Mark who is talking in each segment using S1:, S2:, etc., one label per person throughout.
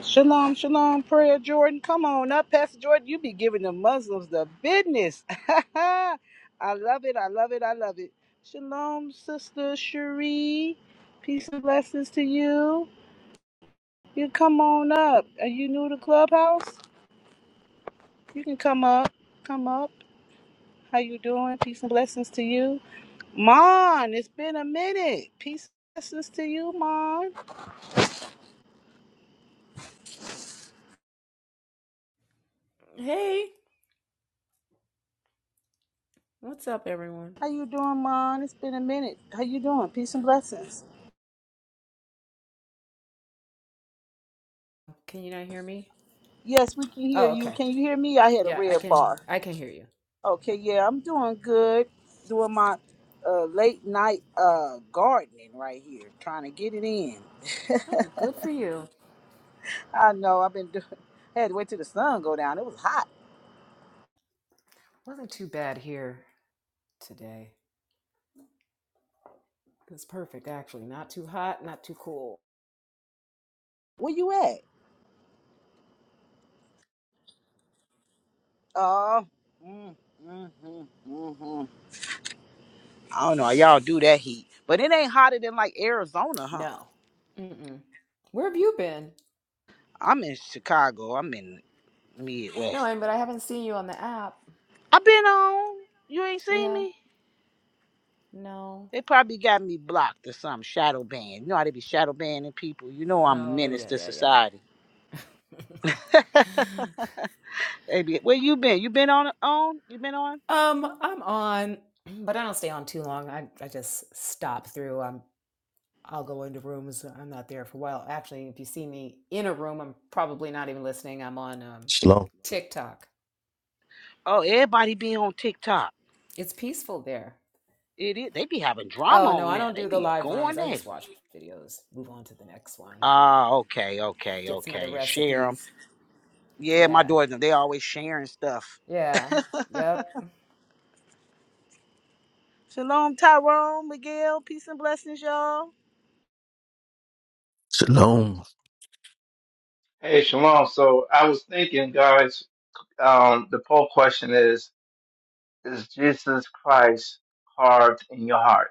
S1: Shalom, shalom, prayer, Jordan. Come on up, Pastor Jordan. You be giving the Muslims the business. I love it. I love it. I love it. Shalom, Sister Cherie. Peace and blessings to you. You come on up. Are you new to Clubhouse? You can come up. Come up. How you doing? Peace and blessings to you. Mon, it's been a minute. Peace and blessings to you, Mon.
S2: Hey, what's up, everyone?
S1: How you doing, Mon? It's been a minute. How you doing? Peace and blessings.
S2: Can you not hear me?
S1: Yes, we can hear
S2: Oh,
S1: you.
S2: okay.
S1: Can you hear me? I had a
S2: Yeah, I
S1: red
S2: can
S1: bar.
S2: I can hear you.
S1: Okay, yeah, I'm doing good. Doing my uh, late night uh, gardening right here, trying to get it in.
S2: Oh, good for you.
S1: I know I've been doing. I had to wait till the sun go down. It was hot.
S2: Wasn't too bad here today. It's perfect actually. Not too hot, not too cool.
S1: Where you at? Uh, mm, mm, mm, mm, mm. I don't know. how Y'all do that heat, but it ain't hotter than like Arizona, huh?
S2: No. Mm-mm. Where have you been?
S1: I'm in Chicago. I'm in
S2: No,
S1: Midwest.
S2: I but I haven't seen you on the app.
S1: I've been on. You ain't
S2: You
S1: seen
S2: have?
S1: me.
S2: No.
S1: They probably got me blocked or some shadow banned. You know how they be shadow banning people. You know I'm a
S2: Oh,
S1: menace
S2: yeah,
S1: to
S2: yeah, yeah.
S1: society. they be, where you been? You been on on? You been on?
S2: um, I'm on, but I don't stay on too long. I I just stop through. I'm I'll go into rooms. I'm not there for a while. Actually, if you see me in a room, I'm probably not even listening. I'm on um,
S3: Shalom.
S2: TikTok.
S1: Oh, everybody be on TikTok.
S2: It's peaceful there.
S1: It is. They be having drama
S2: Oh, no,
S1: on
S2: I
S1: there.
S2: don't
S1: They
S2: do the
S1: be
S2: live rooms.
S1: going
S2: I
S1: at it.
S2: just watch videos, move on to the next one,
S1: Ah, okay, okay,
S2: get some of the
S1: okay. And share them.
S2: recipes.
S1: Yeah, my
S2: Yeah.
S1: daughters, they always sharing stuff.
S2: Yeah. Yep.
S1: Shalom, Tyrone, Miguel, peace and blessings, y'all.
S3: Shalom.
S4: Hey, Shalom. So I was thinking, guys, um, the poll question is, is Jesus Christ carved in your heart?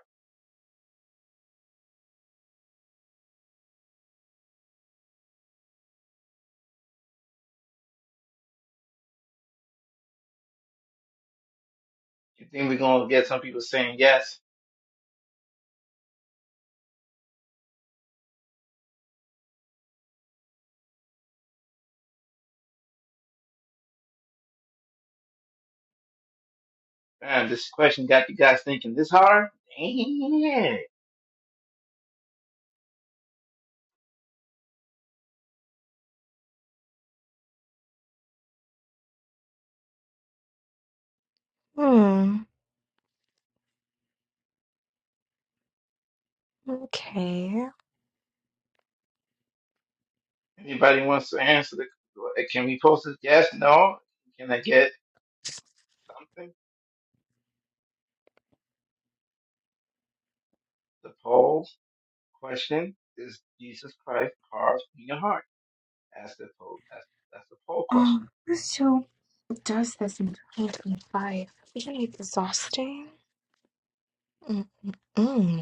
S4: You think we're going to get some people saying yes? Man, this question got you guys thinking this hard? Damn.
S5: Hmm. Okay.
S4: Anybody wants to answer the, like, can we post this? Yes, no? Can I get something? The poll question is Jesus Christ carved in your heart? That's the poll. That's, that's the poll question.
S5: Um. so does this in 2025. is exhausting? Mm-mm.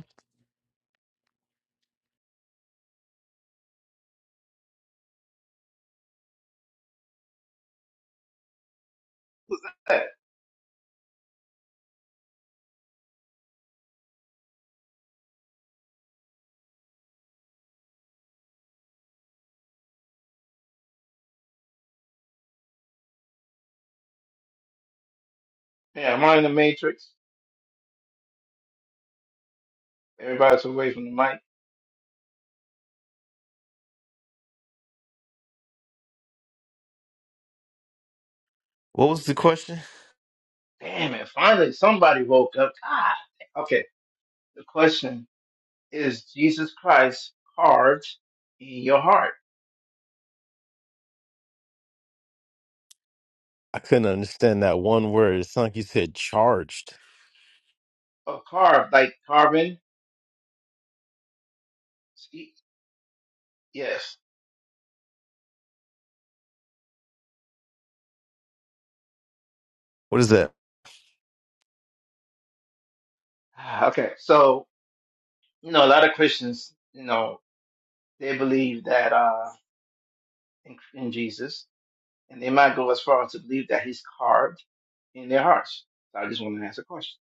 S4: Hey, yeah, am I in the matrix? Everybody's away from the mic.
S3: What was the question?
S4: Damn it, finally somebody woke up. God. Okay, the question is Jesus Christ carved in your heart?
S3: I couldn't understand that one word. It's like you said charged.
S4: Or carved, like carbon? See? Yes.
S3: What is that?
S4: Ah, Okay, so, you know, a lot of Christians, you know, they believe that uh, in, in Jesus, and they might go as far as to believe that he's carved in their hearts. So I just want to ask a question.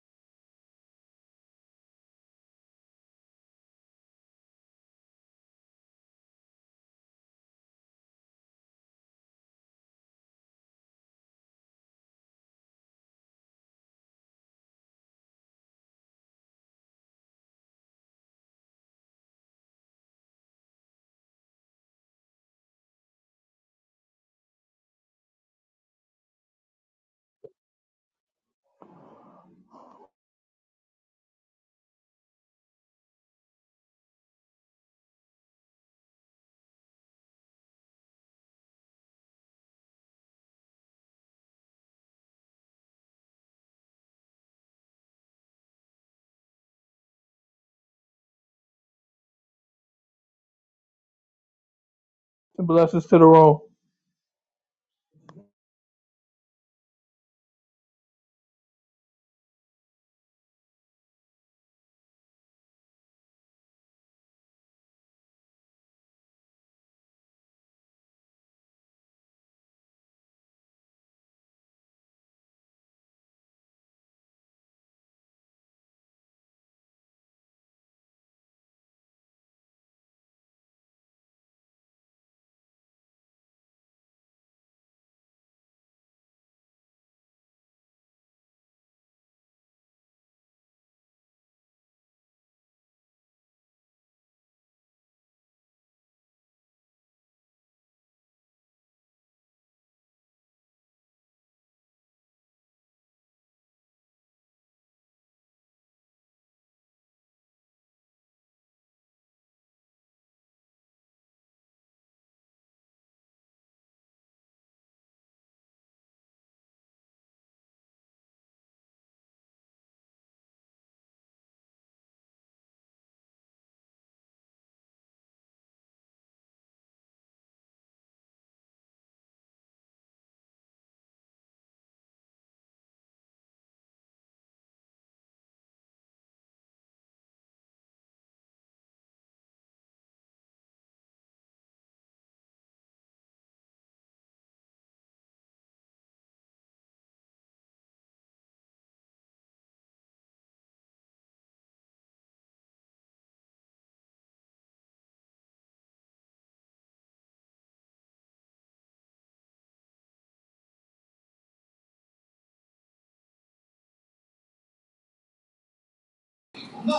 S6: and blessings to the room.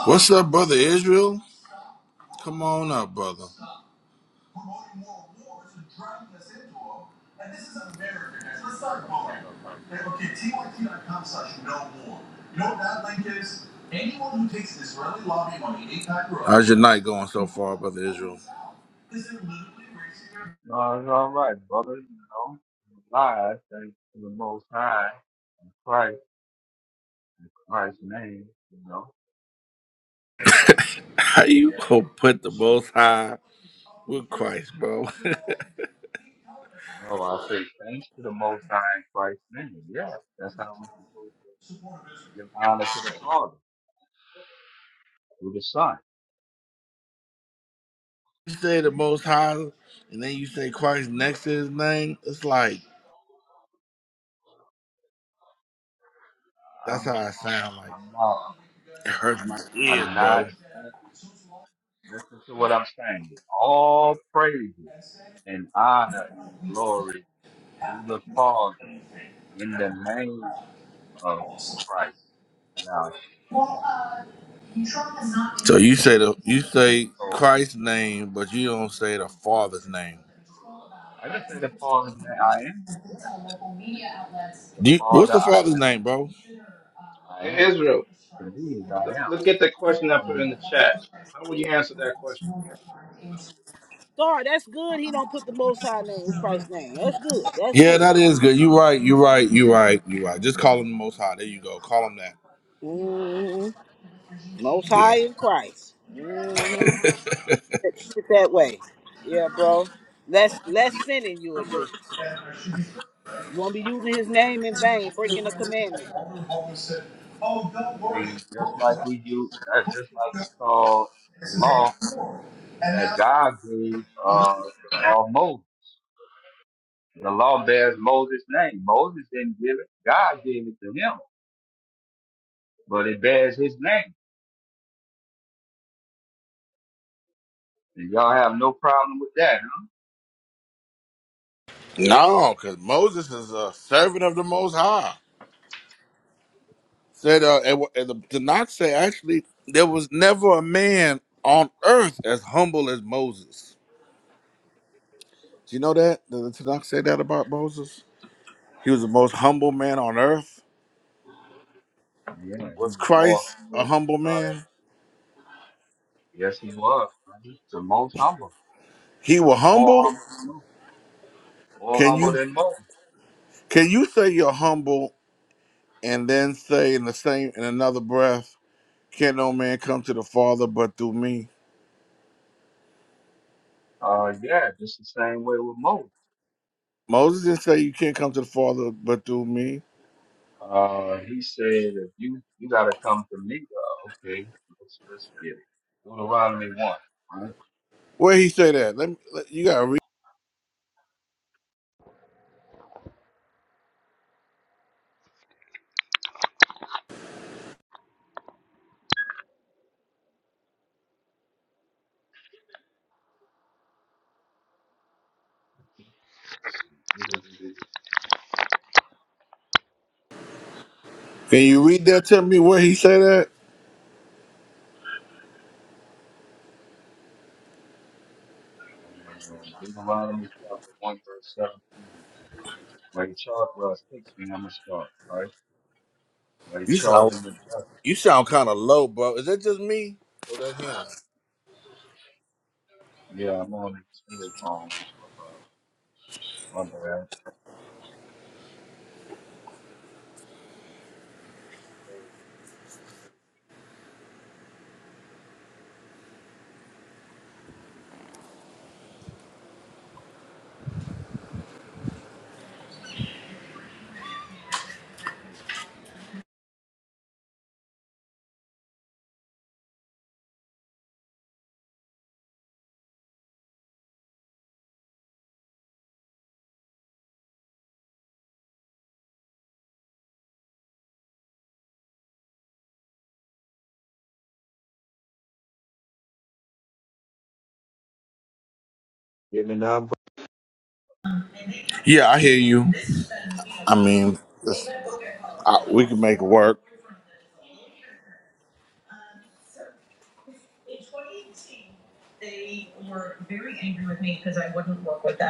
S7: What's up, brother Israel? Come on up, brother.
S8: Well, what's up, bro?
S7: Okay, T Y T dot com slash no more. You know what that link is? Anyone who takes Israeli lobby money, APAC road. How's your night going so far, brother Israel?
S8: No, it's all right, brother. You know, I thanks to the Most High, in Christ, Christ's name. You know,
S7: How you gonna put the Most High with Christ, bro?
S8: oh, I say thanks to the Most High, in Christ's name. Yeah, that's how we supposed to give honor to the Father through the Son.
S7: you say the Most High, and then you say Christ next to His name. It's like that's how
S8: I'm,
S7: I sound like.
S8: I'm not,
S7: It hurts my ears,
S8: I'm not.
S7: bro.
S8: Listen to what I'm saying. All praises and honor and glory to the Father in the name of Christ. Now,
S7: So you say the you say Christ's name, but you don't say the Father's name.
S8: I just say the Father that I am. Yes, the
S7: Do you- what's
S8: Father
S7: the
S8: I,
S7: Father's name, bro?
S8: I
S4: Hey,
S8: am.
S4: Israel,
S8: To me is I
S4: look,
S8: am.
S4: look at the question I
S8: For
S4: put
S8: them.
S4: in the chat. How would you answer that question?
S1: Sorry, that's good. He don't put the Most High name with Christ's name. That's good. That's
S7: Yeah,
S1: good.
S7: that is good. You right. You right. You right. You right. Just call him the Most High. There you go. Call him that.
S1: Mmm. Most High
S7: Yeah.
S1: in Christ. Mm-hmm. Keep it that way. Yeah, bro. Less less sinning you will do. You won't be using his name in vain, breaking the commandment.
S8: I mean, just like we do, that's just like we saw the law that God gave uh, the law of Moses. The law bears Moses' name. Moses didn't give it. God gave it to him, but it bears his name. And y'all have no problem with that, huh?
S7: No, because Moses is a servant of the Most High. Said uh, and, wh- and the Tanakh say actually there was never a man on earth as humble as Moses. Do you know that? Did the Tanakh say that about Moses? He was the most humble man on earth.
S8: Yeah, he
S7: Was
S8: was more.
S7: Christ
S8: He
S7: a
S8: was,
S7: humble
S8: uh,
S7: man?
S8: yes, he was. So most humble,
S7: He was
S8: more
S7: humble.
S8: humble, than most. more
S7: Can
S8: humble
S7: you
S8: than Moses.
S7: can you say you're humble and then say in the same in another breath, can no man come to the Father but through me?
S8: Uh, yeah, just the same way with Mo.
S7: Moses didn't say you can't come to the Father but through me.
S8: Uh, he said, if you, you gotta come to me, uh, okay, let's, let's get it. Deuteronomy 1, right? Let's
S7: Where he say that? Let me let, you gotta read.
S8: see. Deuteronomy
S7: Can you read that to me where he say that?
S8: Uh, Deuteronomy chapter 1, verse 17. Where he charged, well, it takes me, I'm gonna start, right? Where he
S7: You sound
S8: charged him with
S7: you sound kinda low, bro. Is that just me? Or that him?
S8: Yeah, I'm on the telephone, uh, my bad. Give me number.
S7: Yeah, I hear you. I mean, it's- I, we can make it work.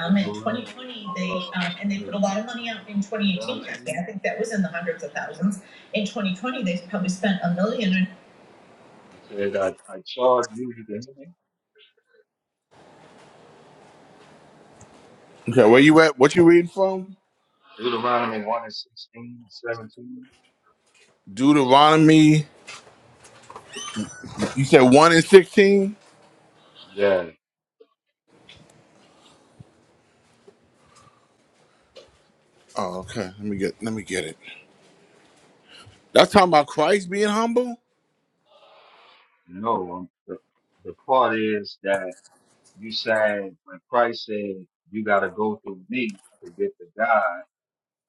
S8: Deuteronomy, uh, 1, 17. He said, I, I charge you to the enemy.
S7: Okay, where you at? What you reading from?
S8: Deuteronomy 1 and 16, 17.
S7: Deuteronomy. You said one and sixteen.
S8: Yeah,
S7: Oh, okay. Let me get. Let me get it. That's talking about Christ being humble.
S8: no. um, The, the part is that you said, when Christ said, you got to go through me to get to God,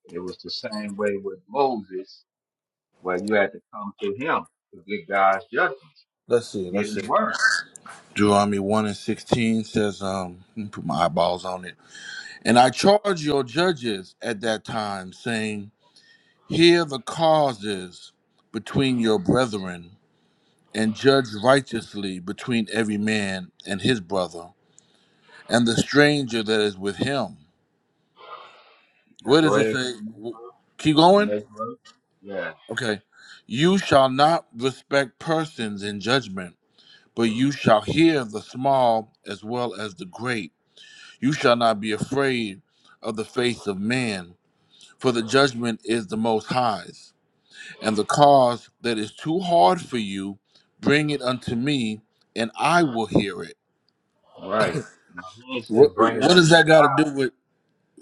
S8: it was the same way with Moses, where you had to come to him to get God's judgment,
S7: Let's
S8: to
S7: see.
S8: get
S7: Let's
S8: his
S7: see.
S8: word.
S7: Deuteronomy one and sixteen says, "Um, let me put my eyeballs on it." And I charge your judges at that time, saying, "Hear the causes between your brethren, and judge righteously between every man and his brother, and the stranger that is with him."
S8: Now
S7: Where does
S8: go
S7: it
S8: ahead to
S7: say?
S8: the next
S7: Keep
S8: the
S7: going.
S8: next verse. Yeah,
S7: Okay. You shall not respect persons in judgment But you shall hear the small as well as the great. You shall not be afraid of the face of man, for the judgment is the most high's. And the cause that is too hard for you, bring it unto me, and I will hear it.
S8: right. Now he didn't say
S7: What,
S8: bring it unto
S7: what does that got to
S8: God.
S7: do with?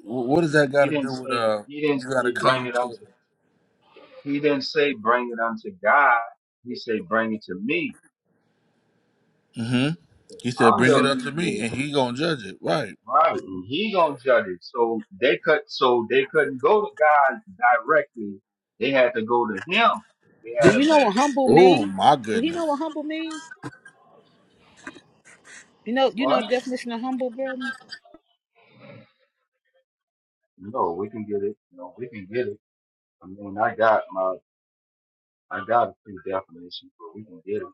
S7: What does that got
S8: He
S7: to
S8: didn't
S7: do with?
S8: say
S7: Uh,
S8: he didn't
S7: you got to
S8: say bring
S7: come
S8: it
S7: to.
S8: unto He didn't say bring it unto God. He said bring it to me.
S7: hmm He said,
S8: I'm
S7: "Bring it
S8: the
S7: unto me,"
S8: mediator,
S7: and he gonna judge it, right?
S8: right? And he gonna judge it. So they could, so they couldn't go to God directly. They had to go to Him. They
S1: Do
S8: had a
S1: you know
S8: man.
S1: what humble
S7: Oh
S1: mean?
S7: my
S1: Do he know
S7: goodness.
S1: what humble mean? You know, you know
S8: What?
S1: the definition of humble, brother.
S8: No, we can get it. No, we can get it. I mean, I got my, I got a few definitions, but we can get it.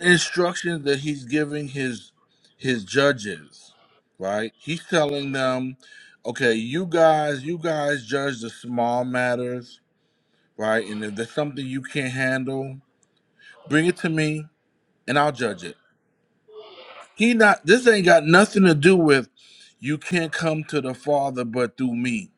S7: instructions that he's giving his his judges, right? He's telling them, okay, you guys, you guys judge the small matters, right? And if there's something you can't handle, bring it to me and I'll judge it. He not this ain't got nothing to do with you can't come to the Father but through me.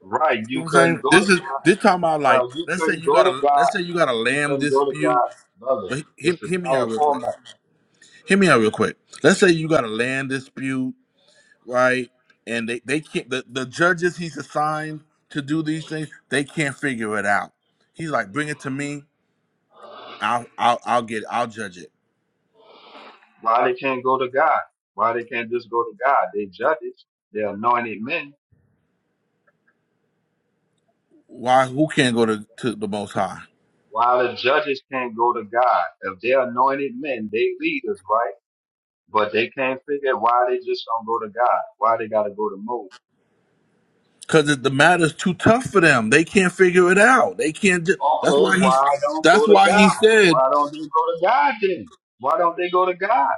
S8: Right?
S7: You see
S8: You
S7: what I'm
S8: couldn't
S7: saying?
S8: go to
S7: This is
S8: God.
S7: this time about like
S8: Well, you
S7: let's say
S8: couldn't
S7: you
S8: go
S7: got
S8: to
S7: a
S8: God.
S7: let's say you got a
S8: You
S7: land
S8: couldn't go to
S7: dispute.
S8: God, brother.
S7: But he-
S8: It's
S7: hear,
S8: the
S7: hear me
S8: same
S7: out real quick.
S8: format.
S7: Hear me out real quick. Let's say you got a land dispute right? And they, they can't the, the judges he's assigned to do these things, they can't figure it out. He's like, bring it to me, I'll I'll, I'll get it, I'll judge it.
S8: Why they can't go to God? Why they can't just go to God? They judges, they're anointed men.
S7: Why who can't go to, to the most high?
S8: Why the judges can't go to God? If they're anointed men, they leaders, right? But they can't figure out why they just don't go to God. Why they gotta go to Moses?
S7: Because the matter's too tough for them. They can't figure it out. They can't ju- that's why
S8: Okay,
S7: he.
S8: why don't go
S7: that's
S8: to
S7: why he
S8: God?
S7: said,
S8: Why don't they go to God then? Why don't they go to God?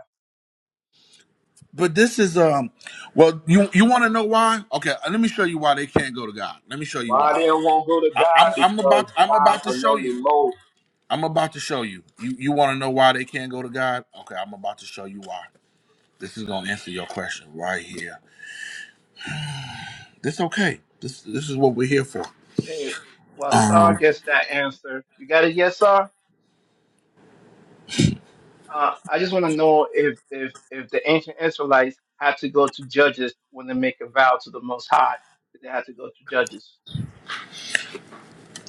S7: but this is um well you you wanna know why? Okay, let me show you why they can't go to God. Let me show you
S8: Why
S7: why.
S8: they won't go to
S7: I,
S8: God?
S7: I'm I'm
S8: Because
S7: about I'm
S8: God
S7: about to show you.
S8: anointed Moses.
S7: I'm about to show you. You you want to know why they can't go to God? Okay, I'm about to show you why. This is gonna answer your question right here. This okay. This this is what we're here for.
S4: Hey, well, Star
S7: Um.
S4: gets that answer. You got it, yes, Star. Uh, I just want to know if if if the ancient Israelites had to go to judges when they make a vow to the Most High, did they had to go to judges?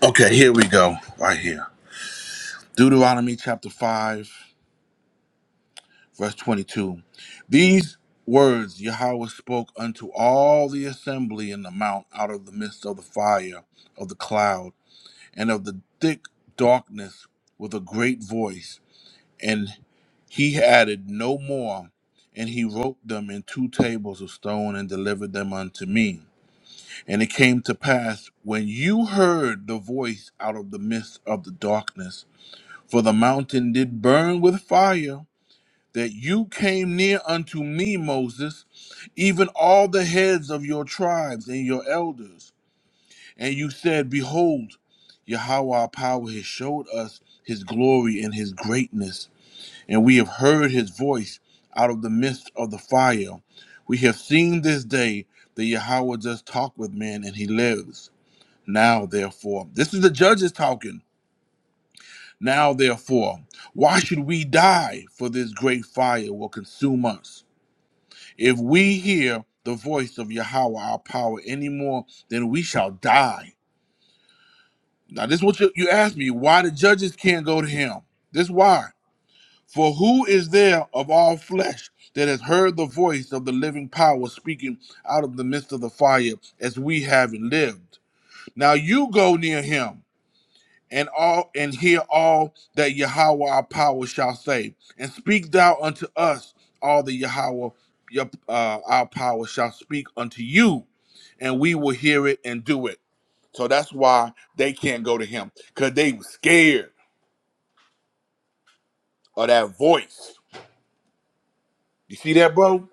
S7: Okay, here we go. Right here, Deuteronomy chapter five, verse twenty-two. These words Yahweh spoke unto all the assembly in the mount out of the midst of the fire of the cloud and of the thick darkness with a great voice And he added no more. And he wrote them in two tables of stone and delivered them unto me. And it came to pass when you heard the voice out of the midst of the darkness, for the mountain did burn with fire, that you came near unto me, Moses, even all the heads of your tribes and your elders. And you said, Behold, Yahweh our power has showed us his glory and his greatness and we have heard his voice out of the midst of the fire. We have seen this day that Yahweh does talk with men and he lives. Now, therefore, this is the judges talking. Now, therefore, why should we die? For this great fire will consume us. If we hear the voice of Yahweh, our power, any more, then we shall die. Now, this is what you, you asked me why the judges can't go to him. This why. For who is there of all flesh that has heard the voice of the living power speaking out of the midst of the fire as we have lived? Now you go near him and all and hear all that Yahweh our power shall say, and speak thou unto us all that Yahweh your, uh, our power shall speak unto you, and we will hear it and do it. So that's why they can't go to him because they were scared of that voice. You see that, bro?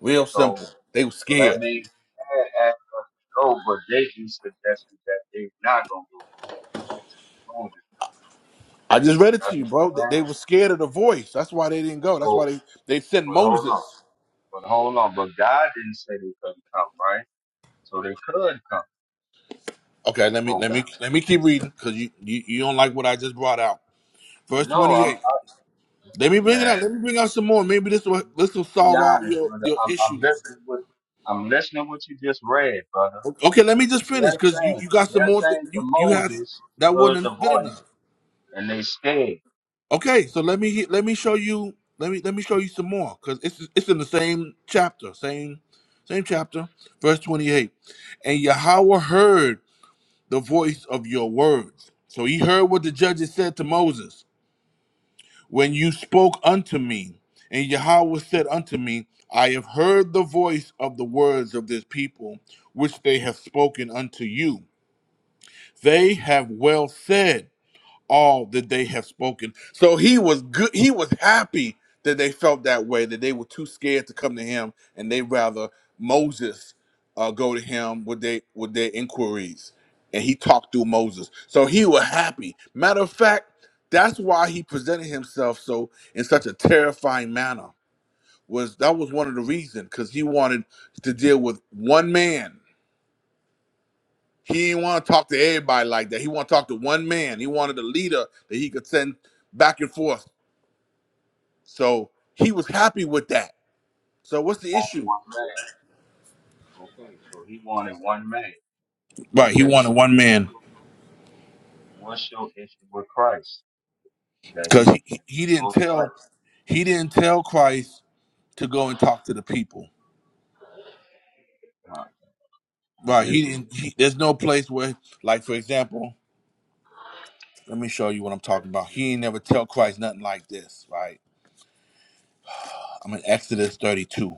S7: Real
S8: So.
S7: simple. They were
S8: So that
S7: scared.
S8: means they had asked us to go, but they can suggested that they're not going to go into the room.
S7: I just read it to
S8: That's
S7: you,
S8: what you're
S7: bro. They
S8: saying?
S7: they were scared of the voice. That's why they didn't go. That's why
S8: So,
S7: they they sent
S8: but hold on.
S7: Moses.
S8: But hold on. But God didn't say they couldn't come, right? So they could come,
S7: Okay,
S8: these
S7: let me let
S8: programs.
S7: me let me keep reading because you, you you don't like what I just brought out. Verse
S8: No,
S7: twenty
S8: I'm,
S7: eight. Let me bring it out.
S8: man,
S7: Let me bring out some more. Maybe this will this will
S8: just be
S7: solve all
S8: honest,
S7: your
S8: brother.
S7: your
S8: I'm, I'm
S7: issues.
S8: listening with, I'm listening to what you just read, brother.
S7: Okay, let me just
S8: They're
S7: finish because you,
S8: saying,
S7: you got some
S8: they're
S7: more. That
S8: saying to
S7: you you had
S8: Moses, he
S7: that
S8: heard the
S7: wasn't good
S8: voice,
S7: enough.
S8: and they stayed
S7: Okay, so let me let me show you let me let me show you some more because it's it's in the same chapter, same same chapter, verse twenty eight. And Yahweh heard the voice of your words. So he heard what the judges said to Moses when you spoke unto me. And Yahweh said unto me, I have heard the voice of the words of this people, which they have spoken unto you. They have well said all that they have spoken. So he was good. He was happy that they felt that way, that they were too scared to come to him, and they rather Moses uh, go to him with they with their inquiries, and he talked through Moses. So he was happy. Matter of fact, that's why he presented himself so in such a terrifying manner. Was that was one of the reasons because he wanted to deal with one man he didn't want to talk to everybody like that. He want to talk to one man. He wanted a leader that he could send back and forth. So he was happy with that. So what's the
S8: on
S7: issue?
S8: one man. Okay, so he wanted one man.
S7: Right, he
S8: Okay,
S7: wanted
S8: so
S7: one man
S8: what's your issue with Christ? That
S7: because
S8: he
S7: he, he he didn't
S8: knows Christ.
S7: tell he didn't tell Christ to go and talk to the people.
S8: Uh, and
S7: Right,
S8: they
S7: he
S8: did
S7: didn't. He, there's no place where, like for example, let me show you what I'm
S8: that
S7: talking about. He ain't never tell Christ nothing like this. Right, I'm in Exodus 32.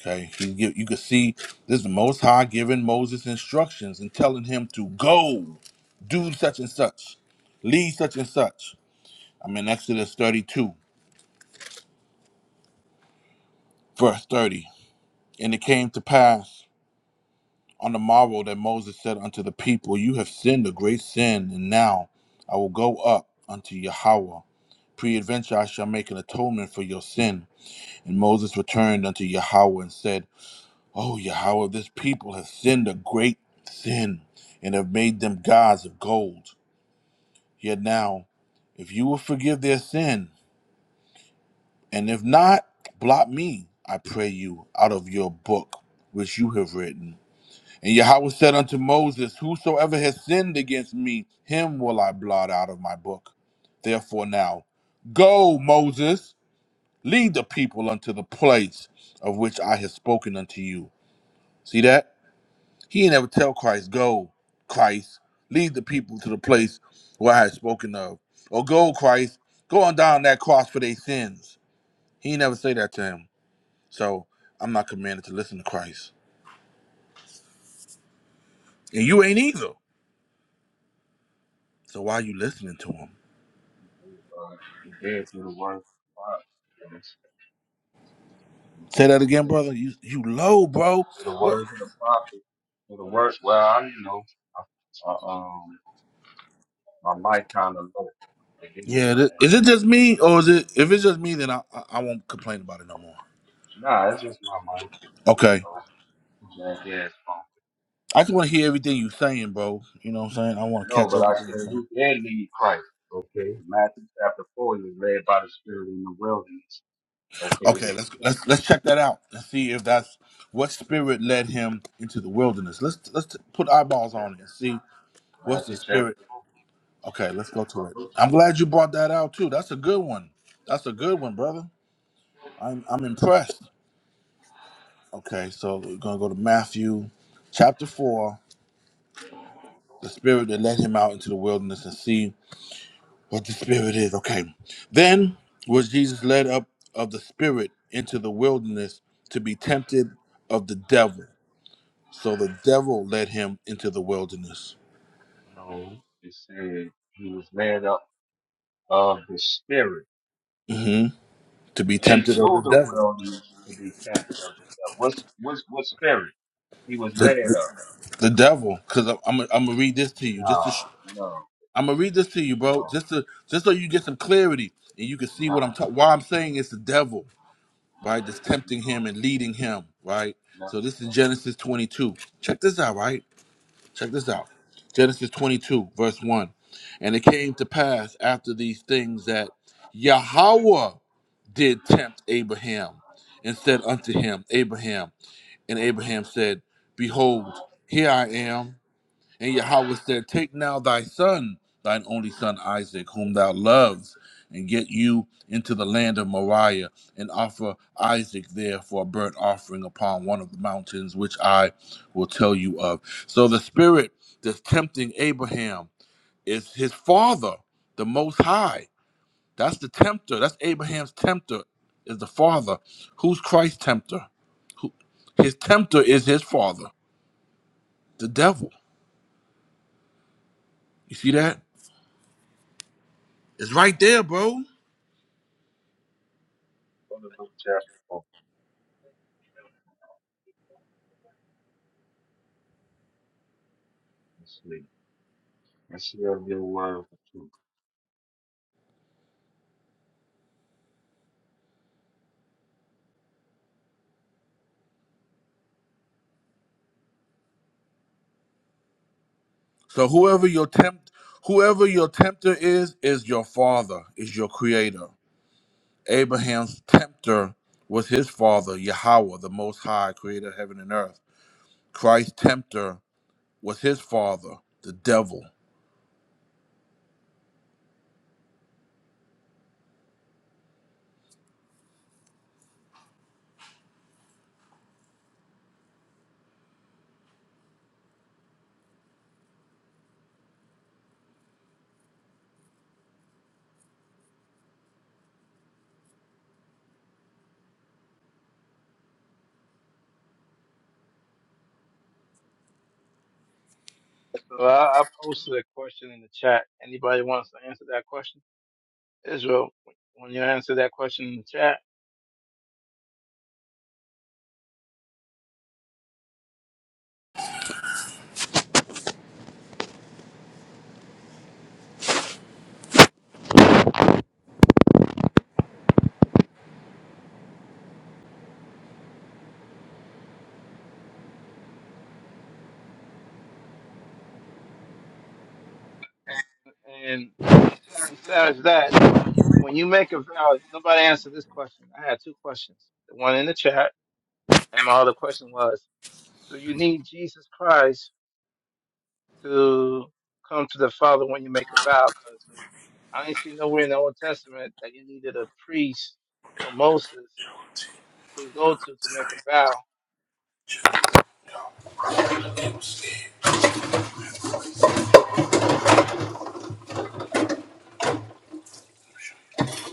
S7: Okay, he give, you can see this is the Most High giving Moses instructions and telling him to go, do such and such, lead such and such. I'm in Exodus 32, verse 30. And it came to pass on the morrow that Moses said unto the people, You have sinned a great sin, and now I will go up unto Yahweh. Preadventure I shall make an atonement for your sin. And Moses returned unto Yahweh and said, Oh, Yahweh, this people has sinned a great sin and have made them gods of gold. Yet now, if you will forgive their sin, and if not, blot me, I pray you, out of your book which you have written. And Yahweh said unto Moses, Whosoever has sinned against me, him will I blot out of my book. Therefore now, go, Moses, lead the people unto the place of which I have spoken unto you. See that? He ain't ever tell Christ, Go, Christ, lead the people to the place where I had spoken of. Or go, Christ, go on down that cross for their sins. He ain't never say that to him. So I'm not commanded to listen to Christ. And you ain't either. So why you listening to him?
S8: uh, he did through the words of the prophet and it's- and
S7: Say
S8: through
S7: that
S8: his
S7: again,
S8: spirit.
S7: brother. You you low, bro.
S8: Through the
S7: What?
S8: words of the prophet, through the words, well, I don't know. I, uh, um, my mic kind of low. Forgive me
S7: Yeah.
S8: for
S7: Th-
S8: that.
S7: is it just me, or is it? If it's just me, then I I, I won't complain about it no more.
S8: Nah, it's just my mic.
S7: Okay.
S8: Oh, Jack ass phone.
S7: I just want to hear everything you saying, bro. You know what I'm saying? I want to
S8: No,
S7: catch
S8: but I said
S7: everything you're saying.
S8: he did lead Christ. Okay, Matthew chapter 4, he was led by the Spirit in the wilderness.
S7: Okay, let's
S8: Okay,
S7: let's let's check that out. Let's see if that's what spirit led him into the wilderness. Let's let's t- put eyeballs
S8: Chapter
S7: on it and
S8: five.
S7: see what's the
S8: Matthew chapter
S7: spirit.
S8: 4.
S7: Okay, let's go to
S8: From
S7: it.
S8: Luke
S7: I'm
S8: chapter-
S7: glad you brought that out too. That's a good one. That's a good one, brother. I'm I'm impressed. Okay, so we're gonna go to Matthew chapter four, the spirit that led him out into the wilderness and see what the spirit is. Okay. Then was Jesus led up of the spirit into the wilderness to be tempted of the devil. So the devil led him into the wilderness
S8: No, it said he was led up of the spirit
S7: hmm to be
S8: into
S7: tempted of the
S8: the
S7: devil.
S8: wilderness to be captain of the devil. What's, what's, what spirit? He was
S7: The,
S8: led
S7: the,
S8: up.
S7: the devil, because I'm I'm I'm gonna read this to you.
S8: No,
S7: Just to sh-
S8: no, no,
S7: I'm gonna read this to you, bro.
S8: no,
S7: Just to just so you get some clarity and you can see what I'm
S8: no,
S7: talking. Why I'm saying it's the devil, right? just tempting him and leading him, right?
S8: no.
S7: So this is Genesis 22. Check this out, right? Check this out Genesis 22, verse 1. And it came to pass after these things that Yahweh did tempt Abraham and said unto him, Abraham. And Abraham said, Behold, here I am. And Yahweh said, Take now thy son, thine only son Isaac, whom thou lovest, and get you into the land of Moriah, and offer Isaac there for a burnt offering upon one of the mountains, which I will tell you of. So the spirit that's tempting Abraham is his father, the Most High. That's the tempter. That's Abraham's tempter, is the father. Who's Christ's tempter? Who, his tempter is his father, the devil. You see that? It's right there, bro.
S8: Go to Luke chapter 4. Let's see. Let's see if your word for truth.
S7: So whoever your tempt, whoever your tempter is, is your father, is your creator. Abraham's tempter was his father, Yahweh, the Most High, creator of heaven and earth. Christ's tempter was his father, the devil.
S4: So I, I posted a question in the chat. Anybody wants to answer that question? Israel, when you answer that question in the chat, and besides that, when you make a vow, nobody answered this question. I had two questions. The one in the chat, and my other question was, do you need Jesus Christ? to come to the Father when you make a vow, because I ain't seen nowhere in the Old Testament that you needed a priest or Moses to go to to make a vow.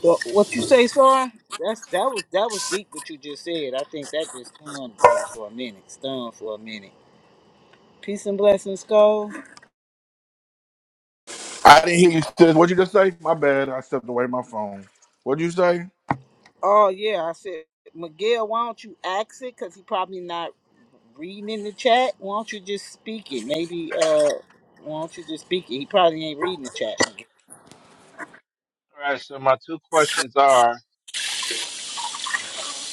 S1: Well, what you say, sir? That's that was that was deep what you just said. I think that just stunned, brother, for a minute. Stunned for a minute. Peace and blessings, go.
S7: I didn't hear you. Sis. What'd you just say? My bad. I stepped away my phone. What'd you say?
S1: Oh yeah, I said, Miguel, why don't you ask it? Cause he probably not reading in the chat. Why don't you just speak it? Maybe uh, why don't you just speak it? He probably ain't reading the chat. Miguel.
S4: All right, so my two questions are: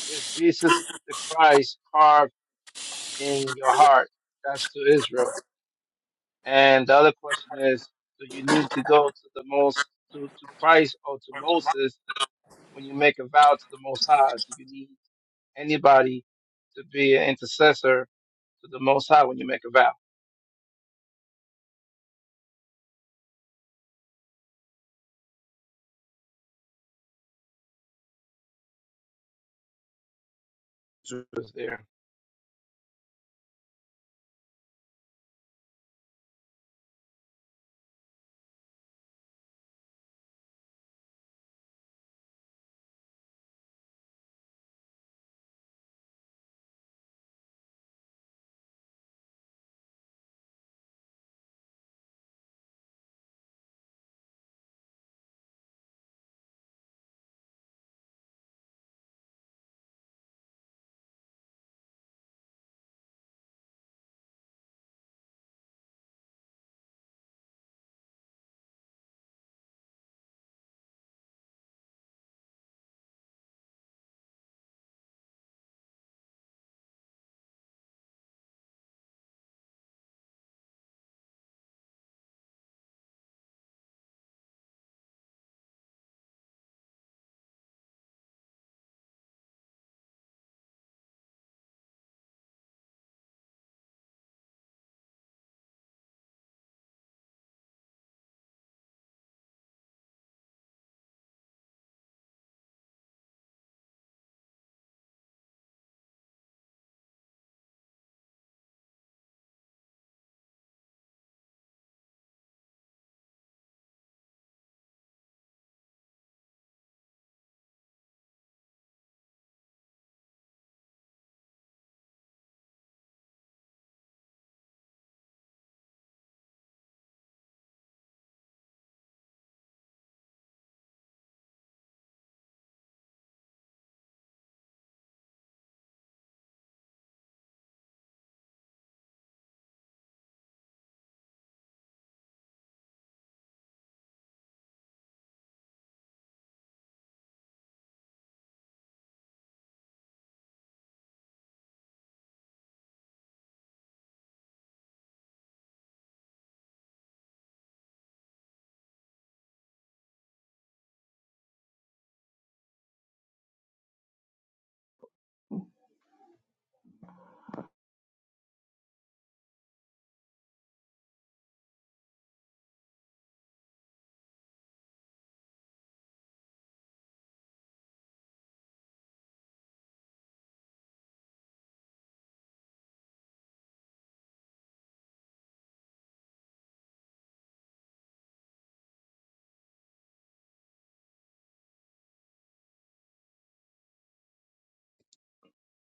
S4: Is Jesus the Christ carved in your heart? That's to Israel. And the other question is: Do you need to go to the most to, to Christ or to Moses when you make a vow to the Most High? Do you need anybody to be an intercessor to the Most High when you make a vow? was there.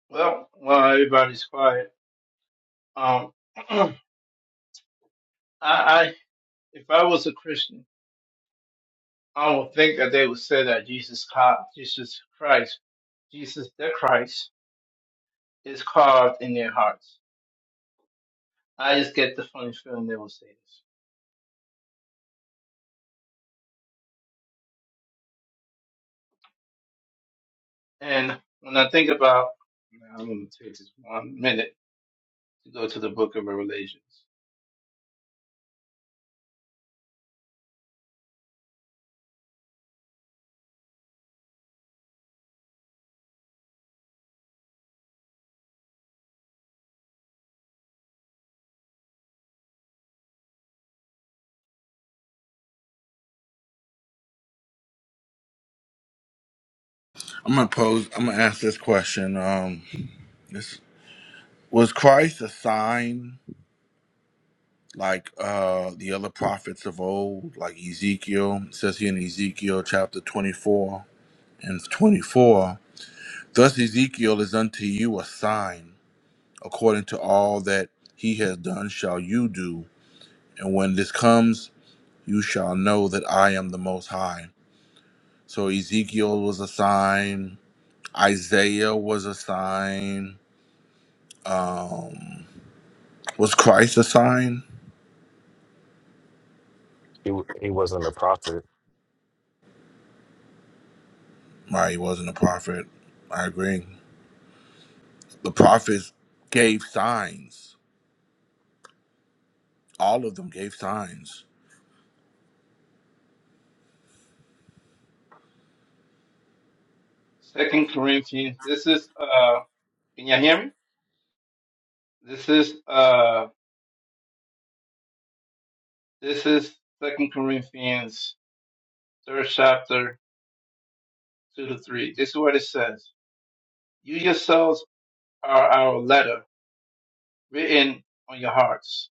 S4: Well, while everybody's quiet, um, I, I, if I was a Christian, I would think that they would say that Jesus, Chri- Jesus Christ, Jesus the Christ, is carved in their hearts. I just get the funny feeling they will say this. And when I think about, now I'm going to take this one minute to go to the Book of Revelations,
S7: I'm gonna pose. I'm gonna ask this question. Um, this was Christ a sign? like uh the other prophets of old, like Ezekiel. It says here in Ezekiel chapter 24 and 24, Thus Ezekiel is unto you a sign, according to all that he has done shall you do, and when this comes, you shall know that I am the Most High. So Ezekiel was a sign, Isaiah was a sign, um, was Christ a sign?
S3: He he wasn't a prophet.
S7: Right, he wasn't a prophet. I agree. The prophets gave signs. All of them gave signs.
S4: Second Corinthians. This is, uh, can you hear me? This is, uh, this is Second Corinthians third chapter, two to three. This is what it says. You yourselves are our letter, written on your hearts,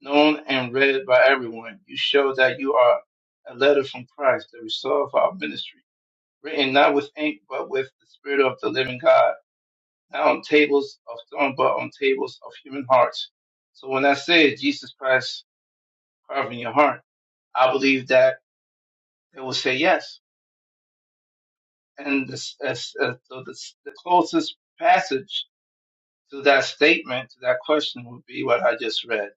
S4: known and read by everyone. You show that you are a letter from Christ, the result of our ministry, written not with ink, but with the Spirit of the living God, not on tables of stone, but on tables of human hearts. So when I say Jesus Christ carving your heart, I believe that they will say yes. And this, as, as, so this, the closest passage to that statement, to that question would be what I just read.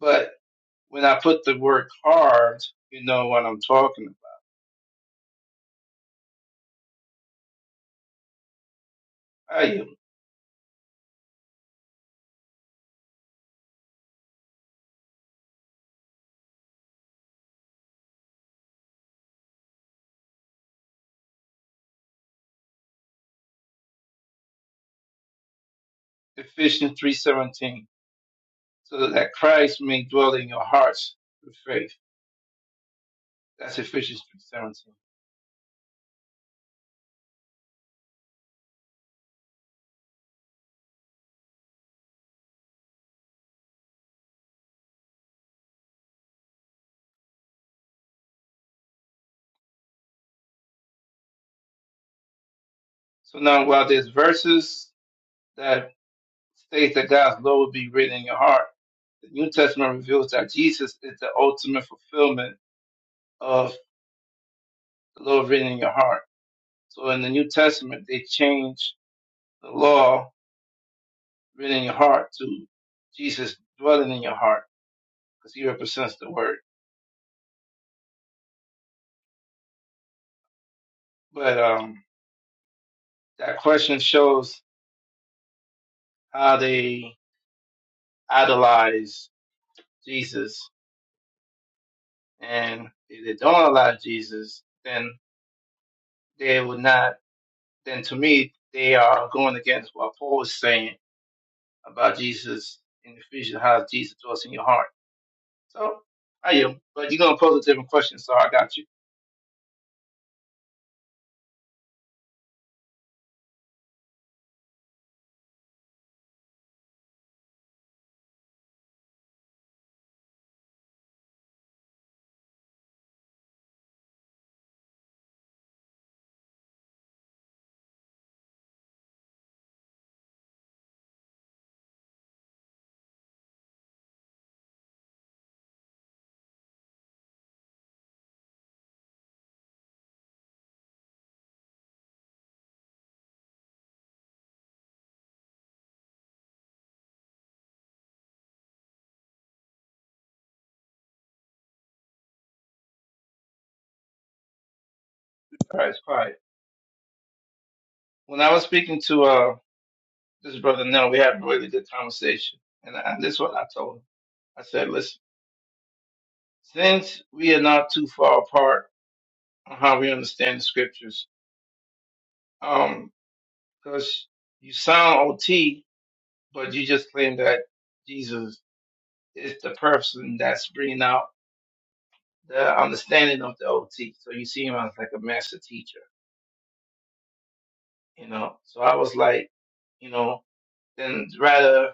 S4: But when I put the word carved, you know what I'm talking about. I am Ephesians 3.17. So that Christ may dwell in your hearts through faith. That's Ephesians 3.17. So now while there's verses that state that God's law will be written in your heart, the New Testament reveals that Jesus is the ultimate fulfillment of the law written in your heart. So in the New Testament, they change the law written in your heart to Jesus dwelling in your heart because he represents the word. But um, that question shows how they idolize Jesus. And if they don't allow Jesus, then they would not, then to me, they are going against what Paul was saying about Jesus in Ephesians, how Jesus dwells in your heart. So I am, but you're going to pose a different question, so I got you. All right, it's quiet. When I was speaking to uh, this brother Nell, we had a really good conversation. And, I, and this is what I told him. I said, listen, since we are not too far apart on how we understand the scriptures, um, because you sound OT, but you just claim that Jesus is the person that's bringing out the understanding of the OT. So you see him as like a master teacher, you know? So I was like, you know, then rather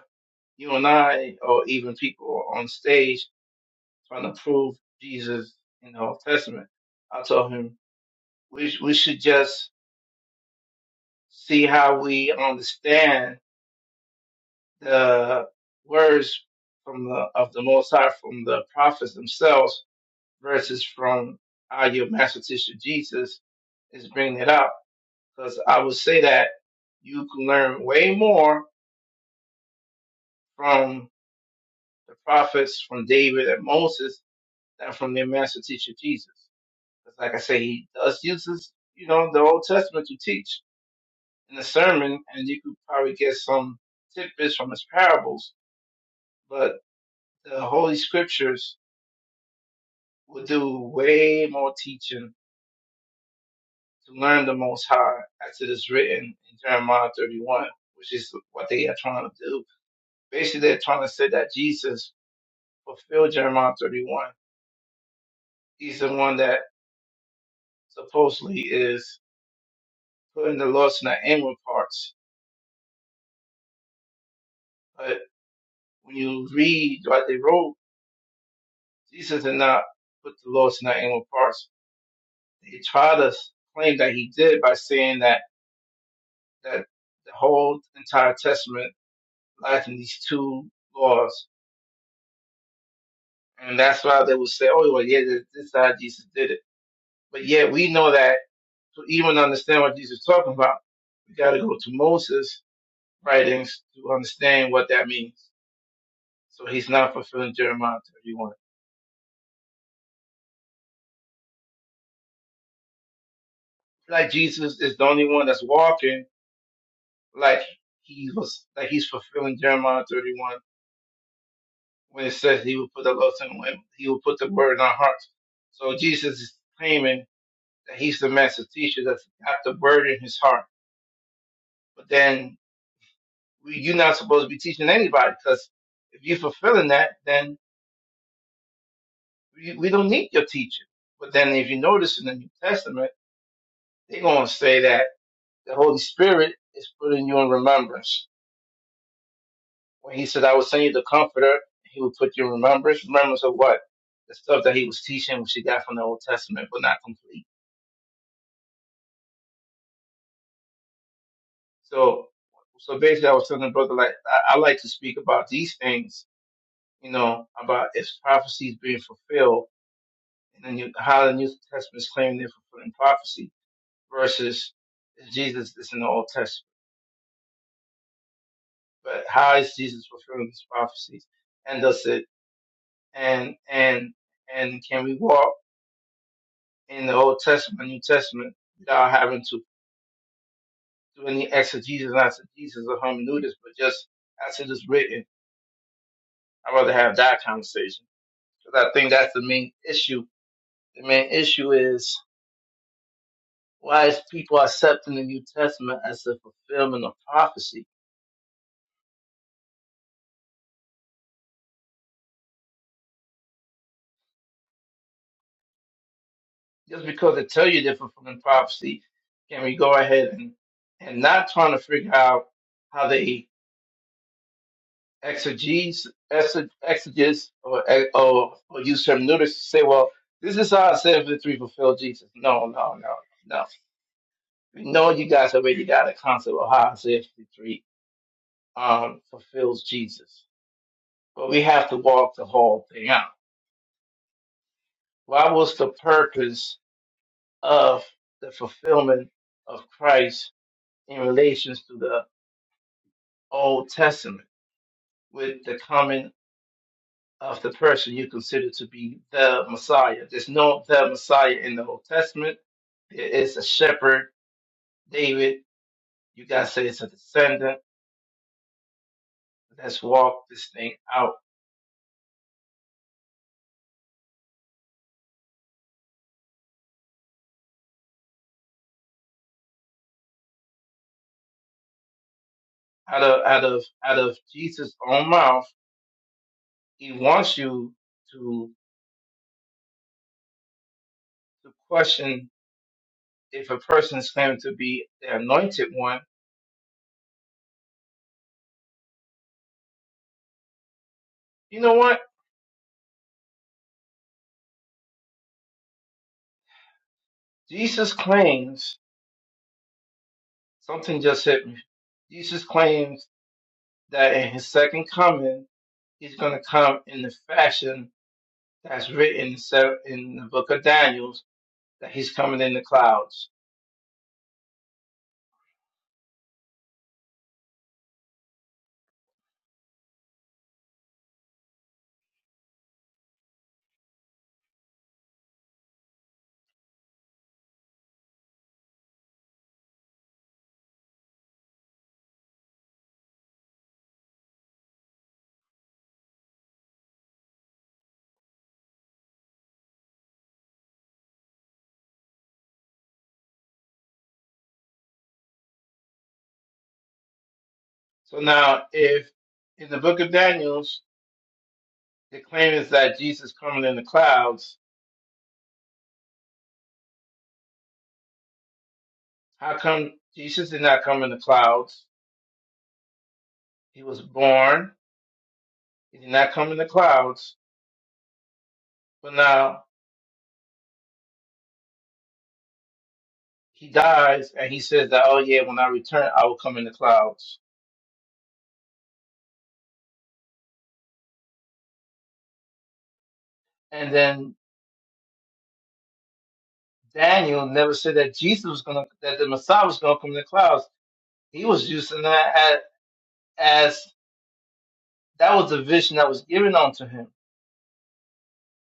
S4: you and I, or even people on stage, trying to prove Jesus in the Old Testament. I told him we we should just see how we understand the words from the of the Most High from the prophets themselves versus from our your master teacher Jesus is bringing it up because I would say that you can learn way more from the prophets, from David and Moses, than from their master teacher Jesus. Because, like I say, he does use his, you know, the Old Testament to teach in the sermon, and you could probably get some tidbits from his parables. But the Holy Scriptures will do way more teaching to learn the Most High, as it is written in Jeremiah 31, which is what they are trying to do. Basically, they're trying to say that Jesus fulfilled Jeremiah 31. He's the one that supposedly is putting the lost in the inward parts. But when you read what they wrote, Jesus did not put the laws in not inward parts. He tried to claim that he did by saying that that the whole entire testament lies in these two laws, and that's why they would say, "Oh, well, yeah, this this is how Jesus did it." But yet we know that to even understand what Jesus is talking about, we got to go to Moses' writings to understand what that means. So he's not fulfilling Jeremiah 31. Like Jesus is the only one that's walking like he was like he's fulfilling Jeremiah 31 when it says he will put the loaves and when he will put the burden on our hearts. So Jesus is claiming that he's the master teacher that's got the burden in his heart. But then we, you're not supposed to be teaching anybody because if you're fulfilling that, then we, we don't need your teaching. But then if you notice in the New Testament, they're going to say that the Holy Spirit is putting you in remembrance. When he said, I will send you the comforter, he will put you in remembrance. Remembrance of what? The stuff that he was teaching, which he got from the Old Testament, but not complete. So, so basically, I was telling the brother like I, I like to speak about these things, you know, about if prophecy is being fulfilled, and then you, how the New Testament is claiming they're fulfilling prophecy versus if Jesus is in the Old Testament. But how is Jesus fulfilling these prophecies? And does it and and and can we walk in the Old Testament, New Testament, without having to do any exegesis, not exegesis or hermeneutics, but just as it is written? I'd rather have that conversation 'Cause I think that's the main issue. The main issue is why is people accepting the New Testament as a fulfillment of prophecy? Just because they tell you they're fulfilling prophecy, can we go ahead and, and not trying to figure out how they exegesis, exe- exegesis or, or, or use hermeneutics to say, well, this is how Isaiah 53 fulfilled Jesus. No, no, no, no. We know you guys already got a concept of how Isaiah 53 um, fulfills Jesus but we have to walk the whole thing out. What was the purpose of the fulfillment of Christ in relations to the Old Testament with the coming of the person you consider to be the Messiah? There's no the Messiah in the Old Testament. There is a shepherd, David. You guys say it's a descendant. Let's walk this thing out. Out of out of out of Jesus' own mouth, he wants you to to question if a person is claimed to be the anointed one, you know what? Jesus claims something just hit me. Jesus claims that in his second coming, he's going to come in the fashion that's written in se- in the book of Daniel, that he's coming in the clouds. So now, if in the book of Daniel the claim is that Jesus coming in the clouds, how come Jesus did not come in the clouds? He was born. He did not come in the clouds. But now he dies and he says that, oh yeah, when I return, I will come in the clouds. And then Daniel never said that Jesus was gonna, that the Messiah was gonna come in the clouds. He was using that as, as that was the vision that was given unto him.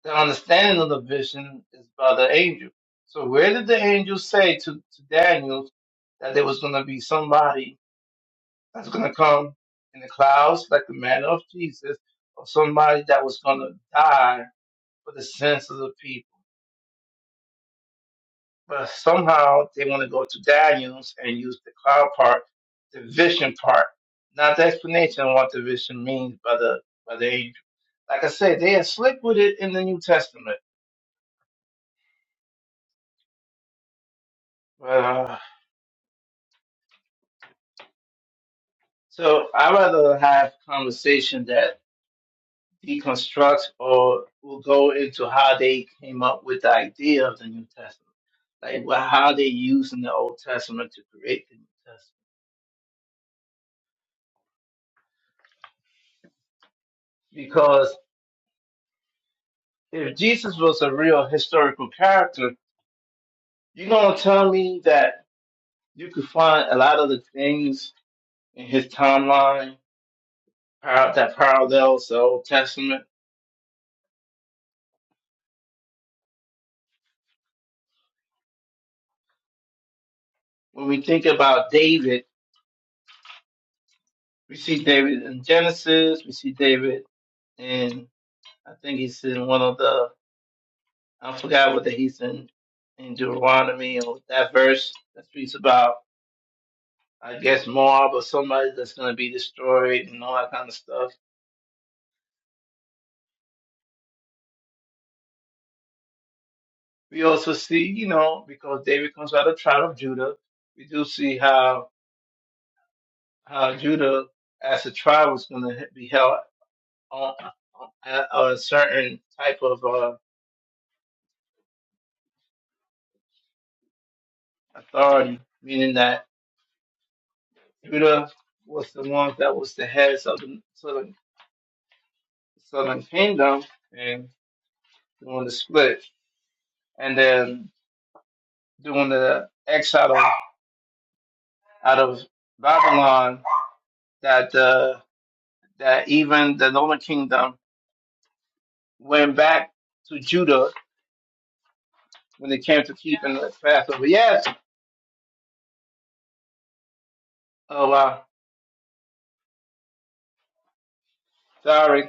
S4: The understanding of the vision is by the angel. So where did the angel say to, to Daniel that there was gonna be somebody that's gonna come in the clouds like the manner of Jesus, or somebody that was gonna die for the sins of the people? but somehow they want to go to Daniel's and use the cloud part, the vision part, not the explanation of what the vision means, but the but they like I said, they are slick with it in the New Testament. Uh, so I rather have conversation that deconstructs or will go into how they came up with the idea of the New Testament, like wha- how they using the Old Testament to create the New Testament, because if Jesus was a real historical character You gonna tell me that you could find a lot of the things in his timeline par- that parallels the Old Testament? When we think about David, we see David in Genesis, we see David in I think he's in one of the I forgot whether he's in in Deuteronomy or that verse that speaks about I guess Moab or somebody that's gonna be destroyed and all that kind of stuff. We also see, you know, because David comes out of the tribe of Judah, we do see how how Judah as a tribe was going to be held on, on, on a certain type of uh, authority, meaning that Judah was the one that was the heads of the southern, southern kingdom and doing the split. And then during the exile out of Babylon, that uh, that even the northern kingdom went back to Judah when it came to keeping the Passover. Yes, oh wow, sorry.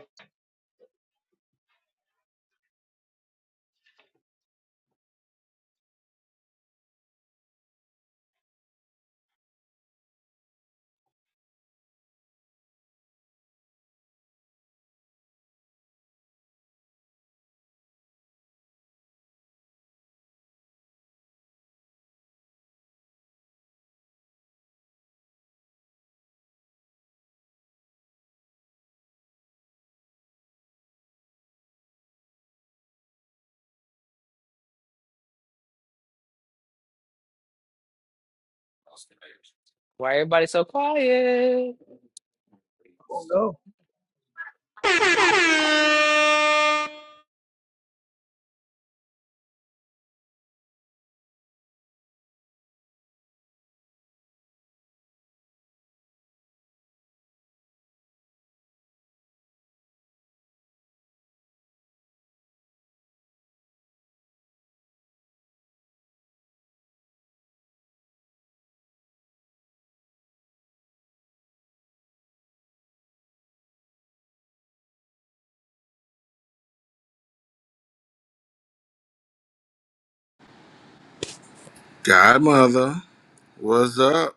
S6: Oh no.
S7: Godmother, what's up?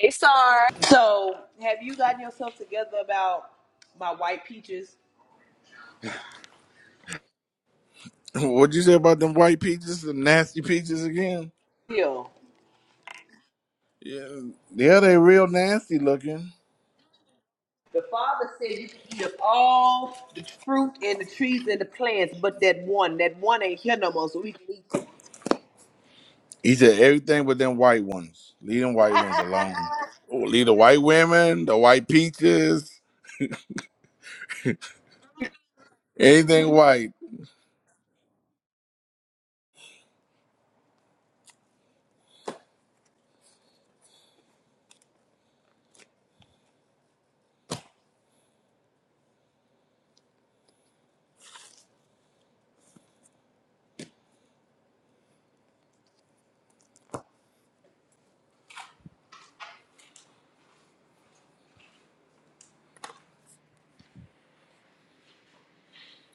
S9: Hey, Star. So, have you gotten yourself together about my white peaches?
S7: What'd you say about them white peaches, the nasty peaches again?
S9: Still,
S7: Yeah, yeah, they real nasty looking.
S9: the father said you can eat of all the fruit and the trees and the plants, but that one, that one ain't here no more, so we can eat it.
S7: He said everything but them white ones. Leave them white ones alone. Oh, leave the white women, the white peaches, anything white.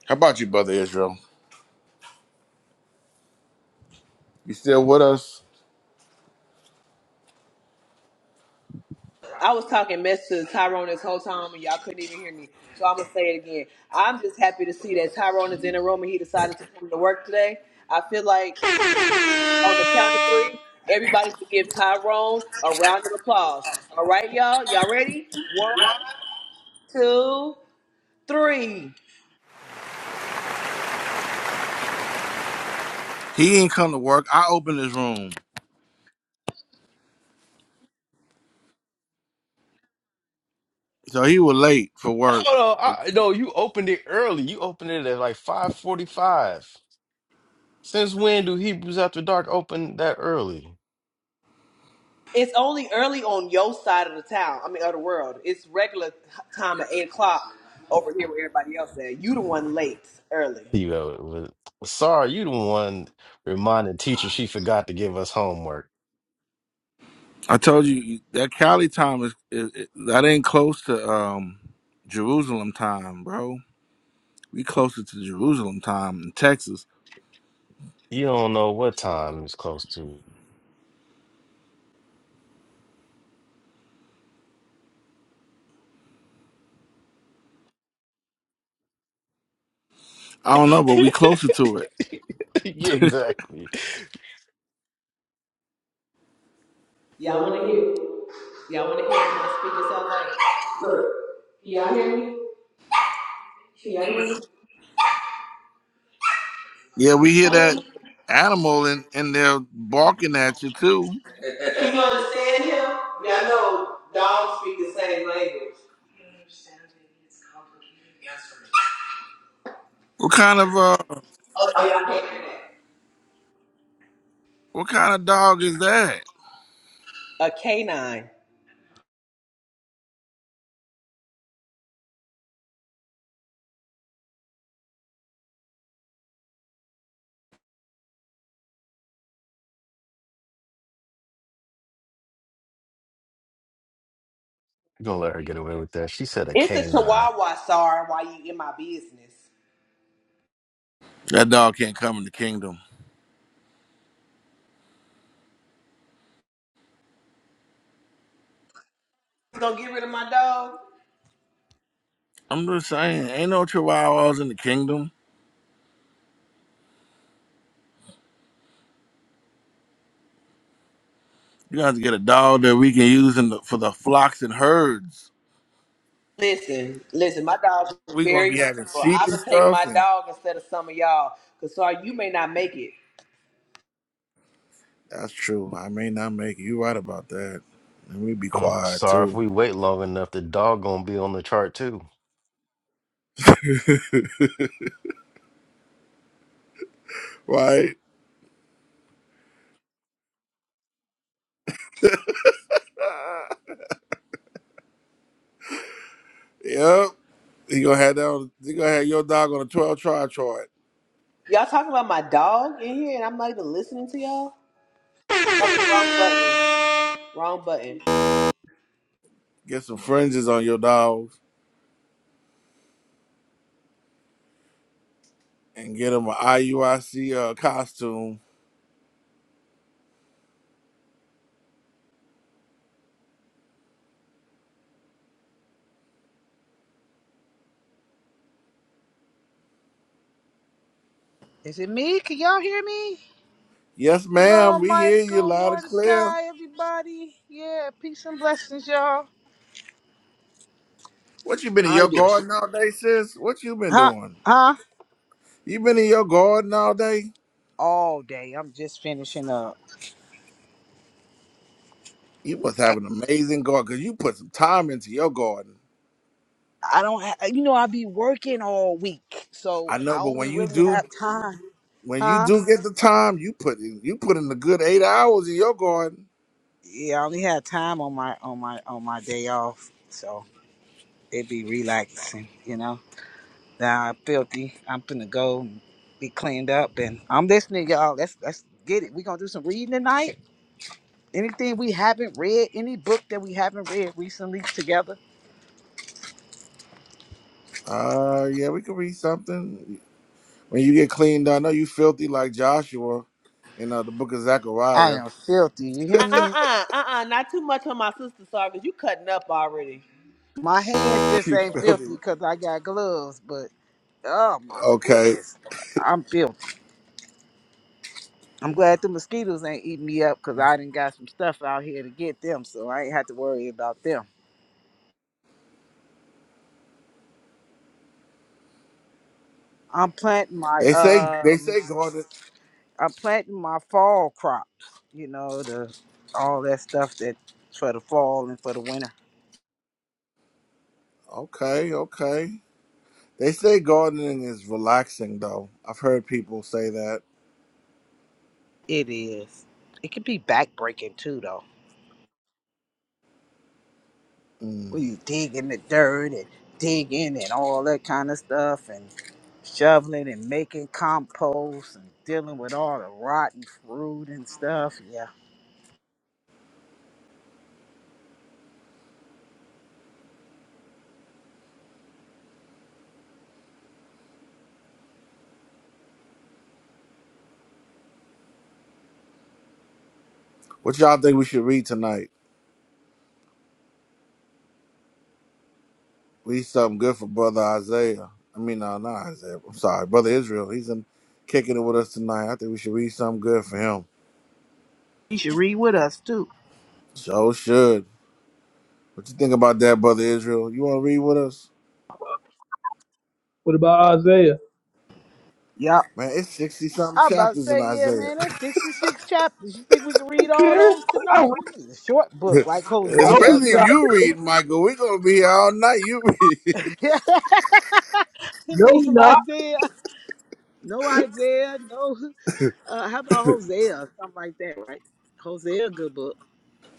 S7: How about you, brother Israel? You still with us?
S9: I was talking mess to Tyrone this whole time, and y'all couldn't even hear me. So I'm gonna say it again. I'm just happy to see that Tyrone is in the room, and he decided to come to work today. I feel like on the count of three, everybody should give Tyrone a round of applause. All right, y'all, y'all ready? One. two, three.
S7: He ain't come to work. I opened his room, so he was late for work.
S3: Hold on, I, no, you opened it early. You opened it at like five forty-five. Since when do Hebrews After Dark open that early?
S9: It's only early on your side of the town. I mean, of the world. It's regular time at eight o'clock over here where everybody else at. You the one late, early.
S3: You know, it was- sorry, you the one reminding teacher she forgot to give us homework.
S7: I told you that Cali time is, is, is- that ain't close to um Jerusalem time, bro. We closer to Jerusalem time in Texas.
S3: You don't know what time it's close to.
S7: I don't know, but we closer to it.
S3: yeah, exactly.
S9: Y'all want to hear him speak it sound like?
S7: Yeah, we hear that animal and and they're barking at you too.
S9: you understand him? Y'all know dogs speak the same language.
S7: What kind of uh what kind of dog is that?
S9: A canine.
S3: Gonna let her get away with that. She said a
S9: It's a
S3: canine.
S9: chihuahua, sorry, why you in my business.
S7: That dog can't come in the kingdom.
S9: gonna get rid of my dog?
S7: I'm just saying, ain't no chihuahuas in the kingdom. You got to get a dog that we can use in the, for the flocks and herds.
S9: Listen, listen, my dog is
S7: We gonna
S9: very
S7: be having
S9: useful.
S7: sheep
S9: I'm
S7: and
S9: gonna take
S7: stuff,
S9: my
S7: and.
S9: dog instead of some of y'all, cause sorry, you may not make it.
S7: That's true. I may not make it. you right about that. Let me be
S3: i
S7: quiet
S3: sorry if
S7: too.
S3: we wait long enough, the dog gonna be on the chart too.
S7: Right? Yep. You gonna have that on, you gonna have your dog on a 12 try chart.
S9: Y'all talking about my dog in here, and I'm not even listening to y'all. Fucking wrong button, wrong button.
S7: Get some fringes on your dog and get him an IUIC uh, costume.
S1: Is it me? Can y'all hear me?
S7: Yes, ma'am,
S1: Hello,
S7: we hear you
S1: Michael,
S7: loud and clear.
S1: Mordecai, everybody. Yeah, peace and blessings, y'all.
S7: What you been in
S1: Ought
S7: your
S1: to be.
S7: garden all day, sis? What you been
S1: Huh?
S7: doing?
S1: Huh?
S7: You been in your garden all day?
S1: All day. I'm just finishing up.
S7: You must have an amazing garden because you put some time into your garden.
S1: I don't. Ha- you know, I be working all week, so
S7: I know,
S1: I
S7: but when
S1: only
S7: you
S1: really
S7: do
S1: have time.
S7: When you
S1: Huh?
S7: do get the time, you put in you put in a good eight hours in your garden.
S1: yeah, I only had time on my on my on my day off, so it'd be relaxing, you know. Now I'm filthy. I'm finna go and be cleaned up, and I'm listening, y'all. Let's let's get it. We gonna do some reading tonight. Anything we haven't read, any book that we haven't read recently together.
S7: Uh yeah, we could read something. When you get cleaned, I know you filthy like Joshua in uh, the book of
S1: I
S7: Zechariah.
S1: am filthy. You hear
S9: Uh
S1: me?
S9: uh uh uh, not too much on my sister, sorry, cause you cutting up already.
S1: My hands just
S7: You
S1: ain't
S7: filthy.
S1: filthy 'cause I got gloves, but oh my
S7: Okay.
S1: goodness, I'm filthy. I'm glad the mosquitoes ain't eating me up because I didn't got some stuff out here to get them, so I ain't had to worry about them. I'm planting my
S7: They say they
S1: um,
S7: say garden
S1: I'm planting my fall crops. You know the all that stuff that for the fall and for the winter.
S7: okay, okay. They say gardening is relaxing though. I've heard people say that.
S1: It is. It can be backbreaking too, though.
S7: Mm.
S1: When you dig in the dirt and digging and all that kind of stuff and shoveling and making compost and dealing with all the rotten fruit and stuff. Yeah,
S7: What y'all think we should read tonight? We need something good for brother Isaiah. I mean, no, not Isaiah. I'm sorry, brother Israel. He's in kicking it with us tonight. I think we should read something good for him.
S1: you should read with us too.
S7: So should. What you think about that, brother Israel? You want to read with us?
S6: What about Isaiah?
S1: Yep.
S7: Man, it's sixty something
S1: I about to
S7: chapters in
S1: say, yeah,
S7: Isaiah.
S1: man, that's 66 chapters. You think we can
S6: I
S1: read
S6: don't
S1: all
S6: care.
S1: those
S6: I don't
S1: tonight?
S6: read.
S1: We need a short book like
S6: no,
S1: Hosea
S6: he
S1: or
S7: Especially if
S6: not.
S1: something.
S7: you read, Michael, we're gonna be here all night. You read.
S1: we need
S6: No, he
S1: some
S6: not.
S1: Isaiah. No Isaiah, no. Uh, how about Hosea or something like that, right? Hosea, good book.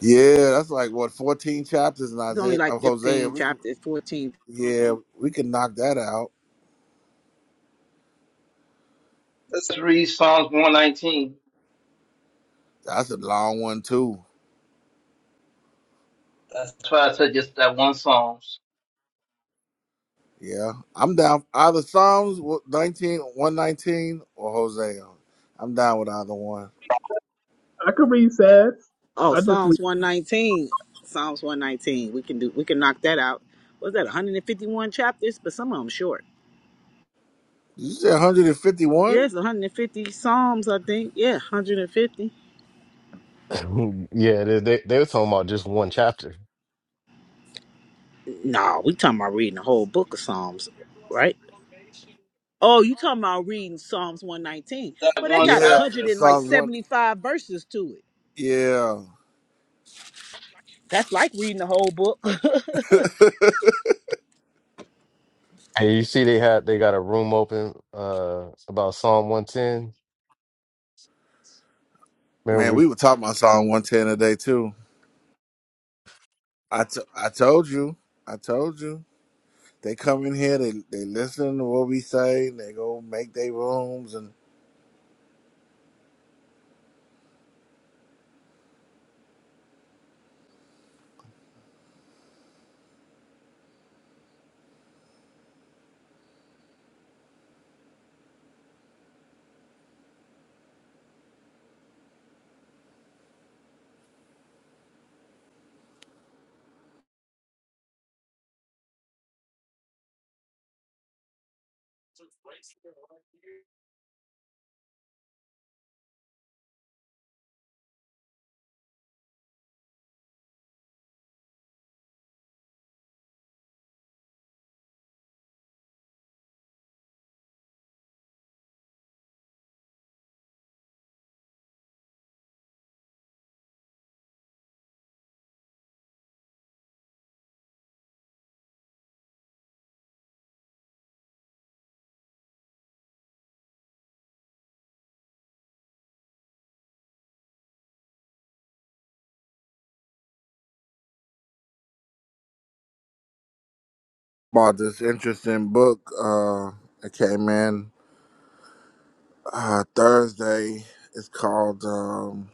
S7: yeah, that's like what fourteen chapters in
S1: It's only
S7: Isaiah
S1: like
S7: of Hosea.
S1: 15
S7: We could,
S1: chapters, 14.
S7: yeah, we can knock that out.
S4: Let's read Psalms 119.
S7: That's a long one too.
S4: That's why I said just that one Psalms,
S7: Yeah, I'm down. Either Psalms nineteen one nineteen or Hosea. I'm down with either one.
S6: I could read Sads.
S1: Oh,
S6: I just read
S1: Psalms 119. Psalms 119. We can do, we can knock that out. Was that 151 chapters? But some of them short.
S7: Did you say 151?
S1: Yes, 150 Psalms, I think. Yeah, 150.
S3: yeah, they, they they were talking about just one chapter.
S1: No, we talking about reading the whole book of Psalms, right? Oh, you talking about reading Psalms 119.
S4: that
S1: Well, that
S4: one
S1: got a
S7: Yeah,
S1: hundred
S4: chapter.
S1: and like
S7: Psalm 1.
S1: seventy five verses to it.
S7: Yeah.
S1: That's like reading the whole book.
S3: And you see, they had they got a room open uh about Psalm 110.
S7: Man,
S3: Remember, we
S7: we were talking about Psalm 110 today, too. I, t- I told you. I told you. They come in here, they, they listen to what we say, and they go make their rooms. And bought this interesting book. Uh, it came in uh, Thursday. It's called um,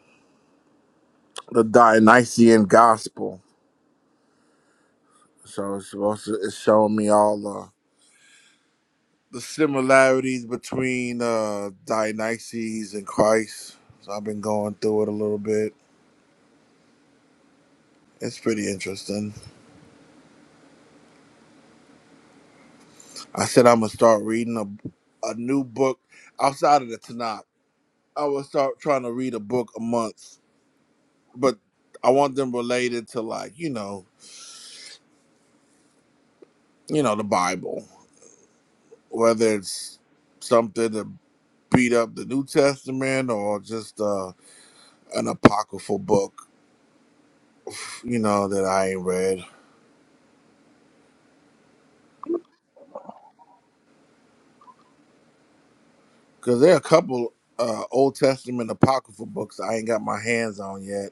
S7: The Dionysian Gospel So it's supposed to it's showing me all uh, the similarities between uh Dionysus and Christ. So I've been going through it a little bit. It's pretty interesting. I said I'm gonna start reading a a new book outside of the Tanakh. I will start trying to read a book a month, but I want them related to like you know you know the Bible, whether it's something to beat up the New Testament or just uh, an apocryphal book you know, that I ain't read. Because there are a couple uh, Old Testament apocryphal books I ain't got my hands on yet.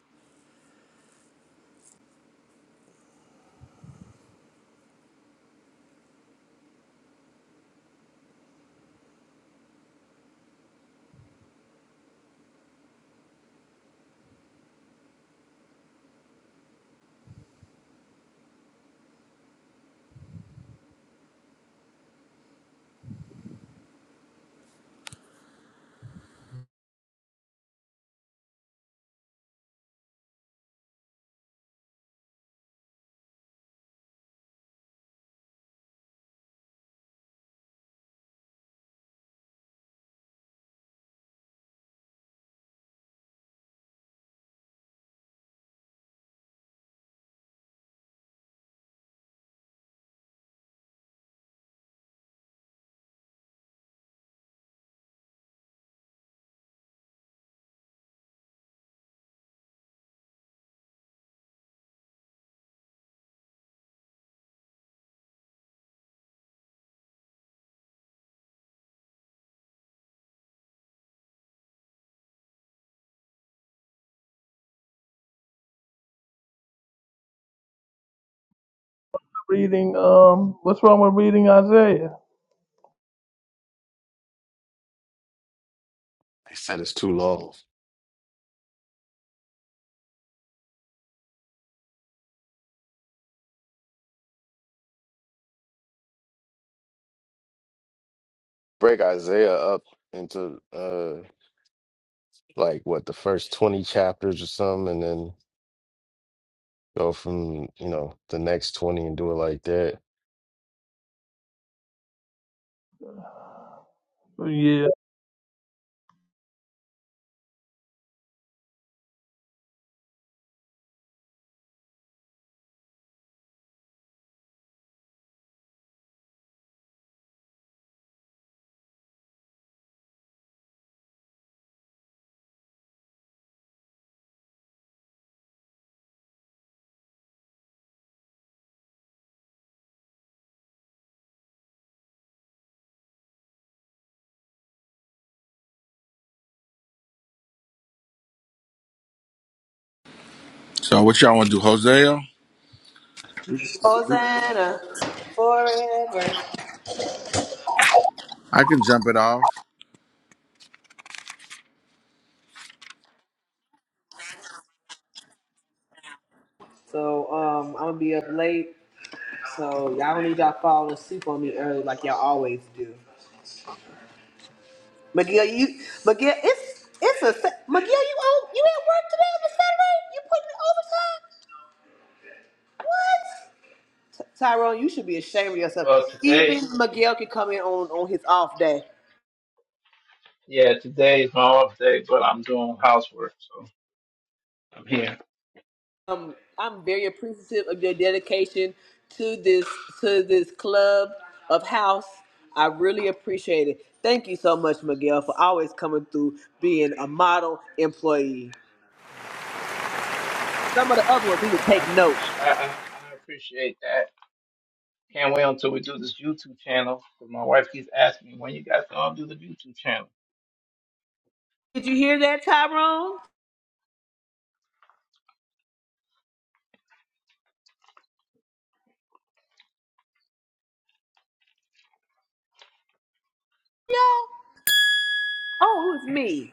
S6: reading. Um, what's wrong with reading Isaiah?
S3: they said it's too long. Break Isaiah up into uh like what the first 20 chapters or something, and then go from you know the next 20 and do it like that.
S6: Oh, Yeah,
S7: So what y'all want to do, Hosea?
S9: Hosanna, forever.
S7: I can jump it off.
S9: So um, I'm gonna be up late. So y'all don't need y'all falling asleep on me early like y'all always do. Miguel, you Miguel, it's it's a Sa- Miguel. You old, you at work today on the Saturday? You putting in overtime? What? T- Tyrone, you should be ashamed of yourself.
S4: Well,
S9: Even
S4: today,
S9: Miguel can come in on on his off day.
S4: yeah, today is my off day, but I'm doing housework, so I'm here.
S9: Um, I'm very appreciative of your dedication to this to this club of house. I really appreciate it. Thank you so much, Miguel, for always coming through, being a model employee. Some of the other ones need to
S4: Well,
S9: take
S4: I
S9: note.
S4: appreciate, I, I, I appreciate that. Can't wait until we do this YouTube channel. 'cause my wife keeps asking me when you guys gonna do the YouTube channel.
S9: Did you hear that, Tyrone? Yeah. Oh, it was me.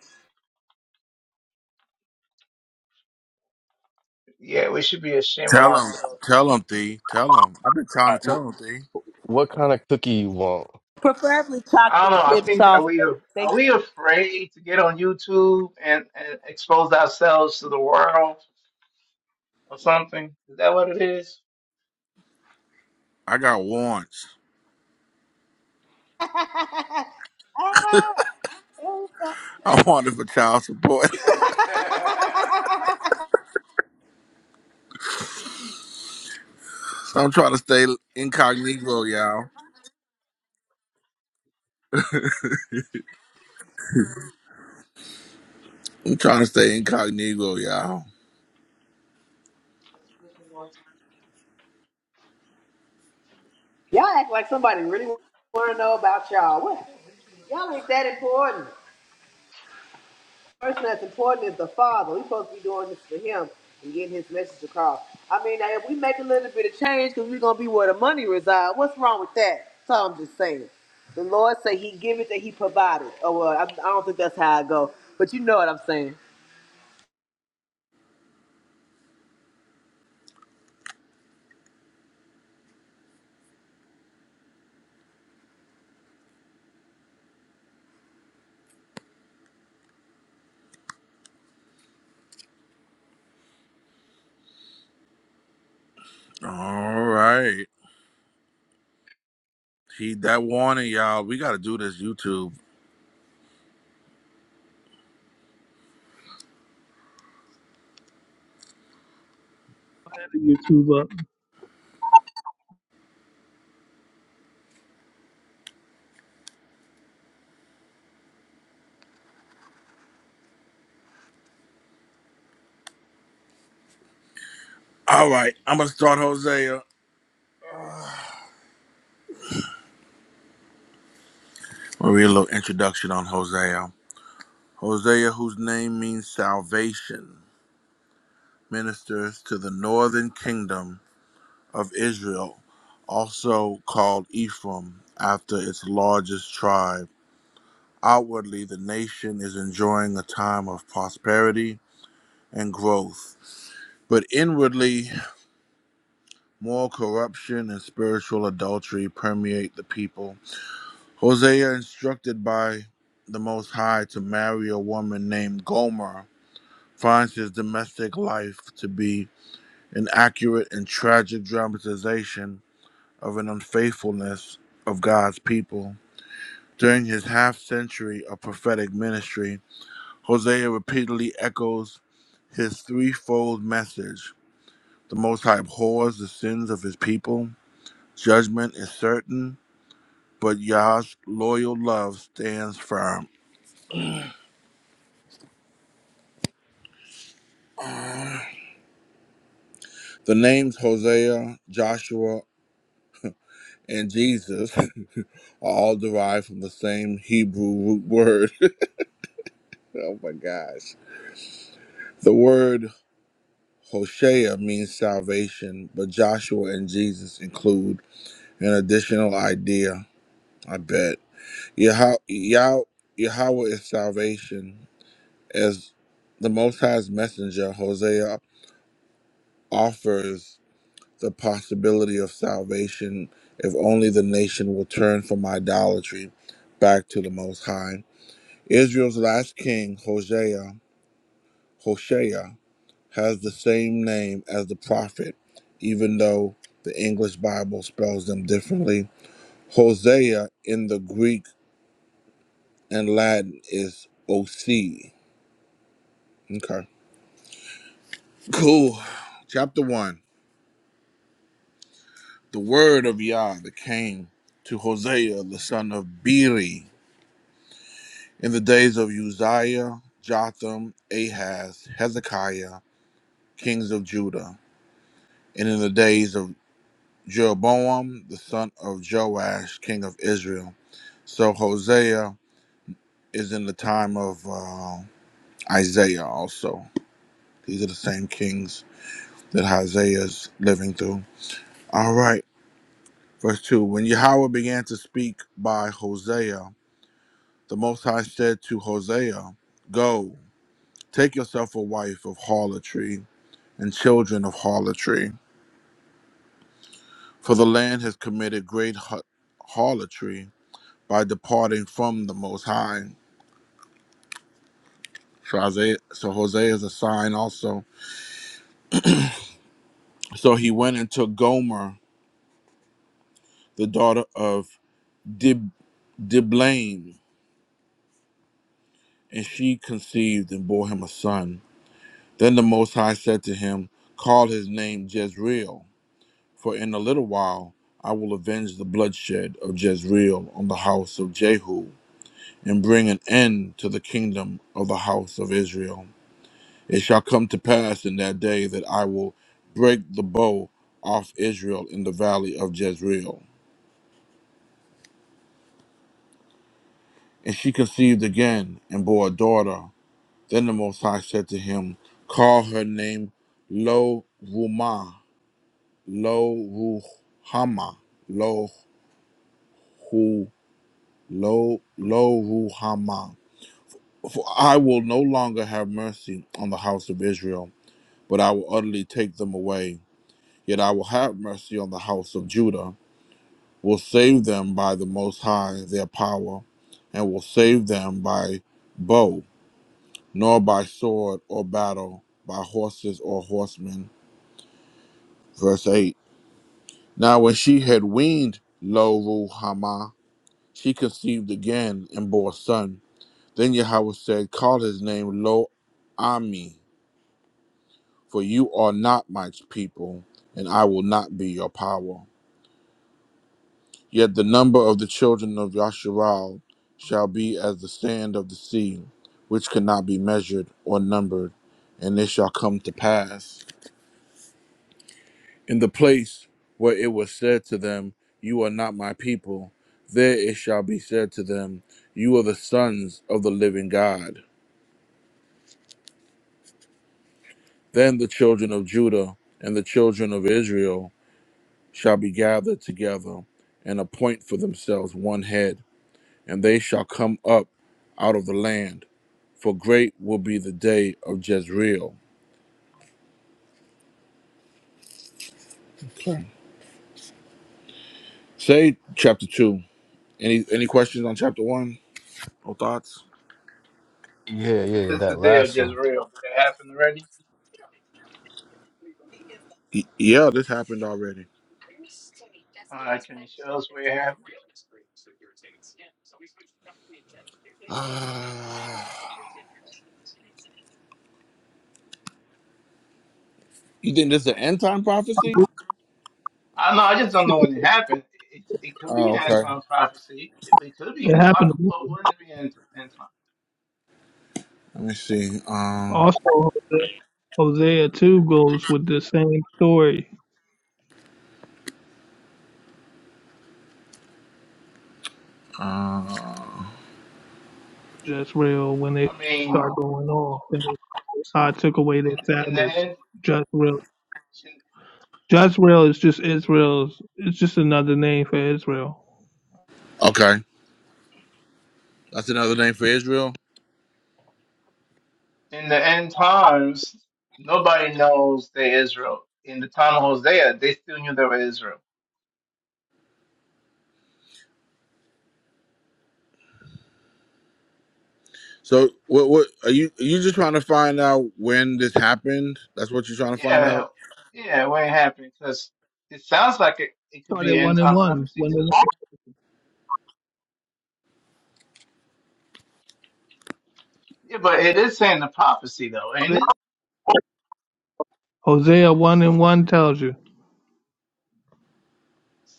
S4: Yeah, we should be ashamed of
S7: Tell him,
S4: ourselves.
S7: tell him, Thee, tell him. I've been trying
S3: All
S7: to
S3: right,
S7: tell him, Thee.
S3: wh- what kind of cookie you want?
S9: Preferably
S4: I
S9: chocolate
S4: don't know. I
S9: chip
S4: think that
S9: soft
S4: we
S9: baked.
S4: are,
S9: Thank
S4: are we
S9: you.
S4: afraid to get on YouTube and, and expose ourselves to the world or something? Is that what it is?
S7: I got warrants.
S9: Ah, it was so-
S7: I wanted for child support, so I'm trying to stay incognito, y'all. I'm trying to stay incognito, y'all.
S9: y'all act like somebody really want to know about y'all. What? Y'all ain't that important. The person that's important is the father. We're supposed to be doing this for him and getting his message across. I mean, now, if we make a little bit of change because we're gonna be where the money resides, what's wrong with that? That's all I'm just saying. The Lord say He give it that He provided. Oh well, I, I don't think that's how I go, but you know what I'm saying.
S7: All right, heed that warning, y'all. We got to do this YouTube.
S6: I had a YouTube up.
S7: All right, I'm gonna start Hosea. We'll read a little introduction on Hosea. Hosea, whose name means salvation, ministers to the northern kingdom of Israel, also called Ephraim after its largest tribe. Outwardly, the nation is enjoying a time of prosperity and growth, but inwardly, moral corruption and spiritual adultery permeate the people. Hosea, instructed by the Most High to marry a woman named Gomer, finds his domestic life to be an accurate and tragic dramatization of an unfaithfulness of God's people. During his half century of prophetic ministry, Hosea repeatedly echoes his threefold message. The Most High abhors the sins of his people, judgment is certain, but Yah's loyal love stands firm. The names Hosea, Joshua, and Jesus are all derived from the same Hebrew root word. Oh my gosh. The word Hosea means salvation, but Joshua and Jesus include an additional idea, I bet. Yah- Yah- Yahweh is salvation. As the Most High's messenger, Hosea offers the possibility of salvation if only the nation will turn from idolatry back to the Most High. Israel's last king, Hosea, Hoshea, has the same name as the prophet, even though the English Bible spells them differently. Hosea in the Greek and Latin is OC. Okay. Cool. Chapter 1. The word of Yah that came to Hosea, the son of Beri, in the days of Uzziah, Jotham, Ahaz, Hezekiah, kings of Judah, and in the days of Jeroboam, the son of Joash, king of Israel So Hosea is in the time of uh, Isaiah also. These are the same kings that Hosea is living through. All right, verse 2. When Yahweh began to speak by Hosea, the Most High said to Hosea, Go, take yourself a wife of harlotry and children of harlotry, for the land has committed great har- harlotry by departing from the Most High. So Hosea, so Hosea is a sign also. So he went and took Gomer the daughter of Dib- Diblaim, and she conceived and bore him a son. Then the Most High said to him, Call his name Jezreel, for in a little while I will avenge the bloodshed of Jezreel on the house of Jehu, and bring an end to the kingdom of the house of Israel. It shall come to pass in that day that I will break the bow off Israel in the valley of Jezreel. And she conceived again and bore a daughter. Then the Most High said to him, Call her name Lo Rumah, Lo Ruhama, Lo Hu, Lo Lo Ruhama. For I will no longer have mercy on the house of Israel, but I will utterly take them away. Yet I will have mercy on the house of Judah, will save them by the Most High their power, and will save them by bow, nor by sword or battle, by horses or horsemen. Verse 8. Now, when she had weaned Lo Ruhamah, she conceived again and bore a son. Then Yahweh said, Call his name Lo Ami, for you are not my people, and I will not be your power. Yet the number of the children of Yasharal shall be as the sand of the sea, which cannot be measured or numbered. And it shall come to pass. in the place where it was said to them, You are not my people, there it shall be said to them, You are the sons of the living God. Then the children of Judah and the children of Israel shall be gathered together and appoint for themselves one head, and they shall come up out of the land, for great will be the day of Jezreel. Okay. Say chapter two. Any any questions on chapter one or thoughts?
S3: Yeah, yeah,
S4: This is the
S3: that
S4: day of
S3: last one.
S4: Jezreel. Did it happen already?
S7: Y- yeah, this happened already.
S4: Uh, can you show us where it happened?
S7: Uh, you think this is an end time prophecy?
S4: I don't know. I just don't know when it happened. It, it, it could be
S7: Oh,
S4: an end
S7: okay.
S4: time prophecy. It, it could be.
S6: It
S4: An, why,
S6: happened.
S4: why wouldn't it be an end time?
S7: Let me see. Um,
S6: Also, Hosea too goes with the same story.
S7: uh,
S6: Jezreel when they
S4: I
S6: start
S4: mean,
S6: going off, and I took away their
S4: in, in the
S6: Sabbaths.
S4: end,
S6: Jezreel.
S4: in,
S6: Jezreel is just Israel's. It's just another name for Israel.
S7: okay, that's another name for Israel.
S4: in the end times, nobody knows they're Israel. In the time of Hosea, they still knew they were Israel.
S7: So, what? What are you? Are you just trying to find out when this happened? That's what you're trying to find
S4: Yeah,
S7: out.
S4: yeah, When it happened? because it sounds like it, it could
S6: Start
S4: be
S6: at
S4: an
S6: one
S4: end
S6: and
S4: time
S6: one.
S4: prophecy
S6: One
S4: too.
S6: and
S4: Yeah, but it is saying the prophecy though, ain't
S6: one.
S4: it?
S6: Hosea one and one tells you.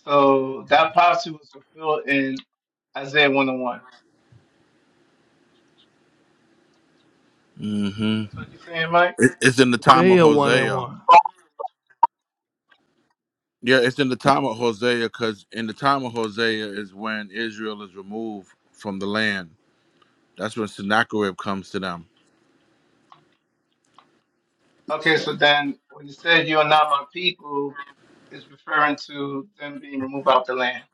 S4: So that prophecy was fulfilled in Isaiah one and one.
S7: hmm
S4: That's what you're saying, Mike?
S7: It, it's in the time of
S6: Hosea one and
S7: Hosea.
S6: one.
S7: Yeah, it's in the time of Hosea because in the time of Hosea is when Israel is removed from the land. That's when Sennacherib comes to them.
S4: Okay,
S7: So,
S4: so then when you said you are not my people, it's referring to them being removed out the land.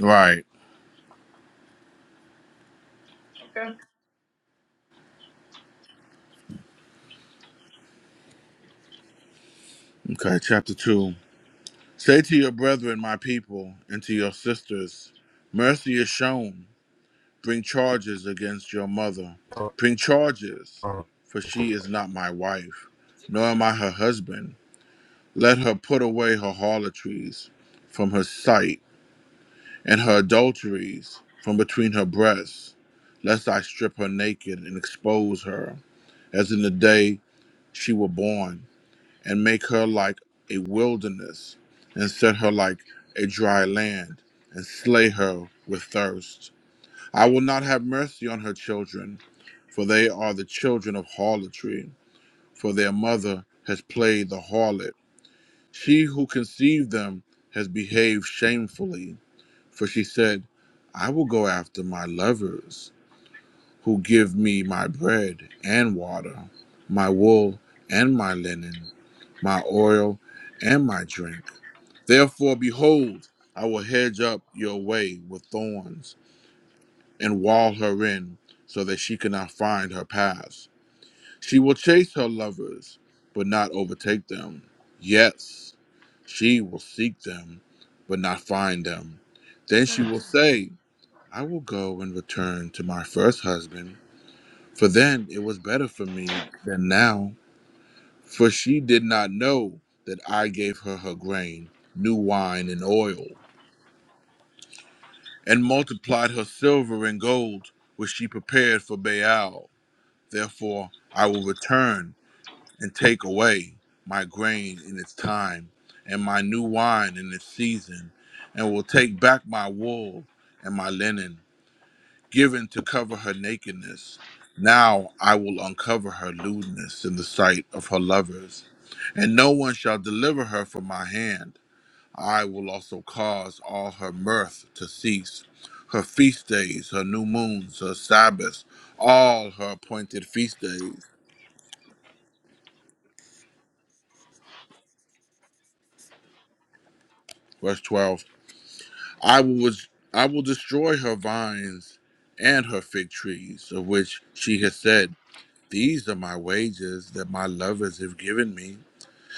S7: right.
S4: Okay.
S7: Okay, chapter two. Say to your brethren, my people, and to your sisters, mercy is shown. Bring charges against your mother. Bring charges,
S3: Hey,
S7: for she is not my wife, nor am I her husband. Let her put away her harlotries from her sight, and her adulteries from between her breasts, lest I strip her naked and expose her, as in the day she were born and make her like a wilderness, and set her like a dry land, and slay her with thirst. I will not have mercy on her children, for they are the children of harlotry, for their mother has played the harlot. She who conceived them has behaved shamefully, for she said, I will go after my lovers, who give me my bread and water, my wool and my linen, my oil and my drink. Therefore, behold, I will hedge up your way with thorns and wall her in so that she cannot find her paths. She will chase her lovers, but not overtake them. Yes, she will seek them, but not find them. Then she will say, I will go and return to my first husband, for then it was better for me than now. For she did not know that I gave her her grain, new wine, and oil and multiplied her silver and gold which she prepared for Baal. Therefore I will return and take away my grain in its time, and my new wine in its season, and will take back my wool and my linen, given to cover her nakedness. Now I will uncover her lewdness in the sight of her lovers, and no one shall deliver her from my hand. I will also cause all her mirth to cease, her feast days, her new moons, her Sabbaths, all her appointed feast days. Verse 12 I will, I will destroy her vines and her fig trees, of which she has said, These are my wages that my lovers have given me.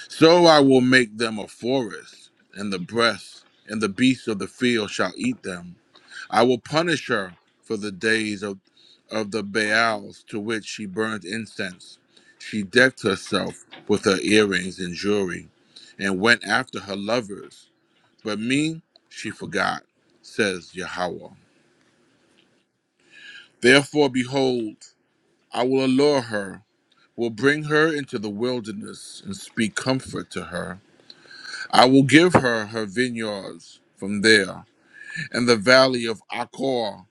S7: So I will make them a forest, and the breasts and the beasts of the field shall eat them. I will punish her for the days of, of the Baals to which she burned incense. She decked herself with her earrings and jewelry and went after her lovers. But me she forgot, says Yahweh. Therefore, behold, I will allure her, will bring her into the wilderness and speak comfort to her. I will give her her vineyards from there and the valley of Achor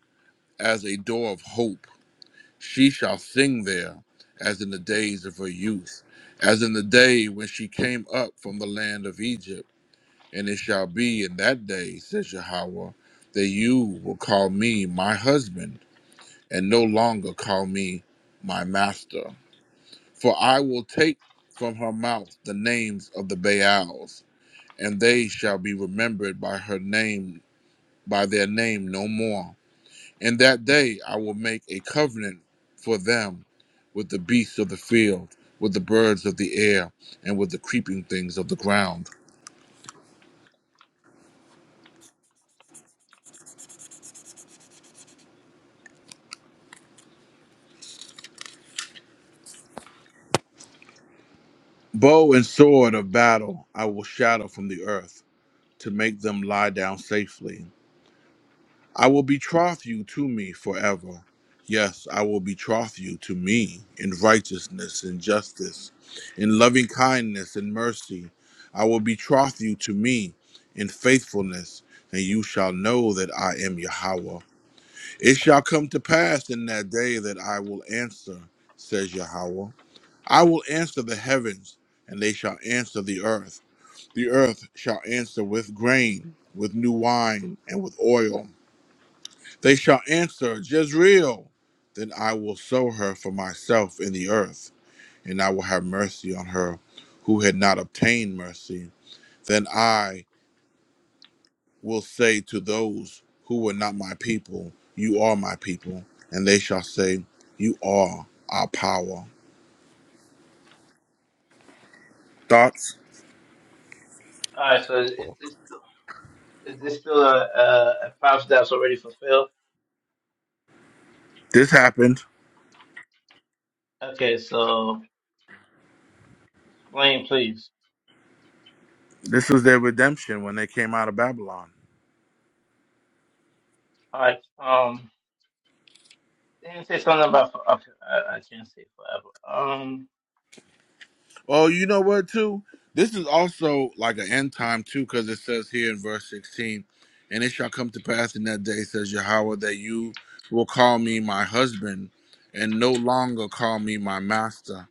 S7: as a door of hope. She shall sing there as in the days of her youth, as in the day when she came up from the land of Egypt. And it shall be in that day, says Yahweh, that you will call me my husband, and no longer call me my master. For I will take from her mouth the names of the Baals, and they shall be remembered by her name, by their name no more. In that day I will make a covenant for them with the beasts of the field, with the birds of the air, and with the creeping things of the ground. Bow and sword of battle I will shatter from the earth to make them lie down safely. I will betroth you to me forever. Yes, I will betroth you to me in righteousness and justice, in loving kindness and mercy. I will betroth you to me in faithfulness, and you shall know that I am Yahweh. It shall come to pass in that day that I will answer, says Yahweh. I will answer the heavens, and they shall answer the earth. The earth shall answer with grain, with new wine, and with oil they shall answer, Jezreel. Then I will sow her for myself in the earth, and I will have mercy on her who had not obtained mercy. Then I will say to those who were not my people, You are my people. And they shall say, You are our power. Thoughts?
S4: All right, so is this still, is this still a, a, a prophecy that's already fulfilled?
S7: This happened.
S4: Okay, so explain, please.
S7: This was their redemption when they came out of Babylon.
S4: All right. Um, they didn't say something about, okay, I, I can't say forever. Um,
S7: Oh, you know what, too? This is also like an end time, too, because it says here in verse 16, and it shall come to pass in that day, says Yahweh, that you will call me my husband, and no longer call me my master,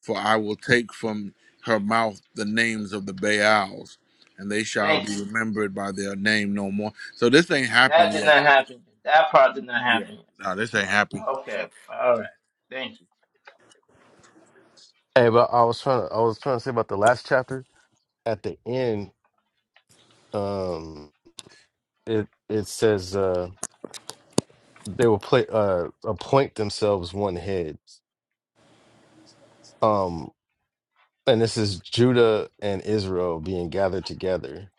S7: for I will take from her mouth the names of the Baals, and they shall
S4: thank you.
S7: be remembered by their name no more. So this ain't
S4: That
S7: happened
S4: did
S7: yet.
S4: not happen. yet. That part did not
S7: Yeah.
S4: happen. yet.
S7: No, this ain't happened.
S4: Okay. All right. Thank you.
S3: but I was trying to I was trying to say about the last chapter. At the end, um, it it says uh they will play uh appoint themselves one head. Um, and this is Judah and Israel being gathered together.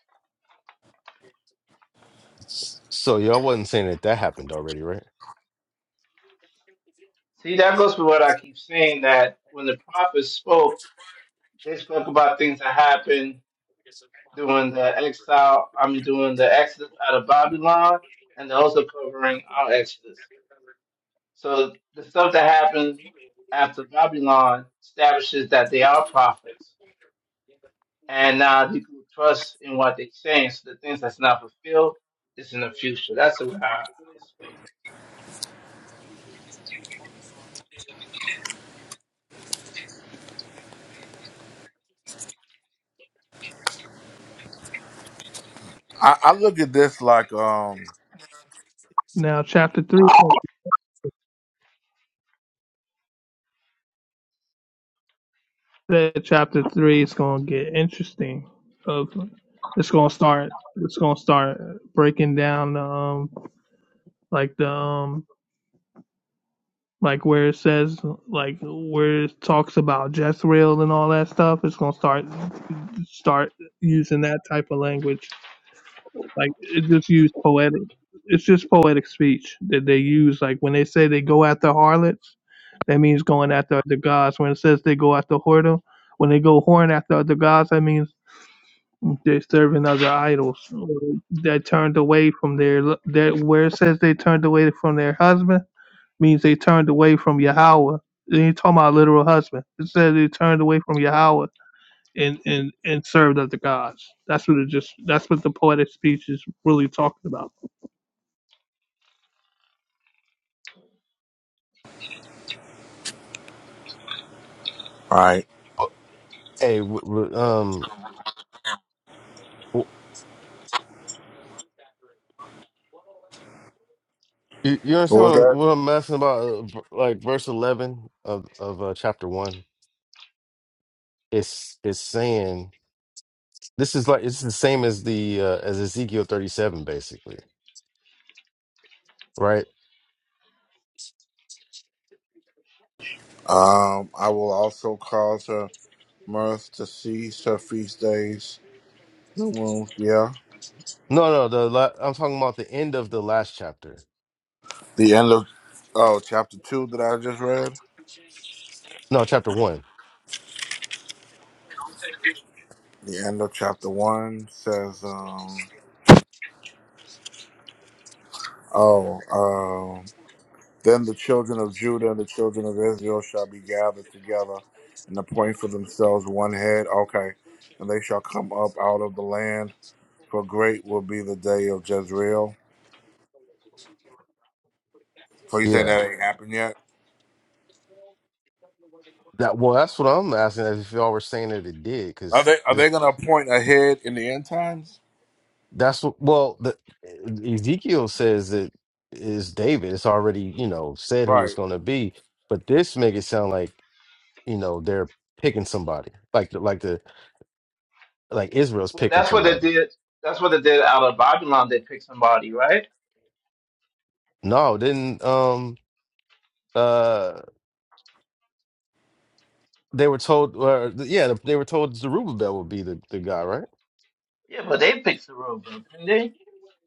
S3: S- So y'all wasn't saying that that happened already, right?
S4: See, that goes with what I keep saying that when the prophets spoke, they spoke about things that happened during the exile, I mean, during the exodus out of Babylon, and they're also covering our exodus. So the stuff that happened after Babylon establishes that they are prophets, and now you can trust in what they're saying. So the things that's not fulfilled is in the future. That's the way I I explain.
S7: I, I look at this like, um, all
S6: Now chapter three. Said chapter three is gonna get interesting. Of it's gonna start. It's gonna start breaking down um like the um like where it says like where it talks about Jezreel and all that stuff. It's gonna start start using that type of language Like it just used poetic. It's just poetic speech that they use. Like when they say they go after harlots, that means going after other gods. When it says they go after whoredom, when they go horn after other gods, that means they're serving other idols that turned away from their that where it says they turned away from their husband means they turned away from Yahweh. They ain't talking about literal husband. It says they turned away from Yahweh and and and served other gods. That's what it just. That's what the poetic speech is really talking about.
S7: right,
S3: Oh, Hey, w- w- um, w- you, you
S7: what
S3: understand
S7: was
S3: what,
S7: that?
S3: what I'm asking about? uh, v- Like verse eleven of of uh, chapter one, it's it's saying. This is like it's the same as the uh, as Ezekiel 37 basically, right?
S7: Um, I will also cause her. mirth, decease, her feast days, Nope. yeah.
S3: No, no, the la- I'm talking about the end of the last chapter.
S7: The end of oh chapter two that I just read.
S3: No, chapter 1.
S7: The end of chapter one says, um, oh, um, then the children of Judah and the children of Israel shall be gathered together and appoint for themselves one head. Okay, and they shall come up out of the land, for great will be the day of Jezreel. So you saying
S3: Yeah.
S7: that ain't happened yet?
S3: That well, that's what I'm asking if y'all were saying that it did
S7: Are
S3: cuz
S7: they are they
S3: this
S7: gonna appoint a head in the end times?
S3: that's what well, the E-, Ezekiel says that is David. It's already, you know, said who it's
S7: Right.
S3: going to be, but this make it sound like, you know, they're picking somebody. Like the, like the like Israel's
S4: Well,
S3: picking
S4: that's what they
S3: somebody.
S4: did. That's what they did out of Babylon. They picked somebody, right?
S3: No, didn't um uh they were told uh, yeah they were told Zerubbabel would be the, the guy right?
S4: Yeah, but they picked the robe up, didn't they?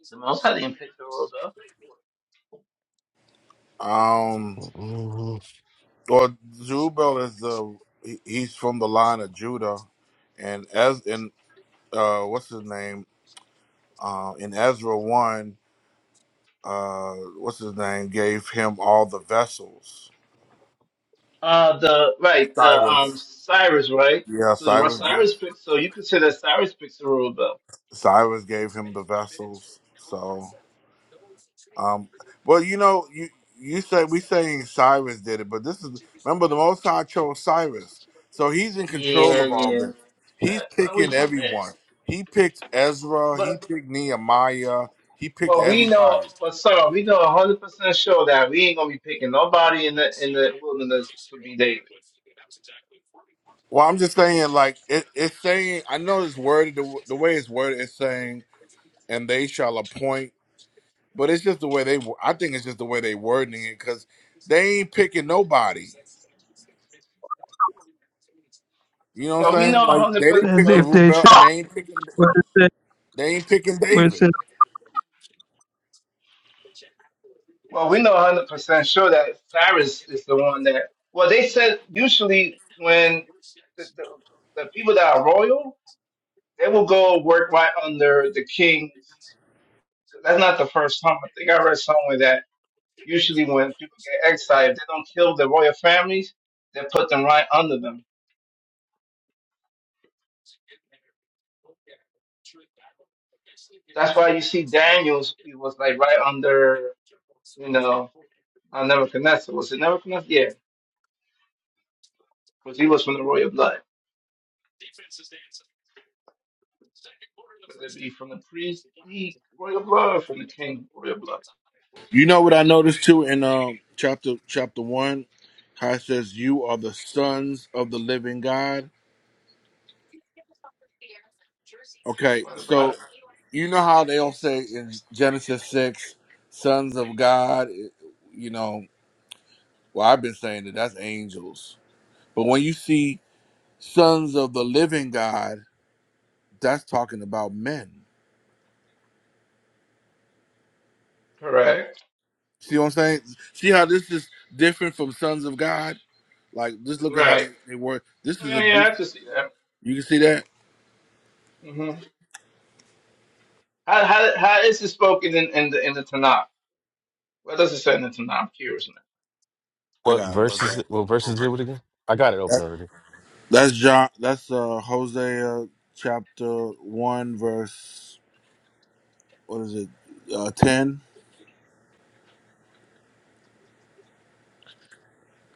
S4: The Most High didn't pick the robe up.
S7: Um.
S3: Mhm.
S7: Well, Jubal is the he- he's from the line of Judah, and as in uh, what's his name uh, in Ezra one, uh, what's his name gave him all the vessels.
S4: Uh, the right, the um
S7: Cyrus,
S4: Cyrus, right?
S7: yeah,
S4: So Ro-
S7: Cyrus, gave,
S4: Cyrus picked. So you could say that Cyrus picks the robe up.
S7: Cyrus gave him the vessels. So. Um, well, you know, you you say we saying Cyrus did it, but this is remember the Most High chose Cyrus, so he's in control
S4: Yeah,
S7: of all
S4: yeah.
S7: this. He's
S4: That, well, we
S7: picking
S4: know that.
S7: everyone. He picked Ezra.
S4: But
S7: He picked Nehemiah. He picked
S4: but we know,
S7: everybody.
S4: but sir, we know a hundred percent sure that we ain't gonna be picking nobody in the in the wilderness to be David.
S7: Well, I'm just saying, like it, it's saying. I know it's worded the, the way it's worded. It's saying, and they shall appoint. But it's just the way they. wo- I think it's just the way they wording it because they ain't picking nobody. You know what
S4: But we
S7: I'm saying?
S4: know a
S7: Like
S4: hundred
S7: they
S4: percent.
S7: didn't
S6: As
S7: pick
S4: But
S6: if
S4: we
S6: they
S7: Zerubbabel,
S6: should,
S7: and they ain't picking.
S6: where it says,
S7: They ain't picking David.
S4: Well, we know 100% sure that Cyrus is the one that. Well, they said usually when the, the, the people that are royal, they will go work right under the kings. That's not the first time. I think I read somewhere that usually when people get exiled, if they don't kill the royal families, they put them right under them. That's why you see Daniel's, he was like right under, you know, uh, Nebuchadnezzar. Was it Nebuchadnezzar? Yeah, because he was from the royal blood. whether it be from the priest, the royal blood, from the king, royal blood.
S7: You know what I noticed too in um, chapter chapter one, how it says you are the sons of the living God. Okay,
S4: what about
S7: so
S4: it.
S7: you know how they all say in Genesis six, sons of God. it- You know, well I've been saying that that's angels, but when you see sons of the living God, that's talking about men.
S4: Correct.
S7: See what I'm saying? See how this is different from sons of God? Like just look at how
S4: Right.
S7: they they were. This is a
S4: Yeah, yeah, I can
S7: you
S4: see that.
S7: can see that.
S4: hmm How, how, how is it spoken in, in the in the Tanakh? What does it say in the Tanakh? I'm curious now.
S7: I
S3: What
S7: gotta look
S3: verse is
S7: at
S3: it? What verse is it with again? I got it open
S7: that.
S3: already.
S7: That's John. That's uh, Hosea chapter one verse. What is it? Uh, Ten.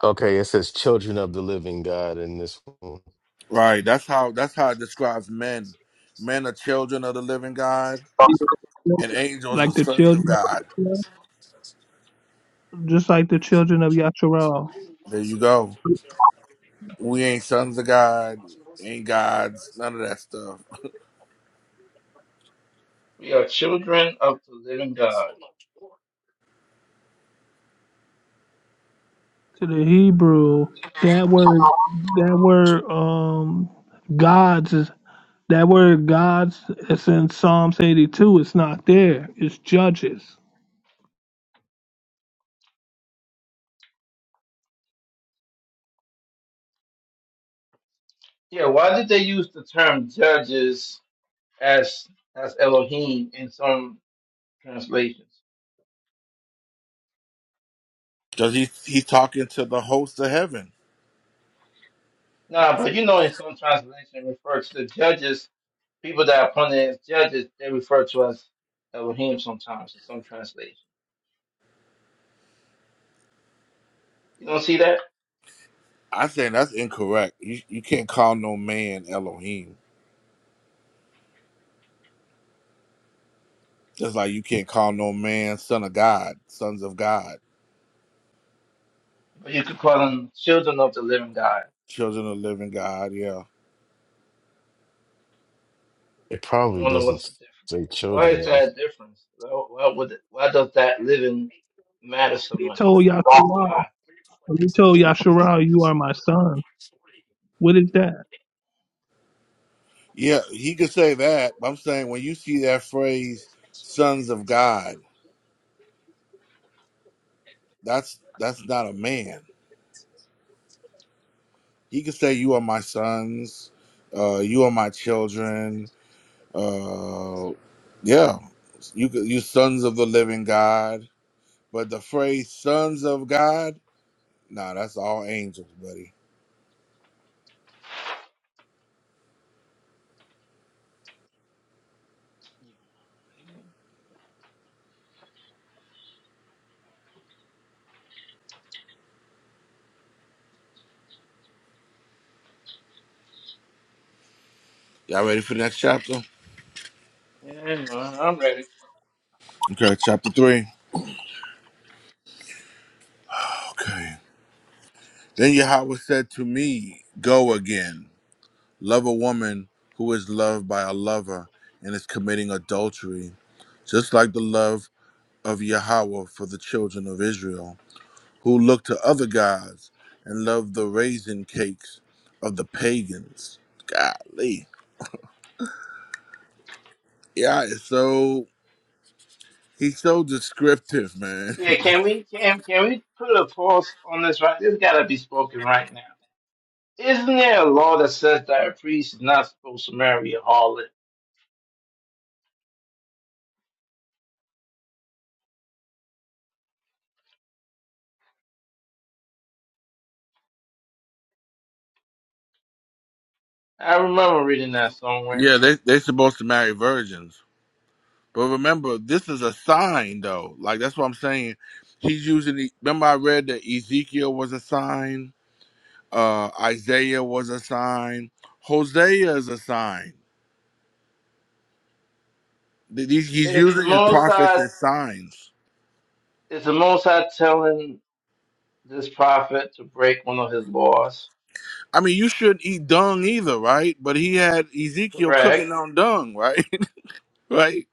S3: Okay, it says children of the living God in this one.
S7: Right. That's how. That's how it describes men. Men are children of the living God, and angels
S6: like
S7: are
S6: the
S7: sons of
S6: children,
S7: God.
S6: just like the children of Yasharal.
S7: There you go. We ain't sons of God. Ain't gods. None of that stuff.
S4: We are children of the living God.
S6: To the Hebrew, that word, that word, um, gods is that word gods is in Psalms 82. It's not there. It's judges.
S4: Yeah, why did they use the term judges as as Elohim in some translations?
S7: Cause he he's talking to the host of heaven.
S4: Nah, but you know in some translations it refers to the judges people that are appointed as judges, they refer to us Elohim sometimes in some translations. You don't see that?
S7: I saying that's incorrect. You you can't call no man Elohim. Just like you can't call no man son of God, sons of God.
S4: But you could call them children of the living God.
S7: children of the living God. Yeah.
S3: It
S4: I
S3: probably
S4: wonder what's
S3: doesn't
S4: the difference.
S3: say
S4: Why
S3: children
S4: is
S3: though.
S4: that a difference? Why why would it, why does that living matter so
S6: He
S4: much though?
S6: told Yasharal.
S4: Why?
S6: he told Yasharal, you are my son. What is that?
S7: Yeah, he could say that. But I'm saying when you see that phrase, sons of God, that's that's not a man. He could say, You are my sons, uh, you are my children, uh yeah, you could you sons of the living God. But the phrase sons of God, nah, that's all angels, buddy. Y'all ready for the next chapter?
S4: Yeah, anyway, I'm ready.
S7: Okay, chapter three. Okay. Then Yahweh said to me, Go again. Love a woman who is loved by a lover and is committing adultery, just like the love of Yahweh for the children of Israel, who looked to other gods and loved the raisin cakes of the pagans. Golly. Yeah, it's so he's so descriptive, man.
S4: Yeah, can we can can we put a pause on this right? This gotta be spoken right now. Isn't there a law that says that a priest is not supposed to marry a harlot? I remember reading that somewhere.
S7: yeah, they they're supposed to marry virgins. But remember, this is a sign though. Like that's what I'm saying. He's using the remember I read that Ezekiel was a sign? Uh, Isaiah was a sign. Hosea is a sign. Th- He's he's
S4: It's the
S7: using his
S4: most
S7: prophets
S4: High.
S7: as signs.
S4: it's the most High telling this prophet to break one of his laws.
S7: I mean, you shouldn't eat dung either, right? But he had Ezekiel cooking
S4: Correct.
S7: on dung, right? right?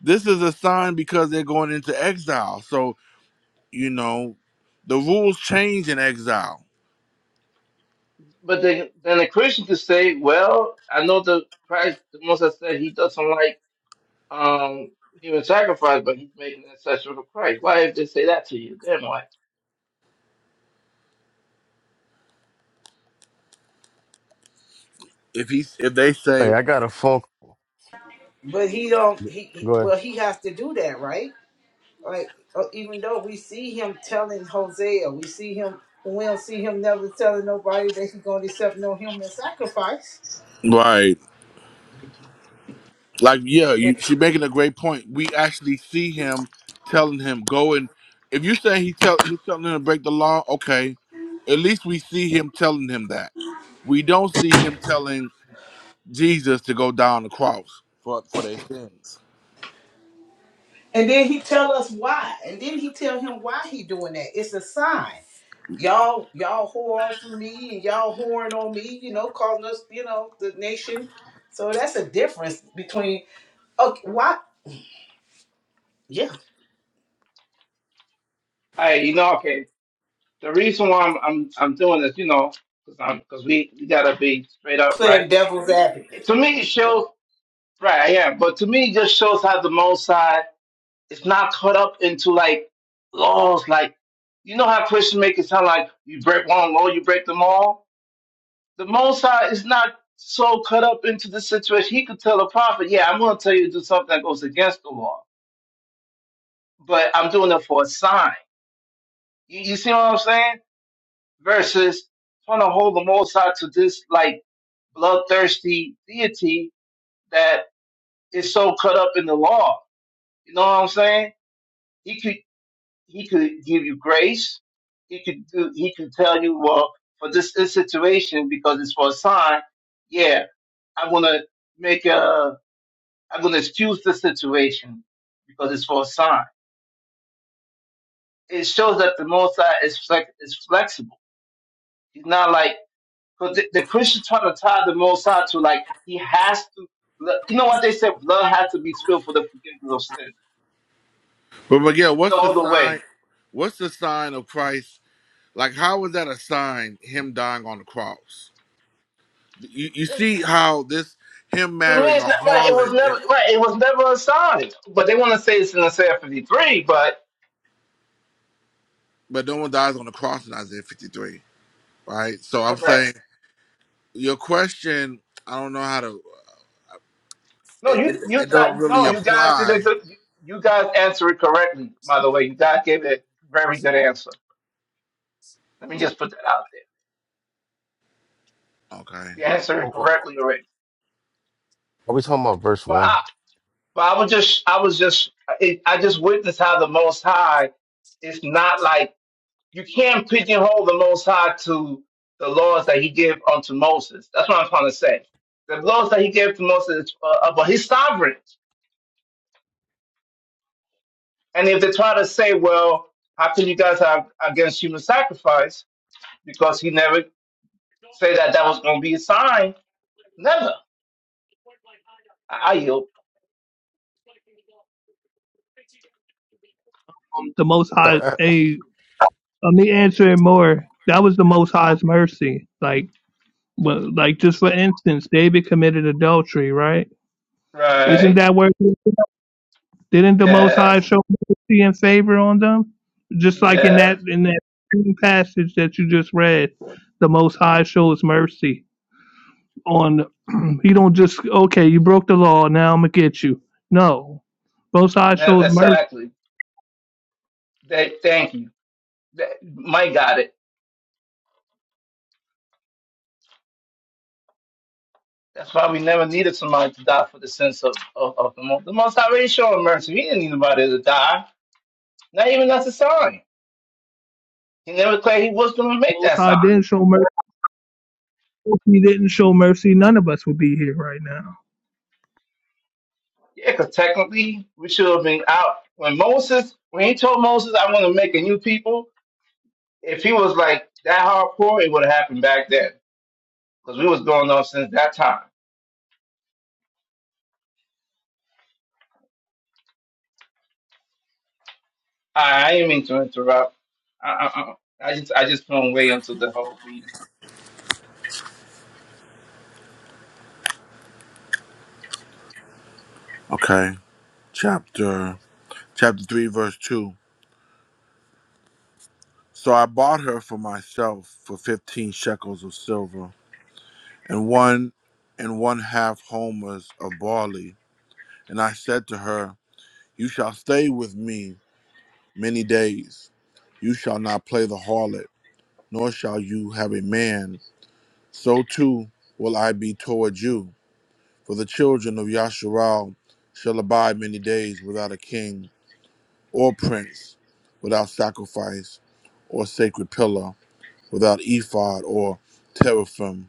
S7: This is a sign because they're going into exile. So, you know, the rules change in exile.
S4: But then then the Christian could say, Well, I know the Christ the most High said he doesn't like um human sacrifice, but he's making an exception for Christ. Why did they say that to you? Then why?
S7: If he if they say
S3: Hey, I got a phone.
S1: But he don't. He he-
S3: Go ahead.
S1: well, he has to do that, right? Like uh, even though we see him telling Hosea, we see him. We don't see him never telling nobody that he's going to accept no human sacrifice.
S7: right like yeah you, she's making a great point we actually see him telling him go and if you say he tell he's telling him to break the law okay at least we see him telling him that we don't see him telling jesus to go down the cross for for their sins
S1: And then he tell us why. And then he tell him why he doing that. It's a sign. Y'all, y'all whore off of me and y'all whoring on me, you know, calling us, you know, the nation. So that's a difference between okay, why yeah.
S4: Hey, you know, okay. The reason why I'm I'm, I'm doing this, you know, because I'm because we, we gotta be straight up, right?
S1: Playing devil's advocate.
S4: It- to me it shows right, yeah, but to me it just shows how the most High it's not cut up into like laws. Like you know how Christians make it sound like you break one law, you break them all. The Most is not so cut up into the situation. He could tell a prophet, "Yeah, I'm going to tell you to do something that goes against the law, but I'm doing it for a sign." You, you see what I'm saying? Versus trying to hold the Most to this like bloodthirsty deity that is so cut up in the law. You know what I'm saying? He could give you grace. He could do, he could tell you, well, for this, this situation, because it's for a sign, yeah, I'm going to make a, I'm going to excuse the situation because it's for a sign. It shows that the Most High is, flex, is flexible. He's not like, because the, the Christians trying to tie the Most High to like, he has to, you know what they said? Blood has to be spilled for the forgiveness of sin.
S7: but but yeah
S4: There's
S7: what's the
S4: no other
S7: sign
S4: way.
S7: what's the sign of christ like how is that a sign him dying on the cross you, you see how this him
S4: To me,
S7: marrying a
S4: it's not right. It
S7: harlot
S4: was never
S7: is,
S4: right. It was never assigned. But they want to say it's in the Isaiah 53. But
S7: but no one dies on the cross in isaiah 53 right? So I'm
S4: correct.
S7: saying your question. I don't know how to.
S4: No,
S7: It, it,
S4: you you
S7: it don't
S4: got
S7: really
S4: no. You guys did a
S7: apply.
S4: good. You you guys answered it correctly. By the way, you guys gave a very good answer. Let me just put that out there.
S7: Okay.
S4: You answered it
S3: Oh,
S4: correctly already.
S3: Are we talking about verse
S4: But
S3: one?
S4: I but I was just I was just I I just witnessed how the Most High is not like. you can't pigeonhole the Most High to the laws that He gave unto Moses. That's what I'm trying to say. The laws that He gave to Moses, uh, uh, but He's sovereign. And if they try to say, "Well, how can you guys have against human sacrifice?" because He never said that that was going to be a sign. Never. I I yield.
S6: The Most
S3: Uh,
S6: High.
S3: uh,
S6: A let me answer it more. That was the Most High's mercy. Like Well, like just for instance, David committed adultery, right? Isn't
S4: Right.
S6: that where didn't the Most High
S4: Yes.
S6: show mercy and favor on them? Just like in that
S4: Yes.
S6: in that same passage that you just read, the Most High shows mercy on. he don't just okay, you broke the law, now I'm gonna get you. No, Most High
S4: Ne-
S6: shows mercy.
S4: exactly. They, thank you. They, Mike got it. That's why we never needed somebody to die for the sins of, of, of the most. The most High already showed mercy. He didn't need nobody to die. Not even that's a sign. He never claimed he was going to make
S6: Most
S4: that
S6: High
S4: sign.
S6: didn't show mercy. If he didn't show mercy, none of us would be here right now.
S4: Yeah, because technically we should have been out. When Moses, when he told Moses, I want to make a new people, if he was like that hardcore, it would have happened back then. Because we was going on since that time. I, I didn't mean to interrupt. I, I, I I just I just went way into the whole meeting.
S7: Okay. Chapter chapter three verse two. So I bought her for myself for fifteen shekels of silver and one and one half homers of barley. And I said to her, You shall stay with me many days. You shall not play the harlot, nor shall you have a man. So too will I be toward you For the children of Yasharal shall abide many days without a king or prince, without sacrifice or sacred pillar, without ephod or teraphim.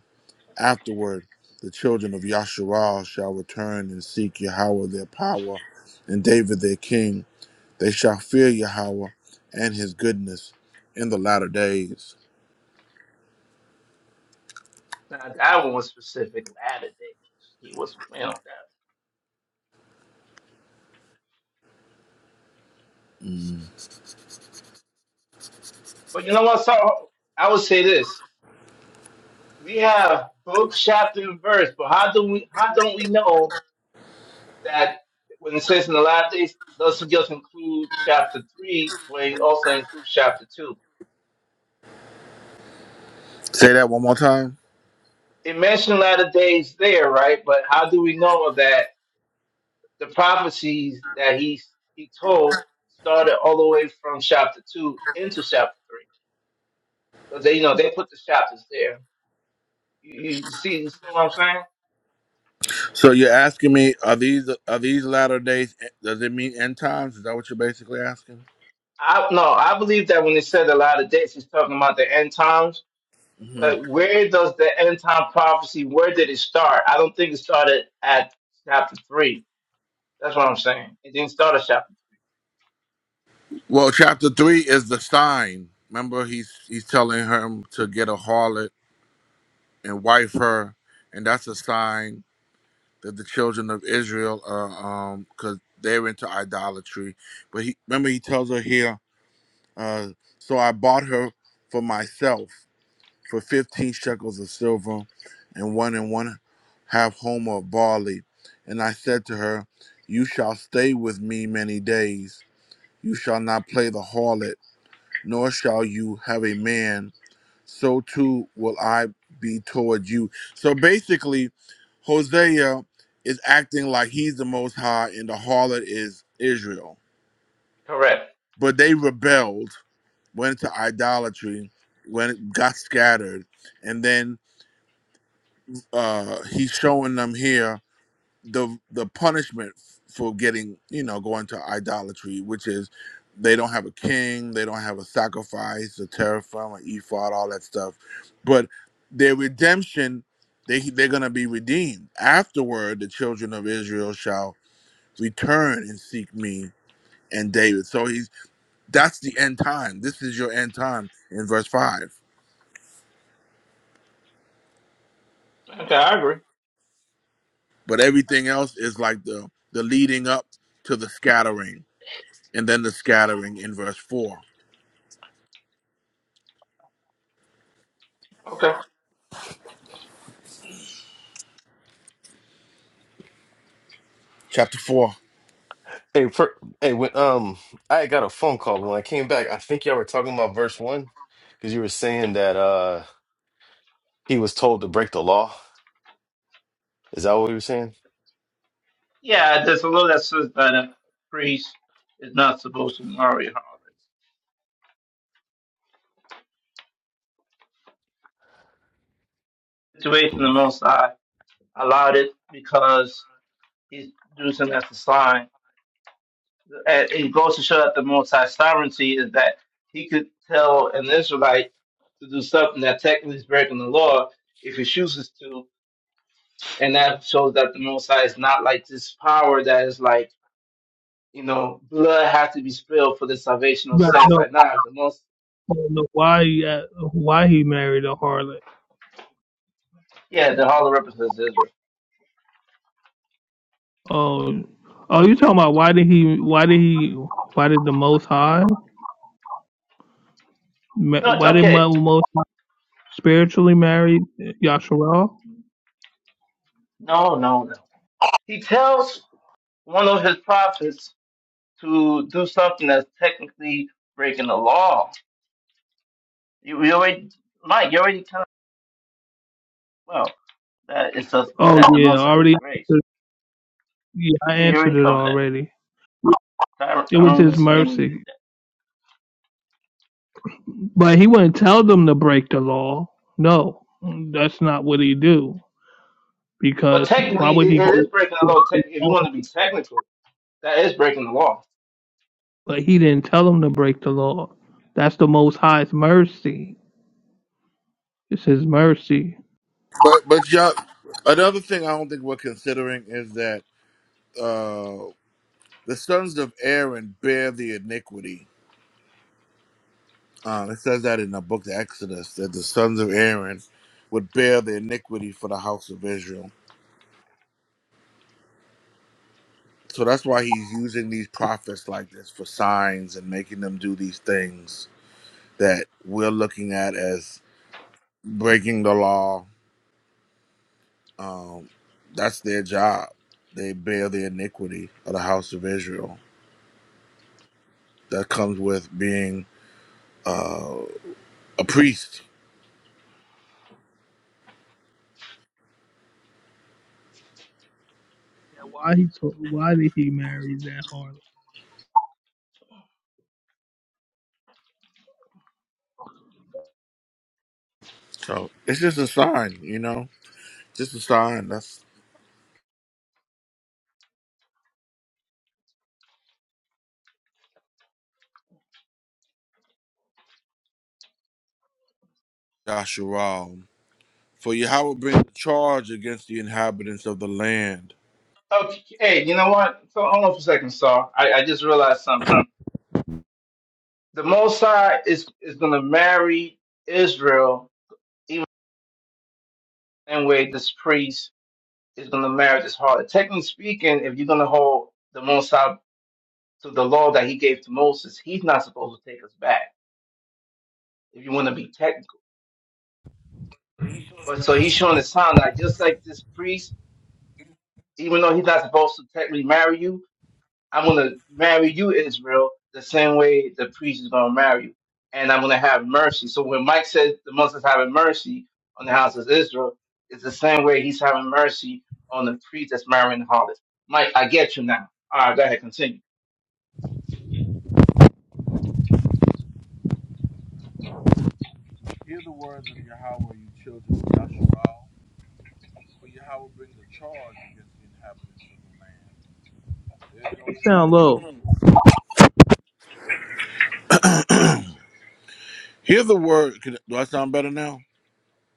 S7: Afterward, the children of Yasharal shall return and seek Yahweh their power and David their king. They shall fear Yahweh and his goodness in the latter days.
S4: Now that one was specific latter days. He was playing on that. But you know what? So I would say this: we have book, chapter, and verse. But how do we? How don't we know that when it says in the last days, doesn't just include chapter three, but it also includes chapter two?
S7: Say that one more time.
S4: It mentioned latter days there, right? But how do we know that the prophecies that he he told started all the way from chapter two into chapter three? Because they, you know, they put the chapters there. You, you see, you see what I'm saying?
S7: So you're asking me, are these are these latter days? Does it mean end times? Is that what you're basically asking?
S4: I no, I believe that when it said a lot of dates, it's talking about the end times.
S7: hmm
S4: But where does the end time prophecy? Where did it start? I don't think it started at chapter three. That's what I'm saying. It didn't start at chapter.
S7: Well, chapter three is the sign. Remember, he's he's telling him to get a harlot and wife her, and that's a sign that the children of Israel are um because they're into idolatry. But he remember he tells her here, uh, so I bought her for myself for fifteen shekels of silver, and one and one half homer of barley, and I said to her, You shall stay with me many days. You shall not play the harlot nor shall you have a man, so too will I be toward you. So basically, Hosea is acting like he's the most high and the harlot is Israel.
S4: Correct.
S7: But they rebelled, went into idolatry, when it got scattered, and then uh he's showing them here the the punishment for getting you know going to idolatry, which is they don't have a king, they don't have a sacrifice, a teraphim, an ephod, all that stuff. But their redemption, they they're gonna be redeemed afterward. The children of Israel shall return and seek me and David. So he's that's the end time. This is your end time in verse five.
S4: Okay, I agree.
S7: But everything else is like the the leading up to the scattering, and then the scattering in verse four
S4: Okay.
S7: chapter four.
S3: hey, for, hey, when um I got a phone call, but when I came back, I think y'all were talking about verse one because you were saying that. uh. He was told to break the law. Is that what we were saying?
S4: Yeah, there's a law that says that a priest is not supposed to marry her. Situation
S3: Y-
S4: the Most High allowed it because he's using it as a sign. And it goes to show that the Most High sovereignty is that he could tell an Israelite to do something that technically is breaking the law if he chooses to, and that shows that the Most High is not like this power that is like you know blood has to be spilled for the salvation
S6: You
S4: of
S6: gotta
S4: sins.
S6: know,
S4: Like nah, the most
S6: you gotta know why he uh, why he married a harlot
S4: yeah, the hollow represents Israel.
S6: Oh, oh, you talking about why did he? Why did he? Why did the Most High? ma-
S4: No,
S6: Why did
S4: okay,
S6: Mo- Most High spiritually marry Yasharal?
S4: no, no, no. He tells one of his prophets to do something that's technically breaking the law. You, you already, Mike, you already kind of. well. that it says
S6: Oh
S4: that the
S6: yeah,
S4: Most High has
S6: already.
S4: grace.
S6: answered- Yeah, I
S4: Yeah, you
S6: answered
S4: already
S6: it
S4: covered that.
S6: already.
S4: Tyron,
S6: It was
S4: Tyron
S6: his
S4: was him when you did
S6: mercy,
S4: that.
S6: but he wouldn't tell them to break the law. No, that's not what he do.
S4: But
S6: Because why
S4: technically,
S6: would he
S4: it, it
S6: go?
S4: is breaking the law. Te- if you want to be technical, that is breaking the law.
S6: But he didn't tell them to break the law. That's the Most High's mercy. It's his mercy.
S7: But but y'all, another thing I don't think we're considering is that uh the sons of Aaron bear the iniquity. Uh, it says that in the book of Exodus that the sons of Aaron would bear the iniquity for the house of Israel. So that's why he's using these prophets like this for signs and making them do these things that we're looking at as breaking the law. Um, that's their job. They bear the iniquity of the house of Israel. that comes with being a priest.
S6: And why he told, why did he marry that Harlem?
S7: So it's just a sign, you know, just a sign. That's Yasharal For Yahweh brings a charge against the inhabitants of the land.
S4: Okay, hey, you know what? So, hold on for a second, Saul. I, I just realized something. The Most High is is going to marry Israel, even the same way this priest is going to marry this harlot. Technically speaking, if you're going to hold the Most High to the law that he gave to Moses, he's not supposed to take us back. If you want to be technical. But so he's showing a sign that just like this priest, even though he's not supposed to technically marry you, I'm gonna marry you, Israel, the same way the priest is gonna marry you. And I'm gonna have mercy. So when Mike said the Most High is having mercy on the house of Israel, it's the same way he's having mercy on the priest that's marrying the harlot. Mike, I get you now. All right, go ahead, continue.
S7: Hear the words of Yahweh, you children of Yasharal, For Yahweh brings a charge against the inhabitants of the land.
S6: You
S7: There's no-
S6: sound low.
S7: Hear the word. can- Do I sound better now?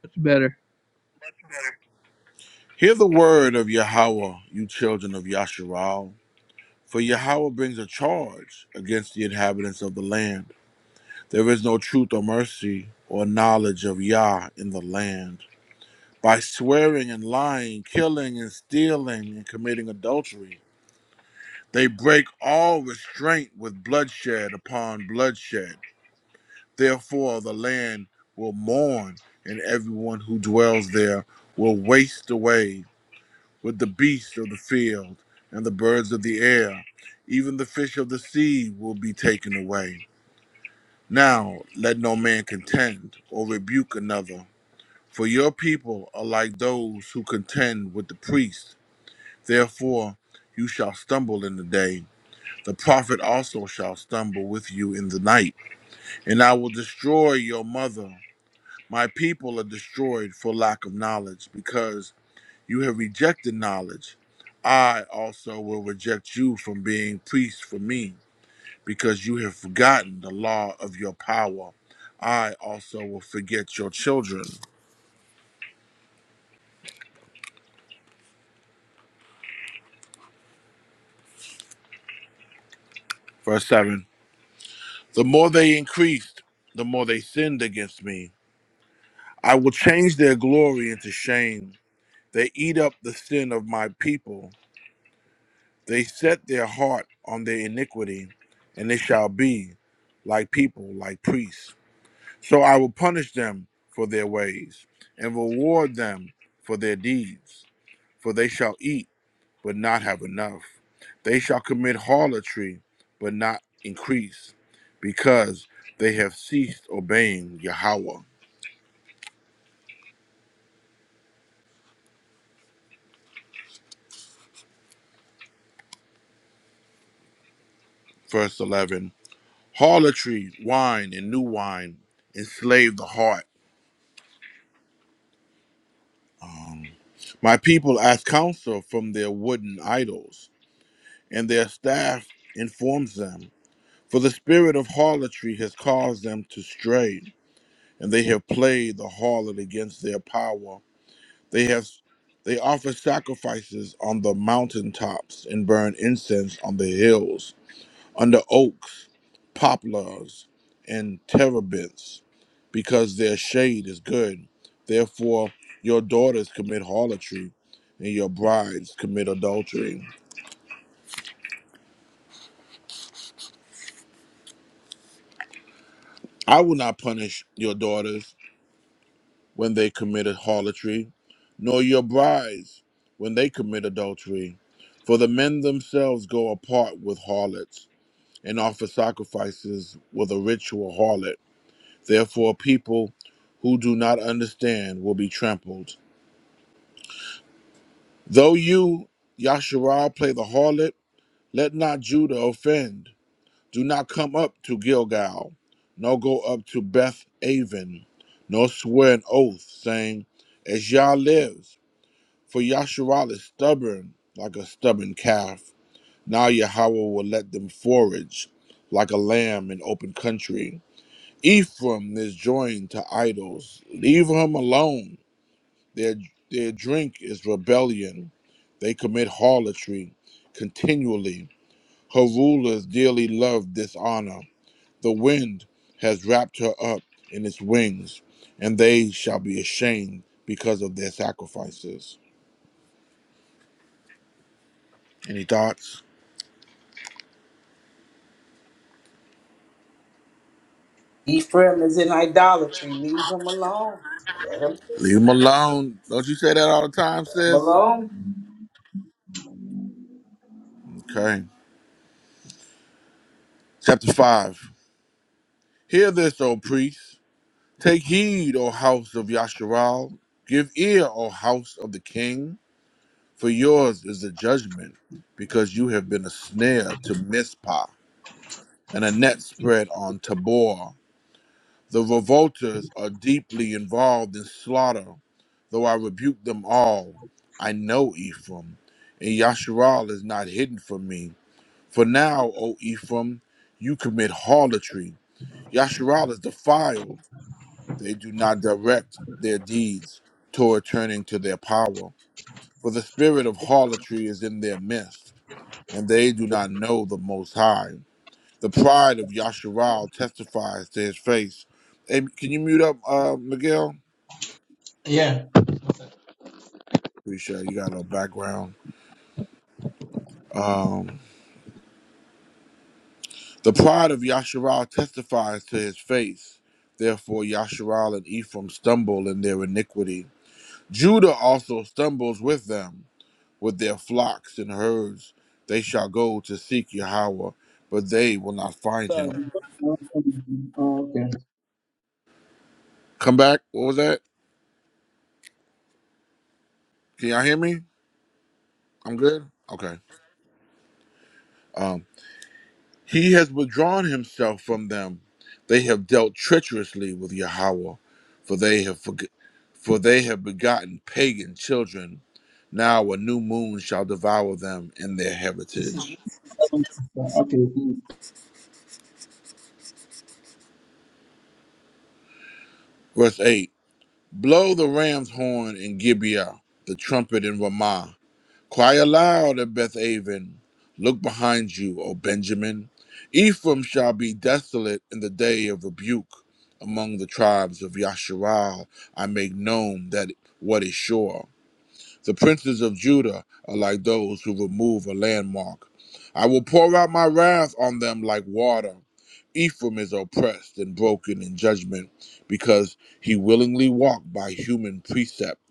S6: Much better.
S7: Hear the word of Yahweh, you children of Yasharal. For Yahweh brings a charge against the inhabitants of the land. There is no truth or mercy or knowledge of Yah in the land. By swearing and lying, killing and stealing and committing adultery, they break all restraint with bloodshed upon bloodshed. Therefore, the land will mourn, and everyone who dwells there will waste away with the beasts of the field and the birds of the air. Even the fish of the sea will be taken away. Now let no man contend or rebuke another For your people are like those who contend with the priest. Therefore, you shall stumble in the day. The prophet also shall stumble with you in the night. And I will destroy your mother. My people are destroyed for lack of knowledge, because you have rejected knowledge. I also will reject you from being priests for me, because you have forgotten the law of your power. I also will forget your children. Verse 7 The more they increased, the more they sinned against me. I will change their glory into shame. They eat up the sin of my people. They set their heart on their iniquity, and they shall be like people, like priests. So I will punish them for their ways and reward them for their deeds, for they shall eat. but not have enough. They shall commit harlotry, but not increase, because they have ceased obeying Yahweh. Verse 11 Harlotry, wine, and new wine enslave the heart. Um, My people ask counsel from their wooden idols, and their staff informs them. For the spirit of harlotry has caused them to stray, and they have played the harlot against their power. They have they offer sacrifices on the mountaintops and burn incense on the hills, under oaks, poplars, and terebinths, because their shade is good. Therefore your daughters commit harlotry, and your brides commit adultery. I will not punish your daughters when they commit harlotry, nor your brides when they commit adultery, for the men themselves go apart with harlots and offer sacrifices with a ritual harlot. Therefore, people who do not understand will be trampled. Though you, Yasharal, play the harlot, let not Judah offend. Do not come up to Gilgal, nor go up to Beth Aven, nor swear an oath, saying, As Yah lives, for Yasharal is stubborn like a stubborn calf. Now Yahweh will let them forage like a lamb in open country. Ephraim is joined to idols. Leave him alone. Their their drink is rebellion. They commit harlotry continually. Her rulers dearly love dishonor. The wind has wrapped her up in its wings, and they shall be ashamed because of their sacrifices. Any thoughts?
S1: Ephraim is in idolatry. Leave him alone. Let him,
S7: Leave them alone. Don't you say that all the time,
S1: let him
S7: sis?
S1: alone.
S7: Okay. Chapter 5. Hear this, O priest. Take heed, O house of Yasharal. Give ear, O house of the king, for yours is the judgment, because you have been a snare to Mizpah and a net spread on Tabor. The revolters are deeply involved in slaughter, though I rebuke them all. I know Ephraim, and Yasharal is not hidden from me. For now, O Ephraim, you commit harlotry. Yasharal is defiled They do not direct their deeds toward turning to their power, for the spirit of harlotry is in their midst, and they do not know the Most High. The pride of Yasharal testifies to his face. Hey, can you mute up, uh, Miguel?
S4: Yeah.
S7: Appreciate sure you got a little background. Um, the pride of Yasharal testifies to his face. Therefore, Yasharal and Ephraim stumble in their iniquity. Judah also stumbles with them. with their flocks and herds. They shall go to seek Yahweh, but they will not find him.
S4: Oh, okay.
S7: Come back. What was that? Can y'all hear me? I'm good? Okay. Um, he has withdrawn himself from them. They have dealt treacherously with Yahweh, for they have forg- for they have begotten pagan children. Now a new moon shall devour them in their
S4: It's a
S7: heritage.
S4: okay.
S7: Verse 8 Blow the ram's horn in Gibeah, the trumpet in Ramah Cry aloud at Beth Aven. Look behind you, O Benjamin. Ephraim shall be desolate in the day of rebuke. Among the tribes of Yasharal, I make known that what is sure. The princes of Judah are like those who remove a landmark. I will pour out my wrath on them like water. Ephraim is oppressed and broken in judgment because he willingly walked by human precept.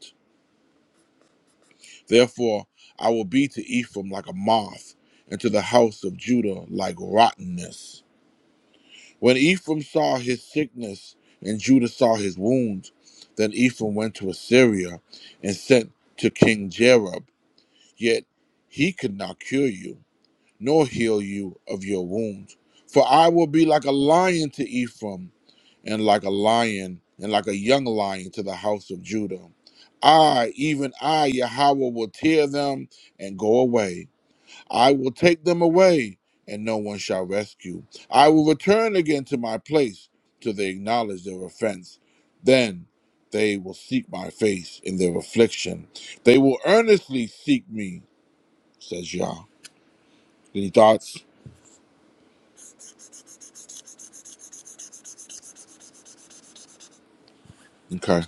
S7: Therefore, I will be to Ephraim like a moth, and to the house of Judah like rottenness. When Ephraim saw his sickness, and Judah saw his wounds, then Ephraim went to Assyria and sent to King Jerob, yet he could not cure you nor heal you of your wounds. For I will be like a lion to Ephraim, and like a lion, and like a young lion to the house of Judah. I, even I, Yahweh, will tear them and go away. I will take them away, and no one shall rescue. I will return again to my place till they acknowledge their offense. Then they will seek my face in their affliction. They will earnestly seek me, says Yah. Any thoughts? Okay.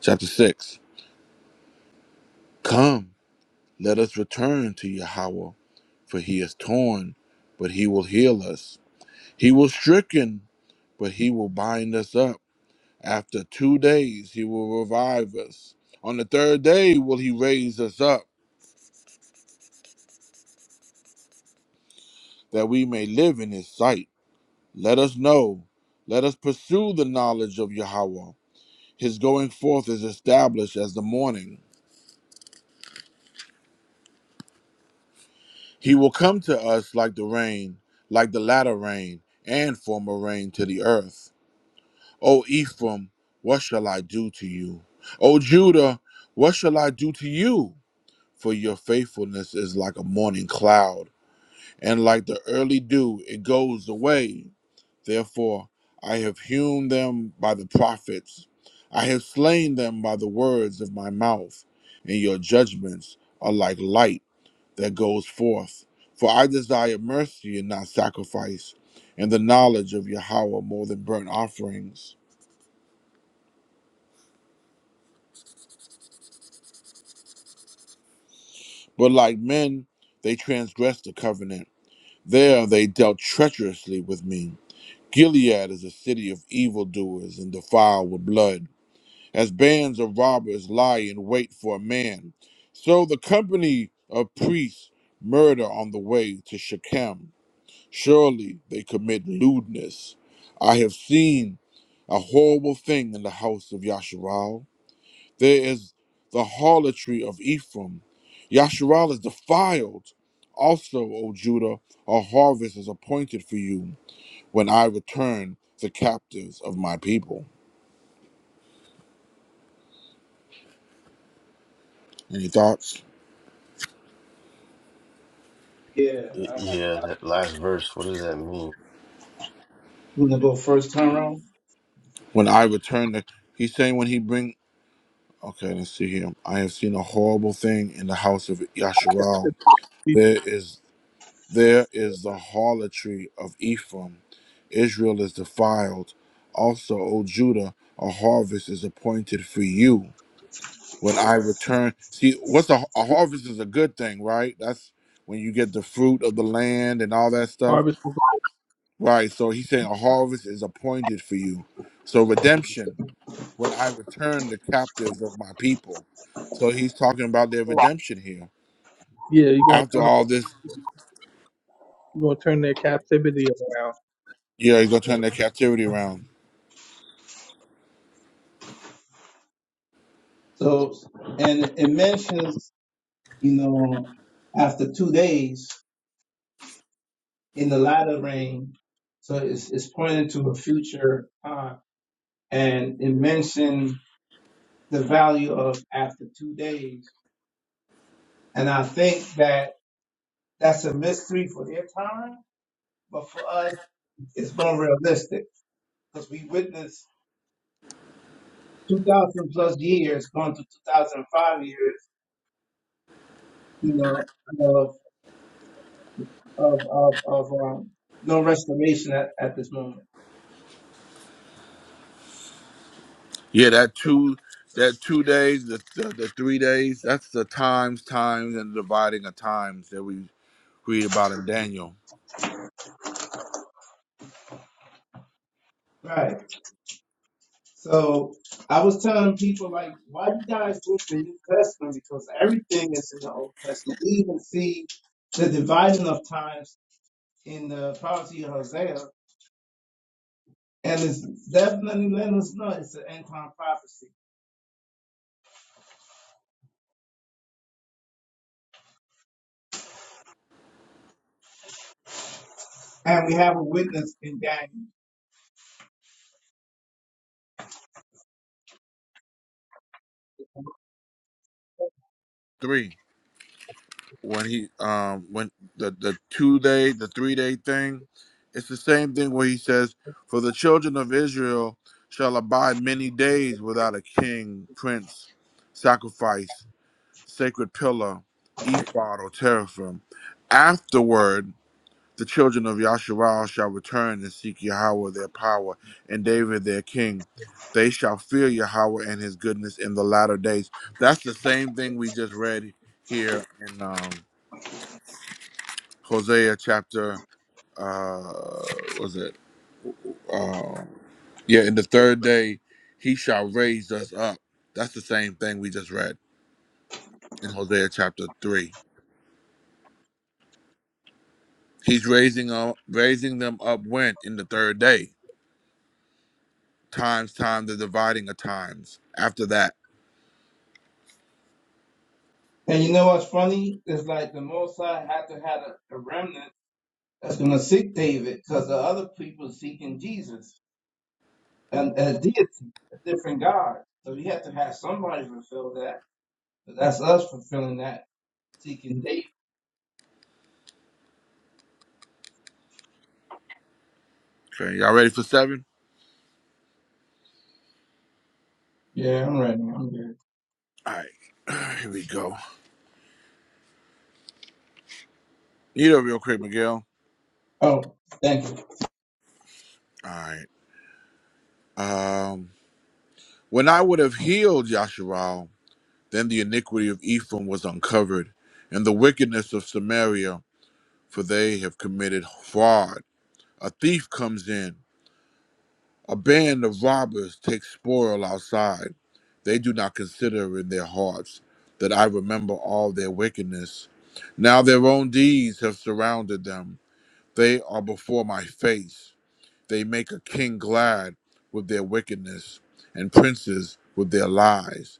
S7: Chapter 6 Come, let us return to Yahweh, for he is torn, but he will heal us. He was stricken, but he will bind us up. After two days, he will revive us. On the third day, will he raise us up, that we may live in his sight. Let us know, let us pursue the knowledge of Yahweh. His going forth is established as the morning. He will come to us like the rain, like the latter rain and former rain to the earth. O Ephraim, what shall I do to you? O Judah, what shall I do to you? For your faithfulness is like a morning cloud, and like the early dew, it goes away. Therefore, I have hewn them by the prophets, I have slain them by the words of my mouth, and your judgments are like light that goes forth. For I desire mercy and not sacrifice, and the knowledge of Yahweh more than burnt offerings. But like men, they transgressed the covenant. There they dealt treacherously with me. Gilead is a city of evildoers and defiled with blood. As bands of robbers lie in wait for a man, so the company of priests murder on the way to Shechem. Surely they commit lewdness. I have seen a horrible thing in the house of Yasharal. There is the harlotry of Ephraim. Yasharal is defiled. Also, O Judah, a harvest is appointed for you when I return the captives of my people. Any thoughts?
S4: Yeah, I have a
S3: Yeah,
S4: lot.
S3: that last verse, what does that mean?
S4: You want to go first turn around?
S7: When I return the he's saying when he bring okay, let's see here. I have seen a horrible thing in the house of Yasharal. There is There is the harlotry of Ephraim. Israel is defiled. Also, O Judah, a harvest is appointed for you. When I return, see, what's a, a harvest is a good thing, right? That's when you get the fruit of the land and all that stuff,
S6: Harvest.
S7: right? So he's saying a harvest is appointed for you. So redemption, when I return the captives of my people. So he's talking about their redemption here.
S6: Yeah, you're gonna
S7: After
S6: turn
S7: all this,
S6: you're gonna turn their captivity around.
S7: yeah, he's going to turn their captivity around.
S4: So, and it mentions. you know, after two days in the latter rain. So it's, it's pointing to a future time. And it mentioned the value of after two days. And I think that that's a mystery for their time, but for us, it's more realistic because we witnessed 2,000 plus years going to 2005 years, you know, of, of, of, of um, no restoration at, at this moment.
S7: Yeah, that two that two days, the, the the three days, that's the times, times, and dividing of times that we read about in Daniel
S4: Right. So I was telling people like, why you guys read the New Testament? Because everything is in the Old Testament. We even see the dividing of times in the prophecy of Hosea, and it's definitely letting us know it's an end time prophecy. And we have a witness in Daniel.
S7: three. When he um when the the two day, the three day thing, it's the same thing where he says, For the children of Israel shall abide many days without a king, prince, sacrifice, sacred pillar, ephod or teraphim. Afterward The children of Yasharal shall return and seek Yahweh their power, and David their king. They shall fear Yahweh and his goodness in the latter days. That's the same thing we just read here in um, Hosea chapter, uh, what was it? Um, yeah, in the third day, he shall raise us up. That's the same thing we just read in Hosea chapter 3. He's raising up, raising them up when? In the third day. Times, time the dividing of times. After that.
S4: And you know what's funny? It's like the Mosai had to have a, a remnant that's going to seek David, because the other people seeking Jesus and a deity, a different God. So he had to have somebody fulfill that. But that's us fulfilling that seeking date.
S7: Okay, y'all ready for seven?
S4: Yeah, I'm ready. I'm good.
S7: All right, here we go. You know real quick, Miguel.
S4: Oh, thank you.
S7: All right. Um, when I would have healed Yasharal, then the iniquity of Ephraim was uncovered, and the wickedness of Samaria, for they have committed fraud. A thief comes in. A band of robbers takes spoil outside. They do not consider in their hearts that I remember all their wickedness. Now their own deeds have surrounded them. They are before my face. They make a king glad with their wickedness, and princes with their lies.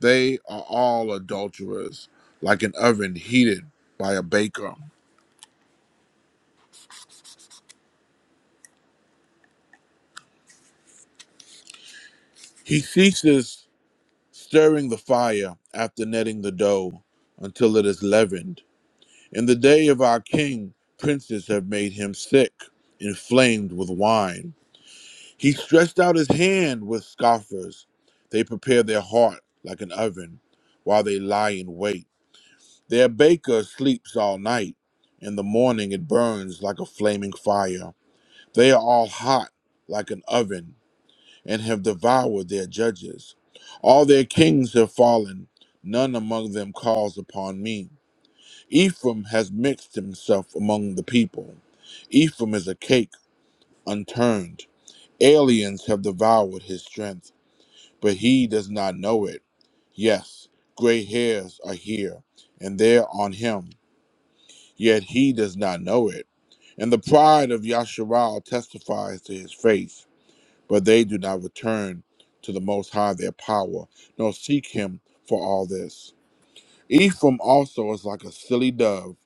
S7: They are all adulterers, like an oven heated by a baker. He ceases stirring the fire after netting the dough until it is leavened. In the day of our king, princes have made him sick, inflamed with wine. He stretched out his hand with scoffers. They prepare their heart like an oven while they lie in wait. Their baker sleeps all night. In the morning it burns like a flaming fire. They are all hot like an oven and have devoured their judges. All their kings have fallen. None among them calls upon me. Ephraim has mixed himself among the people. Ephraim is a cake unturned. Aliens have devoured his strength, but he does not know it. Yes, gray hairs are here, and they're on him yet he does not know it. And the pride of Yasharal testifies to his face, but they do not return to the Most High their power, nor seek him for all this. Ephraim also is like a silly dove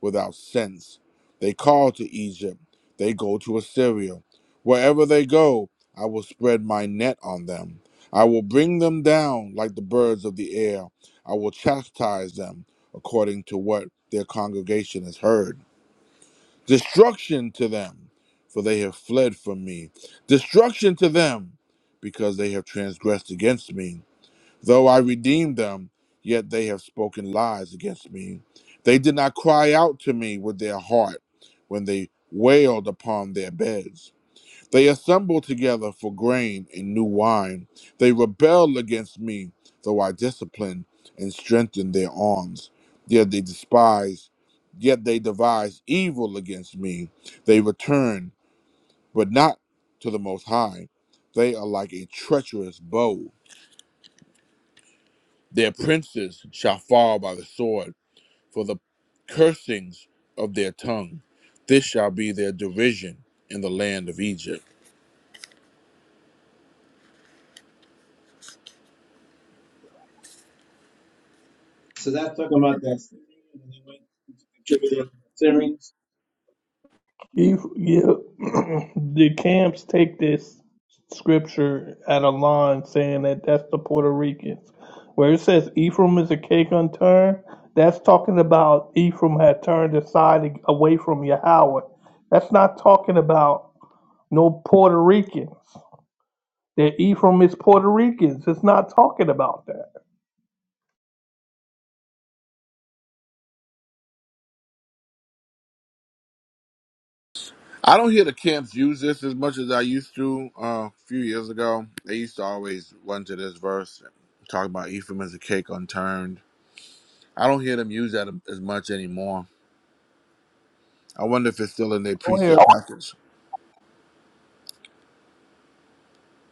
S7: without sense. They call to Egypt, they go to Assyria. Wherever they go, I will spread my net on them. I will bring them down like the birds of the air. I will chastise them according to what their congregation has heard. Destruction to them, for they have fled from me. Destruction to them, because they have transgressed against me. Though I redeemed them, yet they have spoken lies against me. They did not cry out to me with their heart when they wailed upon their beds. They assemble together for grain and new wine. They rebel against me, though I discipline and strengthen their arms. Yet they despise, yet they devise evil against me. They return, but not to the Most High. They are like a treacherous bow. Their princes shall fall by the sword for the cursings of their tongue. This shall be their derision in the land of Egypt.
S4: So that's talking about that Syrian and they went contributing to the Syrians.
S6: You, yeah. the camps take this scripture at a line saying that that's the Puerto Ricans, where it says Ephraim is a cake unturned. That's talking about Ephraim had turned aside away from Yahweh. That's not talking about no Puerto Ricans. that Ephraim is Puerto Ricans. It's not talking about that.
S7: I don't hear the camps use this as much as I used to uh, a few years ago. They used to always run to this verse, talk about Ephraim as a cake unturned. I don't hear them use that as much anymore. I wonder if it's still in their
S6: Don't hear
S7: precept package.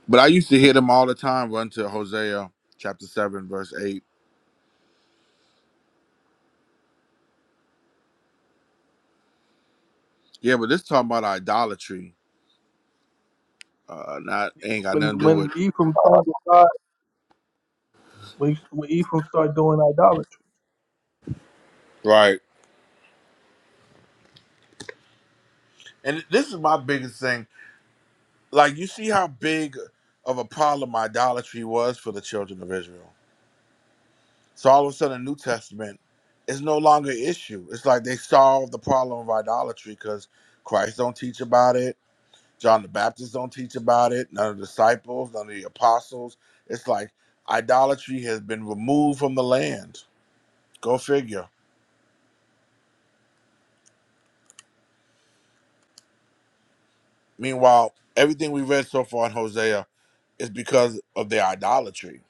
S7: But I used to hear them all the time run to Hosea chapter 7, verse 8. Yeah, but this talking about idolatry. Uh, not ain't got nothing
S6: when
S7: to do
S6: when
S7: with
S6: Ephraim turned to God, when, when Ephraim started doing idolatry.
S7: right. And this is my biggest thing. Like you see how big of a problem idolatry was for the children of Israel So all of a sudden, the New Testament is no longer an issue. It's like they solved the problem of idolatry because Christ don't teach about it. John the Baptist don't teach about it. None of the disciples, none of the apostles. It's like idolatry has been removed from the land. Go figure. Meanwhile, everything we read so far in Hosea is because of their idolatry.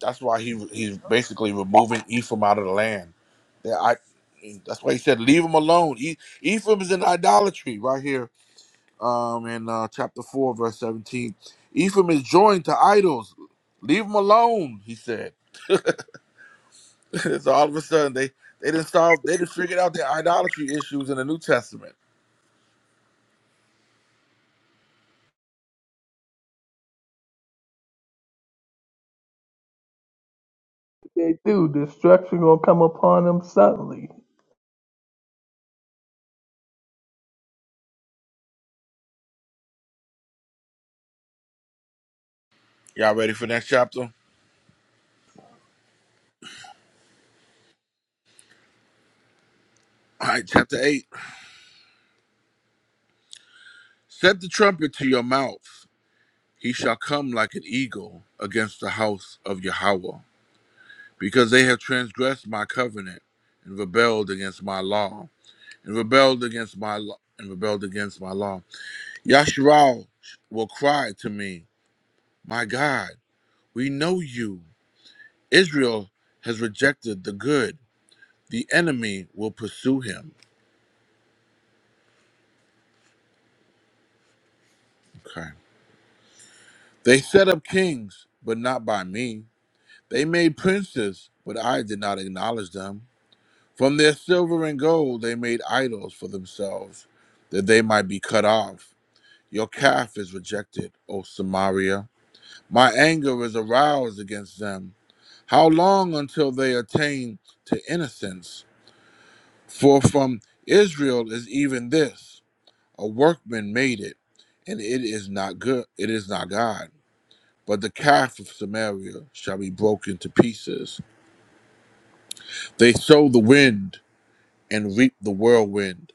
S7: That's why he he's basically removing Ephraim out of the land. They- I, that's why he said, "Leave him alone." E- Ephraim is in idolatry right here um, in uh, chapter 4, verse 17. Ephraim is joined to idols. Leave them alone, he said. so all of a sudden, they, they didn't solve, they didn't figure out their idolatry issues in the New Testament.
S6: They do. Destruction gonna come upon them suddenly.
S7: Y'all ready for next chapter? All right, chapter 8. Set the trumpet to your mouth. He shall come like an eagle against the house of Yahweh, because they have transgressed my covenant and rebelled against my law, and rebelled against my law, and rebelled against my law. Yasharal will cry to me, My God, we know you. Israel has rejected the good. The enemy will pursue him. Okay. They set up kings, but not by me. They made princes, but I did not acknowledge them. From their silver and gold they made idols for themselves, that they might be cut off. Your calf is rejected, O Samaria. My anger is aroused against them How long until they attain to innocence? For from Israel is even this a workman made it, and it is not good, it is not God. But the calf of Samaria shall be broken to pieces. They sow the wind and reap the whirlwind.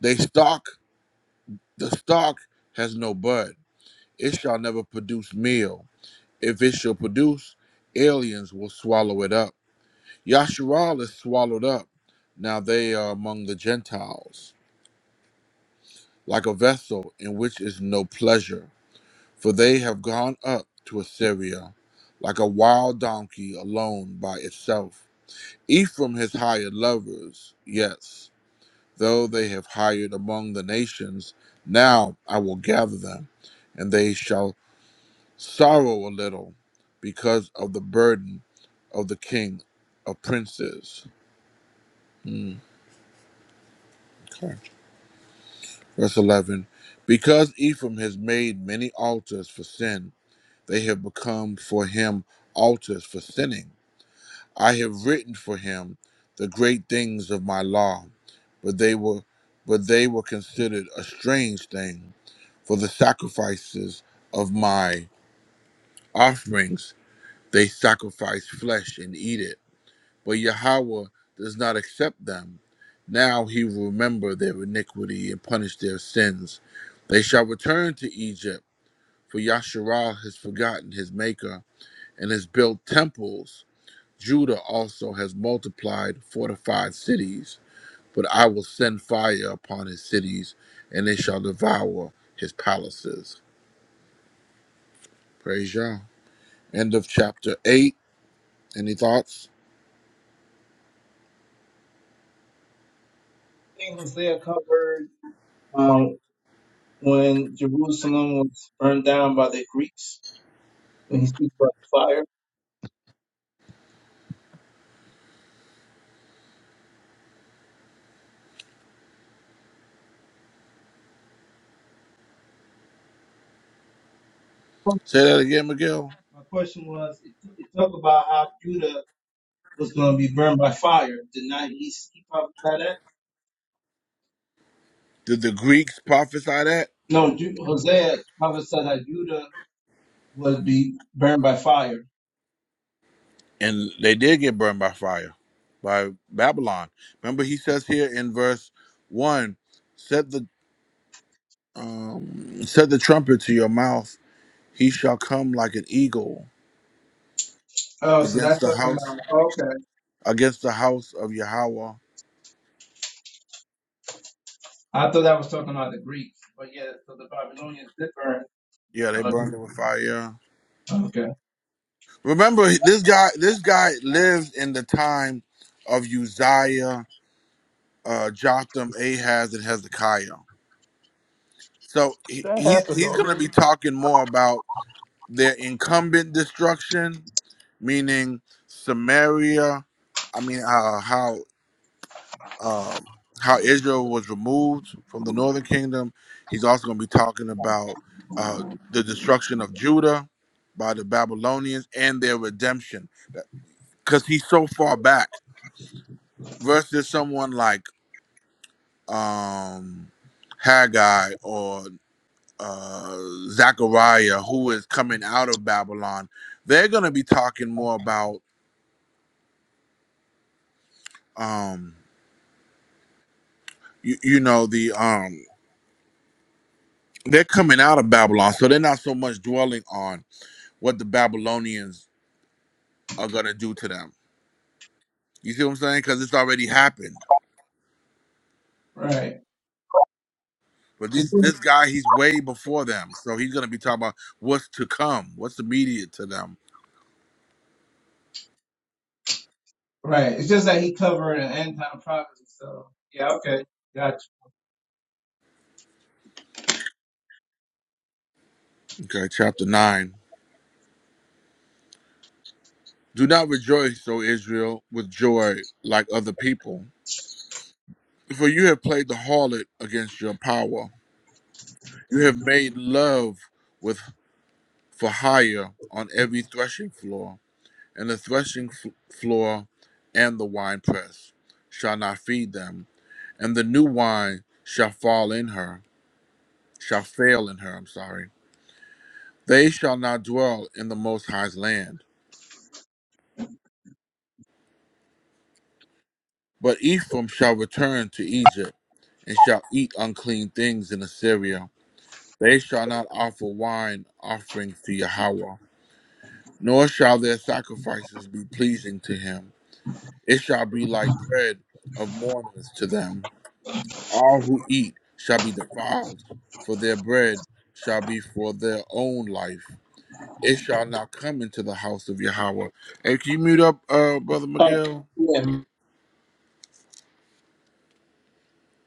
S7: They stalk, the stalk has no bud. It shall never produce meal. If it shall produce, aliens will swallow it up. Yasharal is swallowed up. Now they are among the Gentiles, like a vessel in which is no pleasure. For they have gone up to Assyria, like a wild donkey alone by itself. Ephraim has hired lovers, yes, though they have hired among the nations. Now I will gather them, and they shall sorrow a little because of the burden of the king of princes. Hmm. okay. Verse 11 Because Ephraim has made many altars for sin, they have become for him altars for sinning. I have written for him the great things of my law, but they were but they were considered a strange thing for the sacrifices of my offerings. They sacrifice flesh and eat it but Yahweh does not accept them. Now he will remember their iniquity and punish their sins. They shall return to Egypt, for Yasharal has forgotten his maker and has built temples. Judah also has multiplied fortified cities, but I will send fire upon his cities, and they shall devour his palaces. Praise Yah. End of chapter 8. Any thoughts?
S4: I think Hosea covered um, when Jerusalem was burned down by the Greeks when he speaks about the fire.
S7: Say that again, McGill.
S4: My question was, it, it talked about how Judah was going to be burned by fire. Did not he, he prophesy that?
S7: Did the Greeks prophesy that?
S4: No, Ju- Hosea prophesied that Judah would be burned by fire.
S7: and they did get burned by fire by babylon remember he says here in verse 1 set the um set the trumpet to your mouth he shall come like an eagle
S4: Oh, so that's
S7: against the
S4: talking
S7: house
S4: about.
S7: against the house of yahweh
S4: I thought I was talking about the Greeks, but yeah, so the Babylonians different.
S7: yeah they
S4: Uh,
S7: burned it with fire
S4: okay,
S7: remember this guy this guy lived in the time of uzziah uh jotham ahaz and hezekiah so he,
S6: That
S7: he's,
S6: happened
S7: he's gonna be
S6: already.
S7: talking more about their incumbent destruction meaning Samaria. I mean, uh, how um, how Israel was removed from the northern kingdom. He's also going to be talking about uh, the destruction of Judah by the Babylonians and their redemption, because he's so far back versus someone like um, Haggai or uh, Zechariah, who is coming out of Babylon. They're going to be talking more about. Um, you, you know the um they're coming out of Babylon, so they're not so much dwelling on what the Babylonians are gonna do to them. You see what I'm saying? Because it's already happened.
S4: right.
S7: But
S4: It's
S7: this
S4: just,
S7: this guy, he's way before them, so he's gonna be talking about what's to come, what's immediate to them.
S4: right. It's just that he covered an end time prophecy. So yeah, okay, gotcha.
S7: Okay, chapter nine. Do not rejoice, O Israel, with joy like other people, for you have played the harlot against your power. You have made love with for hire on every threshing floor. and the threshing floor and the winepress shall not feed them, and the new wine shall fall in her, shall fail in her, I'm sorry. They shall not dwell in the Most High's land. But Ephraim shall return to Egypt, and shall eat unclean things in Assyria. They shall not offer wine offerings to Yahweh, nor shall their sacrifices be pleasing to him. It shall be like bread of mourners to them All who eat shall be defiled, for their bread shall be for their own life. It shall not come into the house of Yahweh. Hey, can you mute up, uh, Brother
S4: Oh,
S7: Miguel?
S4: yeah.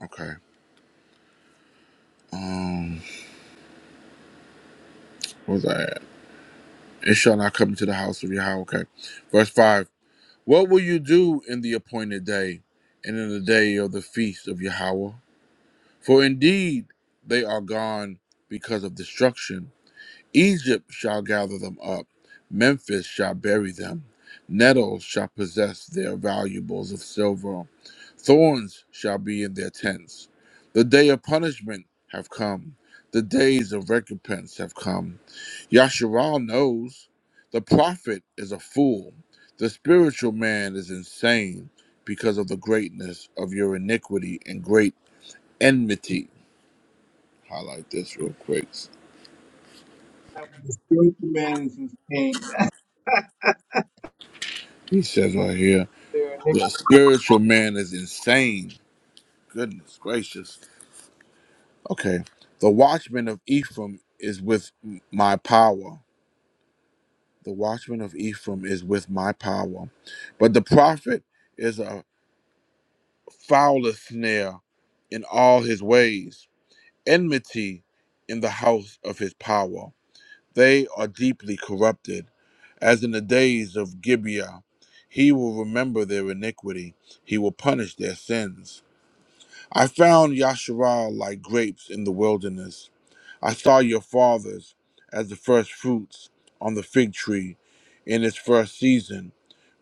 S7: Okay. Um, what that? It shall not come into the house of Yahweh. Okay. Verse 5. What will you do in the appointed day and in the day of the feast of Yahweh? For indeed they are gone because of destruction Egypt shall gather them up, Memphis shall bury them. Nettles shall possess their valuables of silver, thorns shall be in their tents. The day of punishment have come, the days of recompense have come. Yasharal knows the prophet is a fool, the spiritual man is insane because of the greatness of your iniquity and great enmity. Highlight this real quick.
S4: spiritual Man's thing. I
S7: He says right here.
S6: There,
S7: The spiritual man is insane. Goodness gracious. Okay. The watchman of Ephraim is with my power. The watchman of Ephraim is with my power. But the prophet is a fouler snare in all his ways, enmity in the house of his power. They are deeply corrupted. As in the days of Gibeah, he will remember their iniquity, he will punish their sins. I found Yasharal like grapes in the wilderness. I saw your fathers as the first fruits on the fig tree in its first season,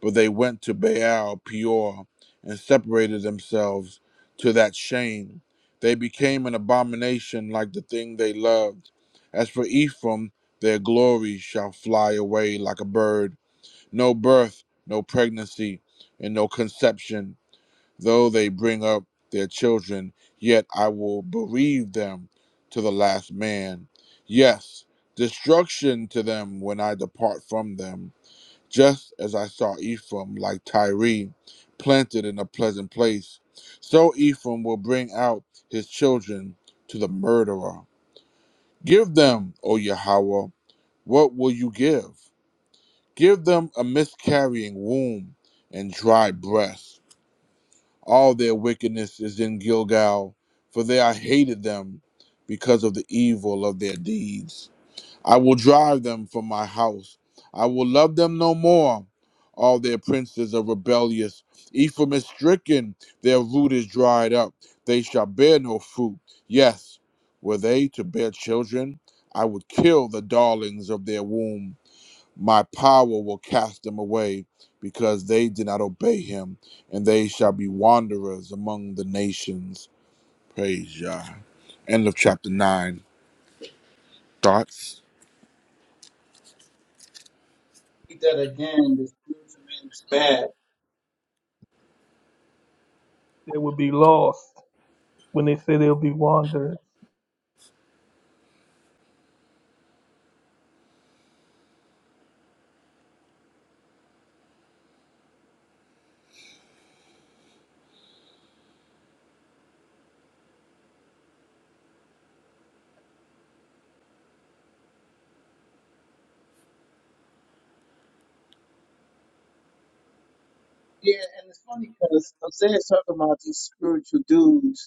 S7: but they went to Baal Peor and separated themselves to that shame. They became an abomination like the thing they loved. As for Ephraim, their glory shall fly away like a bird. No birth, no pregnancy, and no conception. Though they bring up their children, yet I will bereave them to the last man. Yes, destruction to them when I depart from them. Just as I saw Ephraim, like Tyre, planted in a pleasant place, so Ephraim will bring out his children to the murderer. Give them, O Yahweh, what will you give? Give them a miscarrying womb and dry breasts all their wickedness is in Gilgal, for they I hated them because of the evil of their deeds. I will drive them from my house. I will love them no more. All their princes are rebellious. Ephraim is stricken. Their root is dried up. They shall bear no fruit. Yes, were they to bear children, I would kill the darlings of their womb my power will cast them away because they did not obey him, and they shall be wanderers among the nations. Praise Yah. End of chapter 9. Thoughts?
S4: hate that again. The spiritual man's bad.
S6: they will be lost when they say they'll be wandering.
S4: Yeah, and it's funny because Isaiah's talking about these spiritual dudes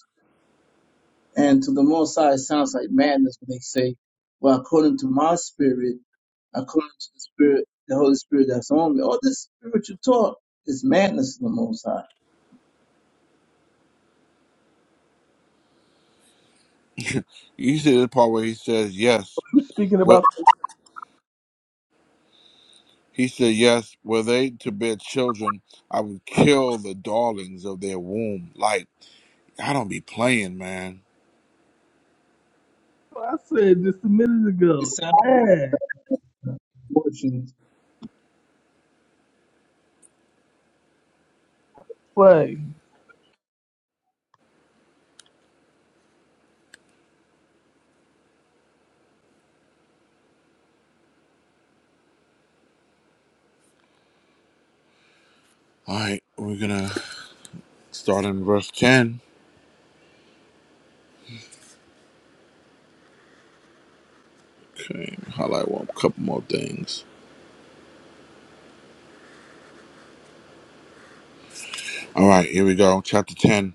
S4: And to the most high, it sounds like madness when they say, well, according to my spirit, according to the spirit, the Holy Spirit that's on me, all this spiritual talk is madness to the most high.
S7: You see the part where he says, Yes.
S6: You speaking about?
S7: What he said, Yes, were they to bear children, I would kill the darlings of their womb. Like, I don't be playing, man.
S6: I said just a minute
S4: It
S6: ago.
S4: sounds
S6: Man,
S4: emotions.
S6: play.
S7: All right, we're gonna start in verse 10. Okay, highlight one, couple more things. All right, here we go. Chapter 10.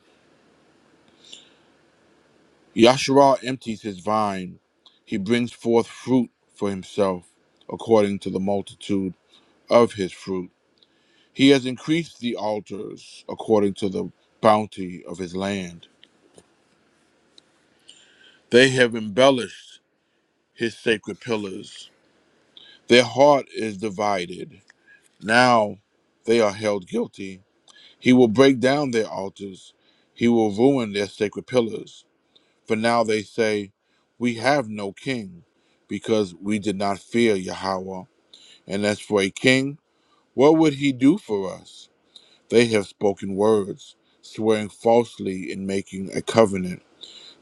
S7: Yasharal empties his vine. He brings forth fruit for himself, according to the multitude of his fruit. He has increased the altars, according to the bounty of his land. They have embellished his sacred pillars. Their heart is divided. Now they are held guilty. He will break down their altars. He will ruin their sacred pillars. For now they say, We have no king, because we did not fear Yahweh. And as for a king, what would he do for us? They have spoken words, swearing falsely and making a covenant.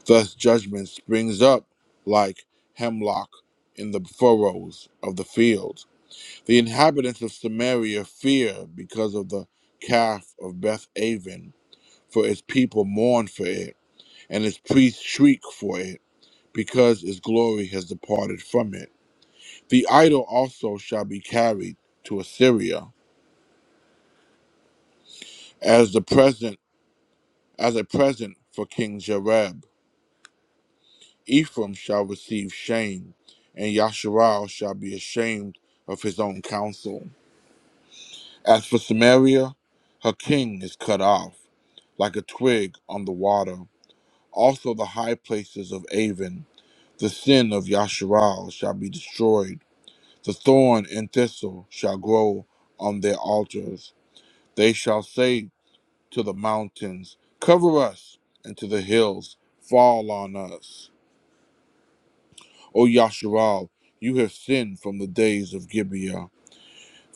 S7: Thus judgment springs up like hemlock in the furrows of the field. The inhabitants of Samaria fear because of the calf of Beth Aven, for its people mourn for it, and its priests shriek for it, because its glory has departed from it. The idol also shall be carried to Assyria as the present as a present for King Jareb. Ephraim shall receive shame, and Yasharal shall be ashamed of his own counsel. As for Samaria, her king is cut off, like a twig on the water. Also the high places of Avon, the sin of Yasharal shall be destroyed. The thorn and thistle shall grow on their altars. They shall say to the mountains. Cover us and to the hills. Fall on us. O Yasharal, you have sinned from the days of Gibeah.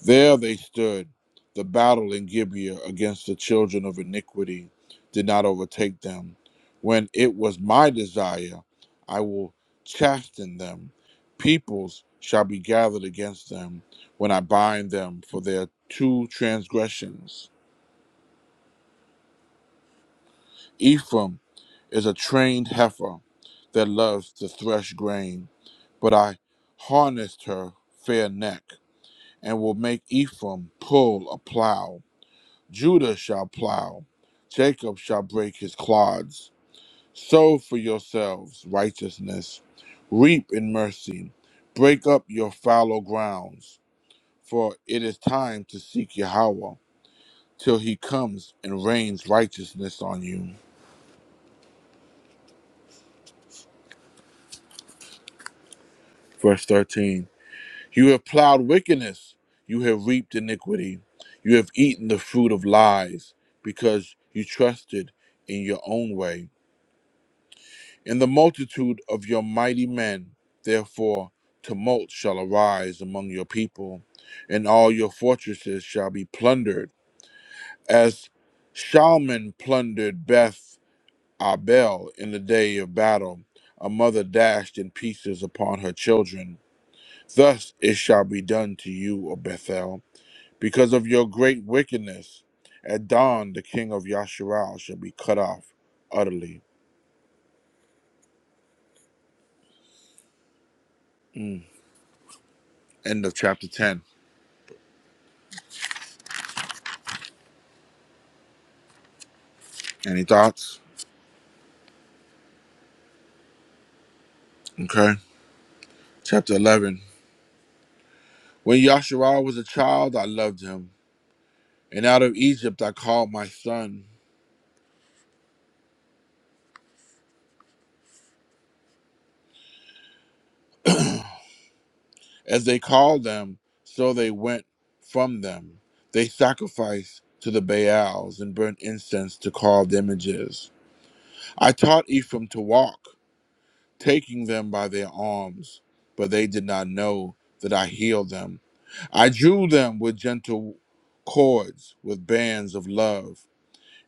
S7: There they stood. The battle in Gibeah against the children of iniquity did not overtake them. When it was my desire, I will chasten them. Peoples shall be gathered against them when I bind them for their two transgressions. Ephraim. is a trained heifer that loves to thresh grain. But I harnessed her fair neck, and will make Ephraim pull a plow. Judah shall plow, Jacob shall break his clods. Sow for yourselves righteousness, reap in mercy, break up your fallow grounds, for it is time to seek Yahweh till he comes and rains righteousness on you. Verse 13 You have plowed wickedness, you have reaped iniquity, you have eaten the fruit of lies, because you trusted in your own way. In the multitude of your mighty men, therefore, tumult shall arise among your people, and all your fortresses shall be plundered, as Shalman plundered Beth Abel in the day of battle. A mother dashed in pieces upon her children. Thus it shall be done to you, O Bethel Because of your great wickedness, at dawn the king of Yasharal shall be cut off utterly. Mm. End of chapter 10. Any thoughts? Okay. Chapter 11. When Yasharal was a child, I loved him. And out of Egypt I called my son. As they called them, so they went from them. They sacrificed to the Baals and burnt incense to carved images. I taught Ephraim to walk. taking them by their arms, but they did not know that I healed them. I drew them with gentle cords, with bands of love,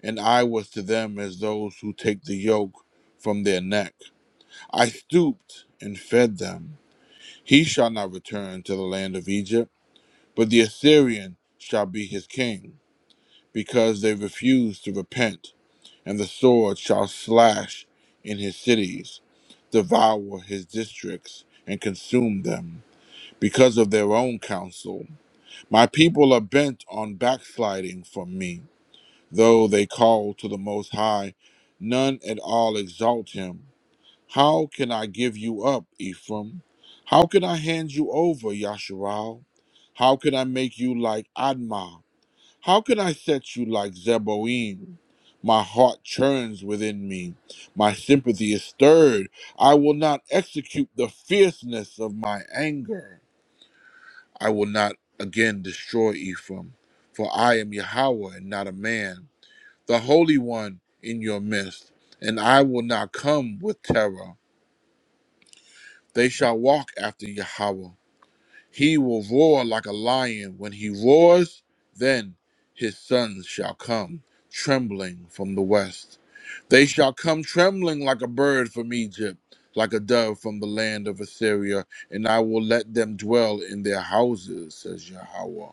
S7: and I was to them as those who take the yoke from their neck. I stooped and fed them. He shall not return to the land of Egypt, but the Assyrian shall be his king, because they refused to repent and the sword shall slash in his cities, devour his districts, and consume them because of their own counsel. My people are bent on backsliding from me. Though they call to the Most High, none at all exalt him. How can I give you up, Ephraim? How can I hand you over, Yasharal? How can I make you like Admah? How can I set you like Zeboim? My heart churns within me. My sympathy is stirred. I will not execute the fierceness of my anger. I will not again destroy Ephraim, for I am Yahweh and not a man, the Holy One in your midst, and I will not come with terror. They shall walk after Yahweh He will roar like a lion. When he roars, then his sons shall come trembling from the west. They shall come trembling like a bird from Egypt, like a dove from the land of Assyria, and I will let them dwell in their houses, says Yahweh.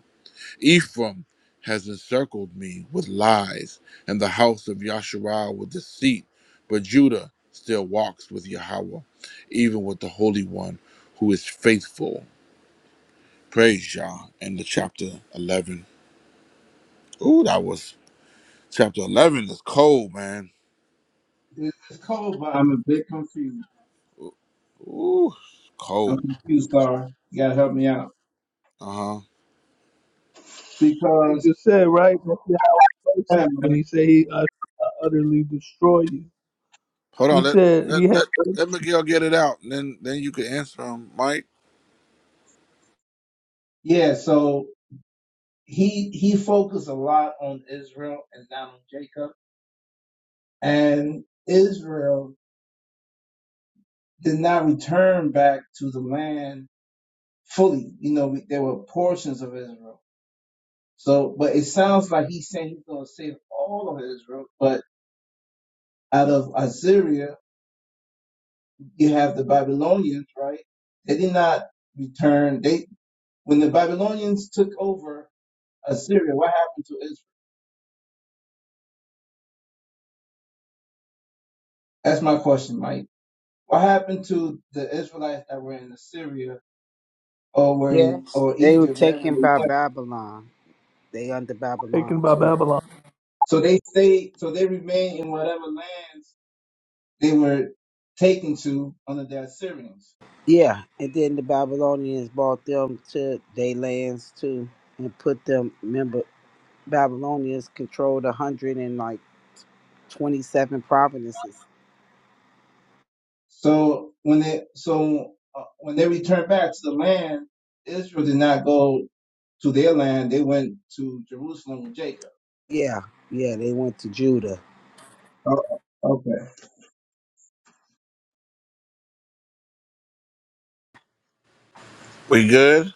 S7: Ephraim has encircled me with lies, and the house of Yasharal with deceit, but Judah still walks with Yahweh, even with the Holy One who is faithful Praise y'all. And the chapter 11. Ooh, that was chapter 11 is cold, man.
S4: It's cold, but I'm a bit confused.
S7: Ooh,
S4: I'm
S7: cold.
S4: confused, Star. You gotta help me out.
S7: Uh huh.
S6: Somebody
S4: Because,
S6: just said right. That's Yah's
S4: wait a
S6: mercy when
S4: minute.
S6: he said he ut- utterly destroy you.
S7: Hold
S6: He
S7: on. Let,
S6: said he
S7: let,
S6: had
S7: let, let Miguel get it out. And then, then you can answer him, Mike.
S4: yeah, so he, he focused a lot on Israel and not on Jacob. And Israel did not return back to the land fully. You know, we, there were portions of Israel. So, but it sounds like he's saying he's going to save all of Israel. But out of Assyria, you have the Babylonians, right? They did not return. They when the Babylonians took over Assyria, what happened to Israel? That's my question, Mike. What happened to the Israelites that were in Assyria or were in
S1: Yes.
S4: or
S1: They were
S4: Egypt, wherever they
S1: taken by
S4: went?
S1: Babylon. They under Babylon
S6: taken by
S1: too.
S6: Babylon.
S4: So they stayed. So they remained in whatever lands they were taken to under the Assyrians.
S1: Yeah, and then the Babylonians bought them to their lands too, and put them. Remember, Babylonians controlled a hundred and like twenty-seven provinces.
S4: So when they so uh, when they returned back to the land, Israel did not go to their land. They went to Jerusalem with Jacob.
S1: Yeah, yeah, they went to Judah.
S4: Oh, okay.
S7: We good?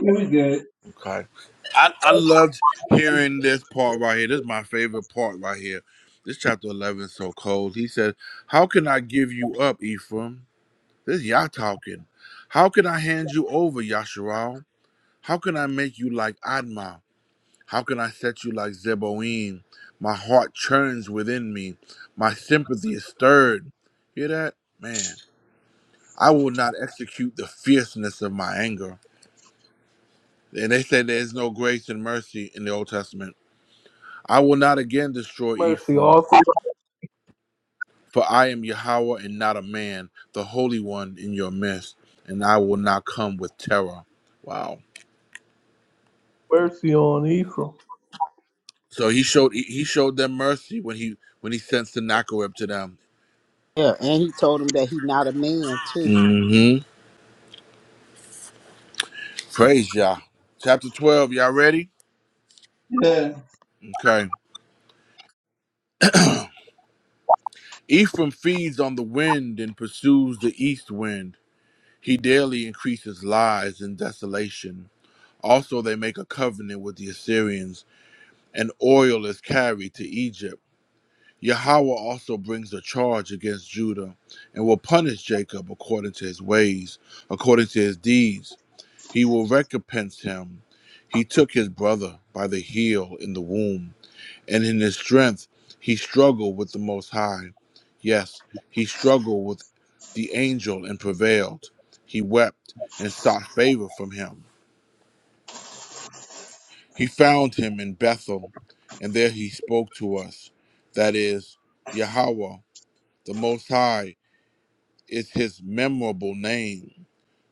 S4: it was good.
S7: Okay. I, I loved hearing this part right here. This is my favorite part right here. This chapter 11 is so cold. He says, How can I give you up, Ephraim? This is Yah talking. How can I hand you over, Yasharal? How can I make you like Admah? How can I set you like Zeboim? My heart churns within me. My sympathy is stirred. Hear that? Man, I will not execute the fierceness of my anger. And they say there is no grace and mercy in the Old Testament. I will not again destroy
S6: mercy,
S7: Ephraim,
S6: all through
S7: for I am Yahweh and not a man, the Holy One in your midst, and I will not come with terror. Wow.
S6: mercy on Ephraim
S7: So he showed he showed them mercy when he when he sent Sennacherib to them.
S1: Yeah, and he told them that he not a man too.
S7: Mm-hmm. Praise Yah. Chapter 12, y'all ready?
S4: Yeah,
S7: Okay. Ephraim feeds on the wind and pursues the east wind. He daily increases lies and desolation. Also, they make a covenant with the Assyrians, and oil is carried to Egypt. Yahweh also brings a charge against Judah and will punish Jacob according to his ways, according to his deeds. He will recompense him. He took his brother by the heel in the womb. and in his strength he struggled with the Most High. Yes, he struggled with the angel and prevailed. He wept and sought favor from him. He found him in Bethel, and there he spoke to us. That is, Yahweh, the Most High, is his memorable name.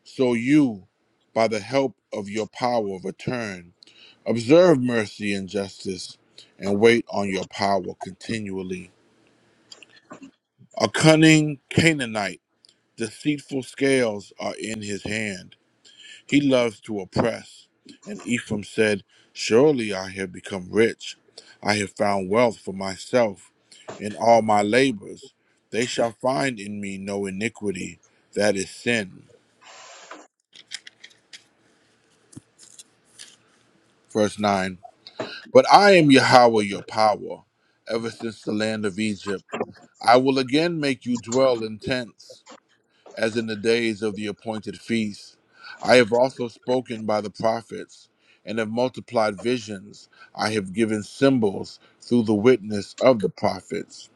S7: So you, by the help of your power, return. Observe mercy and justice, and wait on your power continually. A cunning Canaanite, deceitful scales are in his hand. He loves to oppress. And Ephraim said, Surely I have become rich. I have found wealth for myself in all my labors. They shall find in me no iniquity. That is sin. Verse 9 But I am Yahweh your power. Ever since the land of Egypt, I will again make you dwell in tents. as in the days of the appointed feast. I have also spoken by the prophets, and have multiplied visions. I have given symbols through the witness of the prophets.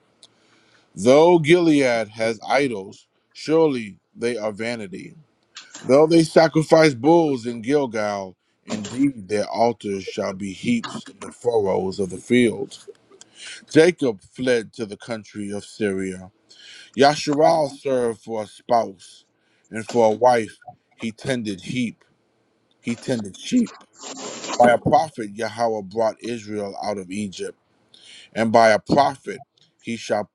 S7: Though Gilead has idols, surely they are vanity. Though they sacrifice bulls in Gilgal, indeed their altars shall be heaps in the furrows of the field. Jacob fled to the country of Syria. Yasharal served for a spouse, and for a wife he tended heap, he tended sheep. By a prophet Yahweh brought Israel out of Egypt, and by a prophet he shall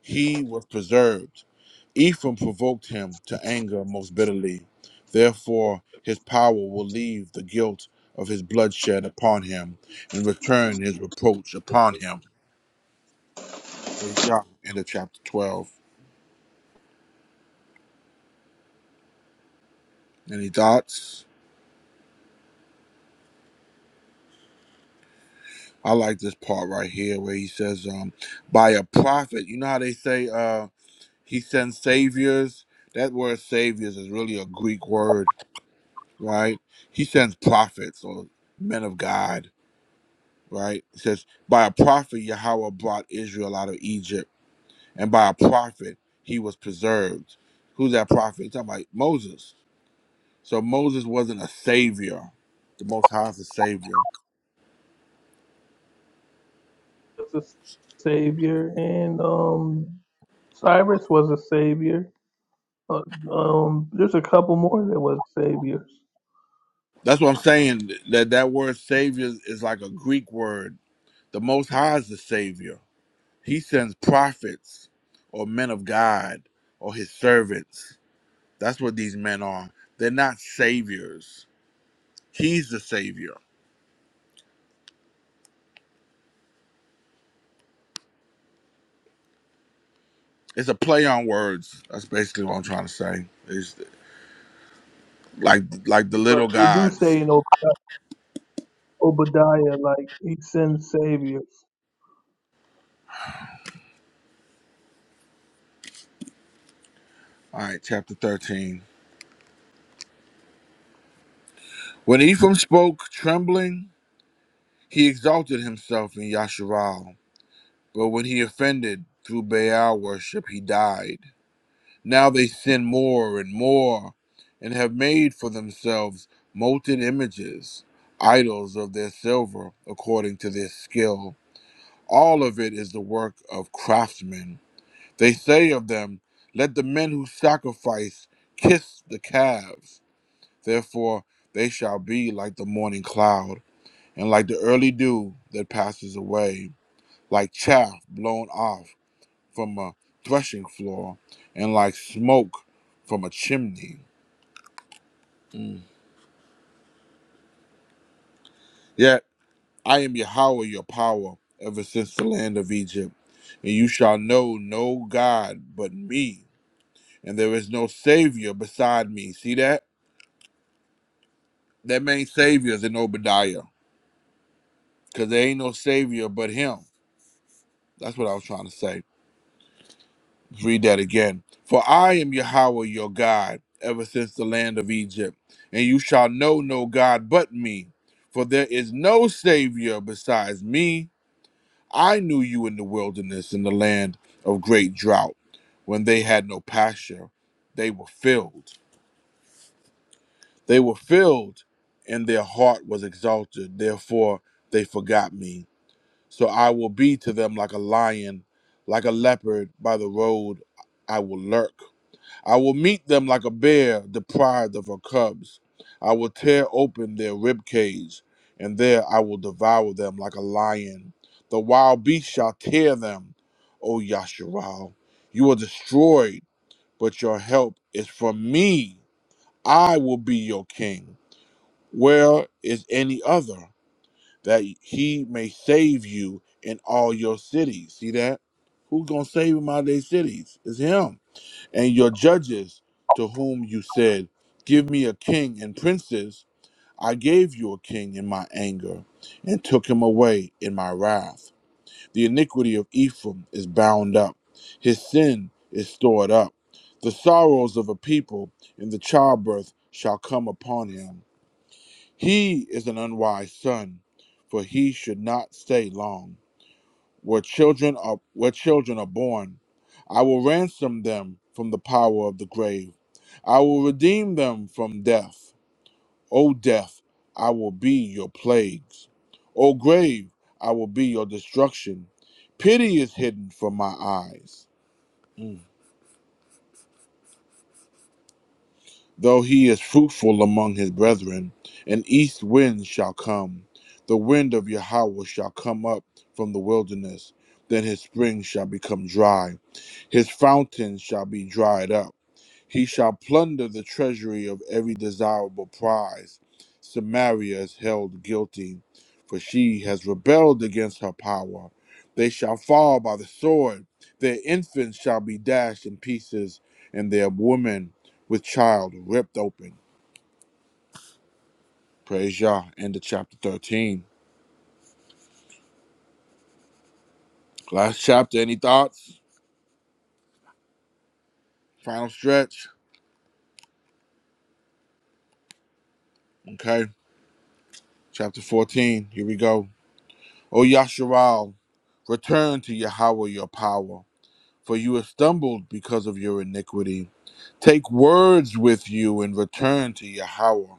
S7: he was preserved. Ephraim provoked him to anger most bitterly. Therefore his power will leave the guilt of his bloodshed upon him, and return his reproach upon him. Raise Yah, End of chapter twelve. Any thoughts? I like this part right here where he says, um, by a prophet. You know how they say uh he sends saviors? That word saviors is really a Greek word, right? He sends prophets or men of God, right? It says, By a prophet Yahweh brought Israel out of Egypt, and by a prophet he was preserved. Who's that prophet? He's talking about Moses. So Moses wasn't a savior. The most high is a savior.
S6: was a savior, and um, Cyrus was a savior. Uh, um, there's a couple more that was saviors,
S7: That's what I'm saying. That that word savior is like a Greek word The Most High is the Savior. He sends prophets or men of God or his servants. That's what these men are. They're not saviors. He's the Savior. It's a play on words. That's basically what I'm trying to say. It's like like the little
S6: but it do say
S7: gods.
S6: in Ob- Obadiah like he sends saviors.
S7: All right, chapter 13. When Ephraim spoke, trembling, he exalted himself in Yasharal. But when he offended through Baal worship, he died. Now they sin more and more and have made for themselves molten images, idols of their silver according to their skill. All of it is the work of craftsmen. They say of them, Let the men who sacrifice kiss the calves. Therefore they shall be like the morning cloud, and like the early dew that passes away, like chaff blown off from a threshing floor and like smoke from a chimney. Mm. Yet I am Yahweh your power ever since the land of Egypt, and you shall know no God but me, and there is no Savior beside me. See that? That main Savior is in Obadiah, because there ain't no Savior but him. That's what I was trying to say. Read that again. For I am Yahweh your God, ever since the land of Egypt, and you shall know no God but me, for there is no Savior besides me. I knew you in the wilderness, in the land of great drought, when they had no pasture. They were filled. They were filled, and their heart was exalted. Therefore, they forgot me. So I will be to them like a lion, like a leopard by the road. I will lurk. I will meet them like a bear deprived of her cubs. I will tear open their rib cage, and there I will devour them like a lion. The wild beast shall tear them. O Yasharal, you are destroyed, but your help is from me. I will be your king. Where is any other that he may save you in all your cities? See that? Who's gonna save him out of their cities? It's him and your judges to whom you said, Give me a king and princes. I gave you a king in my anger and took him away in my wrath. The iniquity of Ephraim is bound up, his sin is stored up. The sorrows of a people in the childbirth shall come upon him. He is an unwise son, for he should not stay long where children are where children are born. I will ransom them from the power of the grave. I will redeem them from death. O death, I will be your plagues. O grave, I will be your destruction. Pity is hidden from my eyes. Mm. Though he is fruitful among his brethren, an east wind shall come. The wind of Yahweh shall come up from the wilderness. Then his springs shall become dry. His fountains shall be dried up he shall plunder the treasury of every desirable prize. Samaria is held guilty, for she has rebelled against her power. They shall fall by the sword, their infants shall be dashed in pieces, and their women with child ripped open. Praise Yah. End of chapter 13. Last chapter. Any thoughts? Final stretch. Okay. Chapter 14. Here we go. O Yasharal, return to Yahweh your power. for you have stumbled because of your iniquity. Take words with you and return to Yahweh.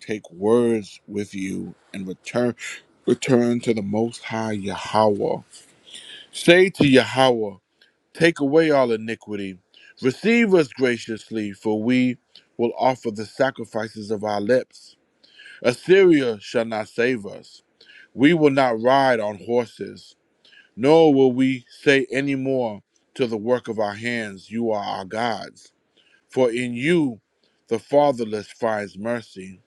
S7: Take words with you and return return to the most high Yahweh. Say to Yahweh, take away all iniquity. Receive us graciously, for we will offer the sacrifices of our lips. Assyria shall not save us. We will not ride on horses. Nor will we say any more to the work of our hands, You are our gods. For in you the fatherless finds mercy.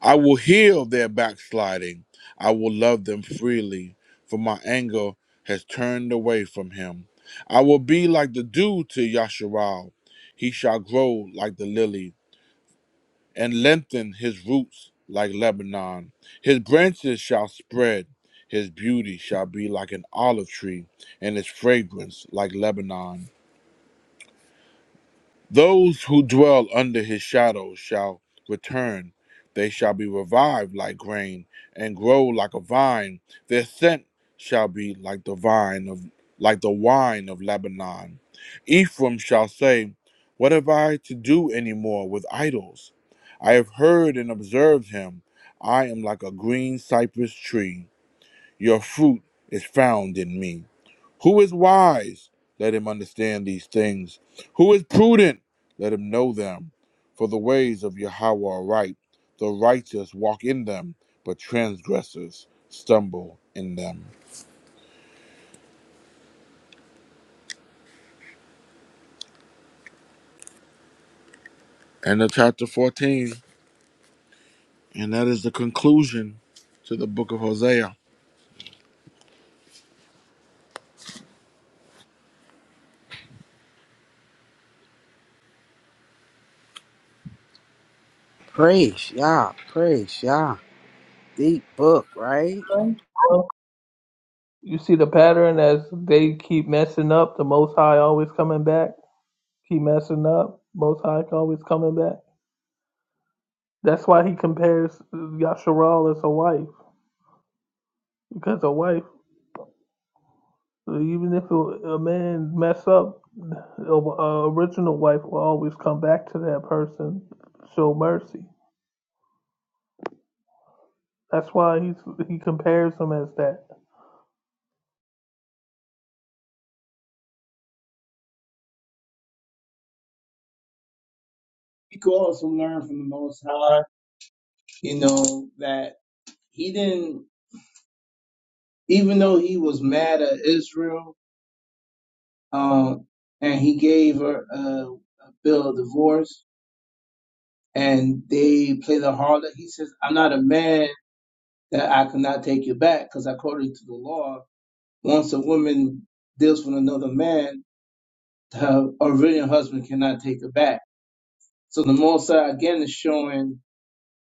S7: I will heal their backsliding. I will love them freely, for my anger has turned away from him. I will be like the dew to Yasharal. He shall grow like the lily and lengthen his roots like Lebanon. His branches shall spread. His beauty shall be like an olive tree, and his fragrance like Lebanon. Those who dwell under his shadow shall return. They shall be revived like grain and grow like a vine. Their scent shall be like the vine of like the wine of Lebanon. Ephraim shall say, What have I to do any more with idols? I have heard and observed him. I am like a green cypress tree. Your fruit is found in me. Who is wise? Let him understand these things. Who is prudent? Let him know them. For the ways of Yahweh are right. The righteous walk in them, but transgressors stumble in them. End of chapter 14. And that is the conclusion to the book of Hosea.
S1: Praise Yah, praise Yah. Deep book, right?
S6: Okay. Well, you see the pattern as they keep messing up. The Most High always coming back. Keep messing up. Most High always coming back. That's why he compares Yasharal as a wife, because a wife, even if a man mess up, a, original wife will always come back to that person, show mercy. That's why he's he compares him as that.
S4: We could also learn from the Most High, you know, that he didn't, even though he was mad at Israel, um, and he gave her a, a bill of divorce, and they played the harlot. He says, "I'm not a man that I cannot take you back, because according to the law." Once a woman deals with another man, her original husband cannot take her back. So the Most again is showing,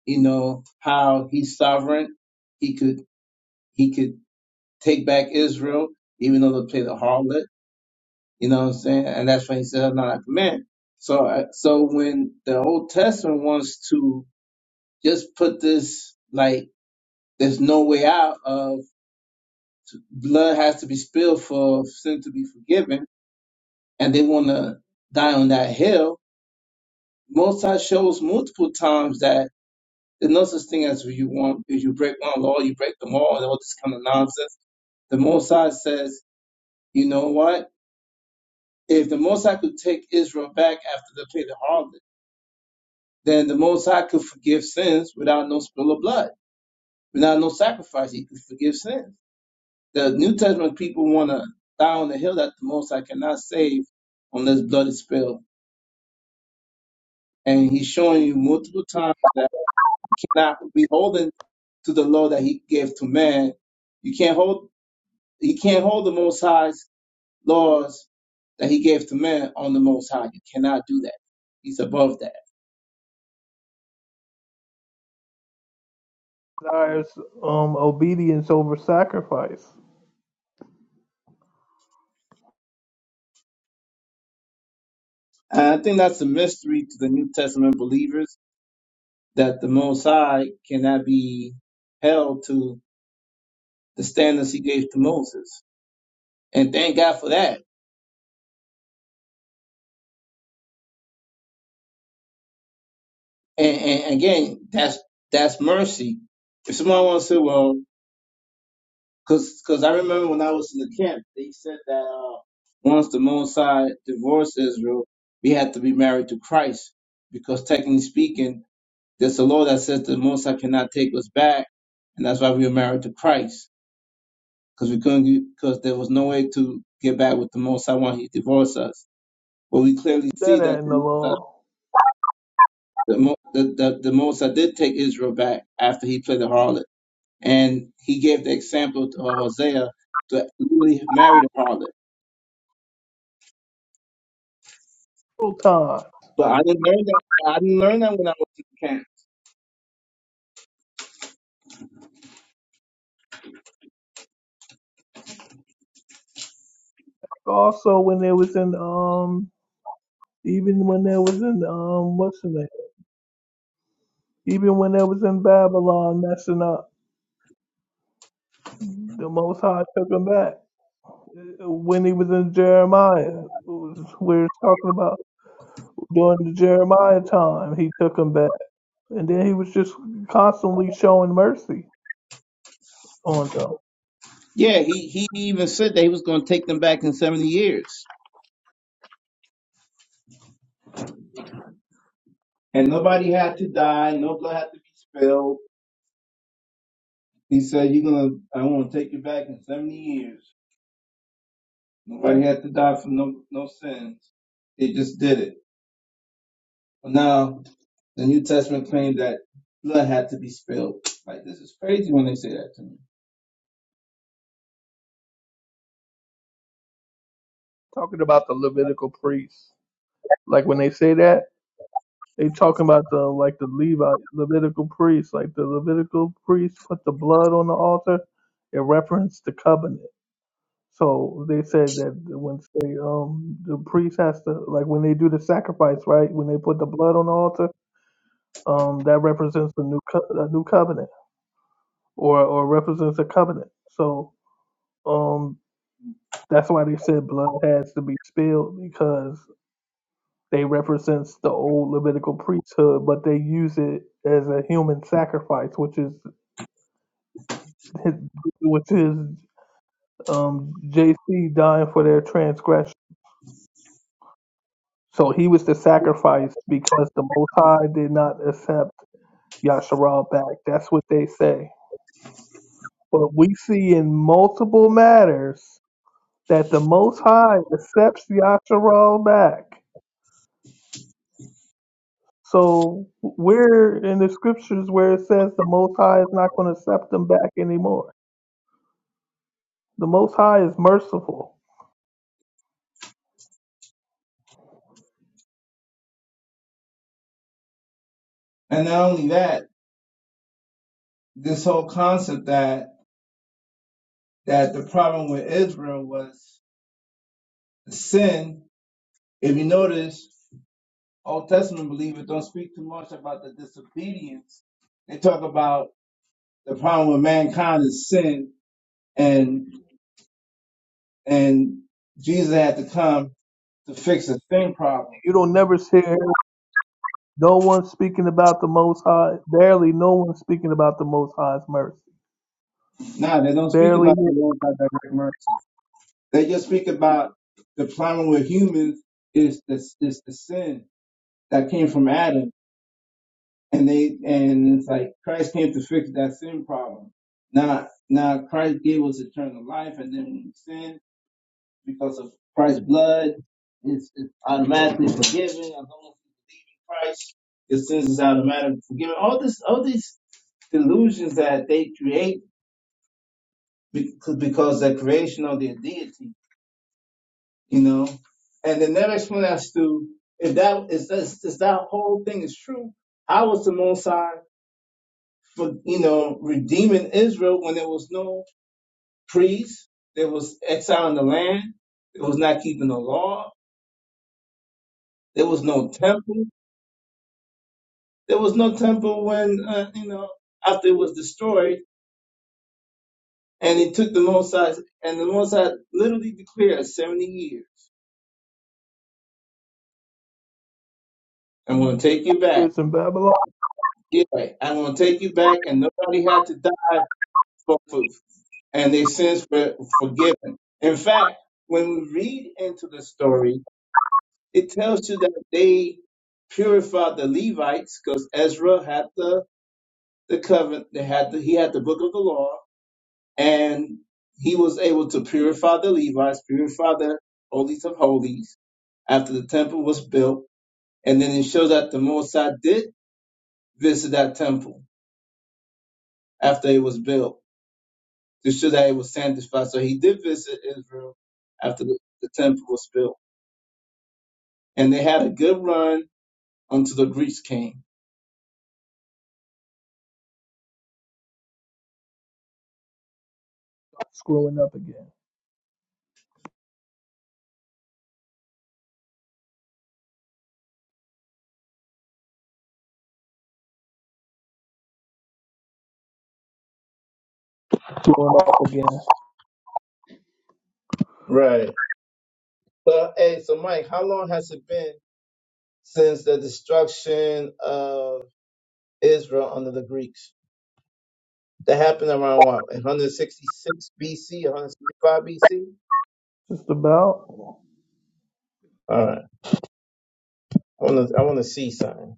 S4: you know, how he's sovereign. He could he could take back Israel, even though they played the harlot. You know what I'm saying? And that's why he said, "I'm not a command." So I- so when the Old Testament wants to just put this like there's no way out of blood has to be spilled for sin to be forgiven, and they want to die on that hill Most High shows multiple times that there's no such thing as you want. If you break one law, you break them all, and all this kind of nonsense. The Most High says, you know what? If the Most High could take Israel back after they played the harlot, then the Most High could forgive sins without no spill of blood, without no sacrifice. He could forgive sins. The New Testament people want to die on the hill that the Most High cannot save unless blood is spilled. And he's showing you multiple times cannot be holding to the law that he gave to man. You can't hold he can't hold the most high's laws that he gave to man on the most high. You cannot do that. He's above that.
S6: Desires um obedience over sacrifice.
S4: And I think that's a mystery to the New Testament believers that the most high cannot be held to the standards he gave to Moses. And thank God for that. And, and again, that's that's mercy. If someone wants to say, well, Cause, cause I remember when I was in the camp, they said that uh, once the Mosai divorced Israel, we had to be married to Christ, because technically speaking, there's a law that says the Mosai cannot take us back, and that's why we were married to Christ, because we couldn't, because there was no way to get back with the Mosai when he divorced us. But we clearly
S6: That
S4: see that
S6: ain't in
S4: the
S6: the
S4: Mosai,
S6: law.
S4: the, Mo- the, the, the Mosai did take Israel back after he played the harlot, and he gave the example to Hosea to literally marry the harlot
S6: Full time.
S4: But I didn't learn that. I didn't learn that when I was in camp.
S6: Also, when there was in um, even when there was in um, what's the name? Even when there was in Babylon messing up, the Most High took him back. Uh, when he was in Jeremiah, we were talking about during the Jeremiah time, he took them back, and then he was just constantly showing mercy on them.
S4: Yeah, he, he even said that he was going to take them back in 70 years. And nobody had to die. No blood had to be spilled. He said, you're going to, I want to take you back in 70 years. Nobody had to die for no, no sins. They just did it. But now the New Testament claimed that blood had to be spilled. Like this is crazy when they say that to me.
S6: Talking about the Levitical priests, like when they say that, they talking about the like the Levite Levitical priests, like the Levitical priests put the blood on the altar, it referenced the covenant. So they said that when they um the priest has to like when they do the sacrifice, right? When they put the blood on the altar um, that represents a new co- a new covenant or or represents a covenant. So um, that's why they said blood has to be spilled because they represents the old Levitical priesthood, but they use it as a human sacrifice, which is which is um, JC dying for their transgression. So he was the sacrifice because the Most High did not accept Yasharal back. That's what they say. But we see in multiple matters that the Most High accepts Yasharal back. So where in the scriptures where it says the Most High is not going to accept them back anymore? The Most High is merciful.
S4: And not only that, this whole concept that that the problem with Israel was sin If you notice, Old Testament believers don't speak too much about the disobedience. They talk about the problem with mankind is sin, and and Jesus had to come to fix a sin problem.
S6: You don't never hear no one speaking about the Most High. Barely no one speaking about the Most High's mercy.
S4: Now they don't speak
S6: Barely
S4: about
S6: hear
S4: the multi-direct mercy. They just speak about the problem with humans is the is the sin that came from Adam, and they and it's like Christ came to fix that sin problem. Now now Christ gave us eternal life, and then when we sin because of Christ's blood. It's, it's automatically forgiven. As long as you believe in Christ, your sins is automatically forgiven. All this, all these delusions that they create because, because they're creation of their deity, you know. And the next one as to if that is that's- if that whole thing is true, how was the Mosai for you know redeeming Israel when there was no priest, there was exile in the land, there was not keeping the law, there was no temple. There was no temple when, uh, you know, after it was destroyed, and he took the Mosai, and the Mosai literally declared 70 years. I'm going to take you
S6: the
S4: back.
S6: years in Babylon
S4: Yeah, I'm going to take you back, and nobody had to die for, for and their sins were forgiven. In fact, when we read into the story, it tells you that they purified the Levites because Ezra had the the covenant, they had the, he had the book of the law, and he was able to purify the Levites, purify the holies of holies after the temple was built. And then it shows that the Mosai did visit that temple after it was built to show that it was sanctified. So he did visit Israel after the, the temple was built. And they had a good run until the Greeks came.
S6: screwing up again, screwing up again.
S4: Right. Well, hey, so Mike, how long has it been since the destruction of Israel under the Greeks? That happened around what, 166 BC, 165 BC?
S6: Just about.
S4: All right. I want to I want to see something.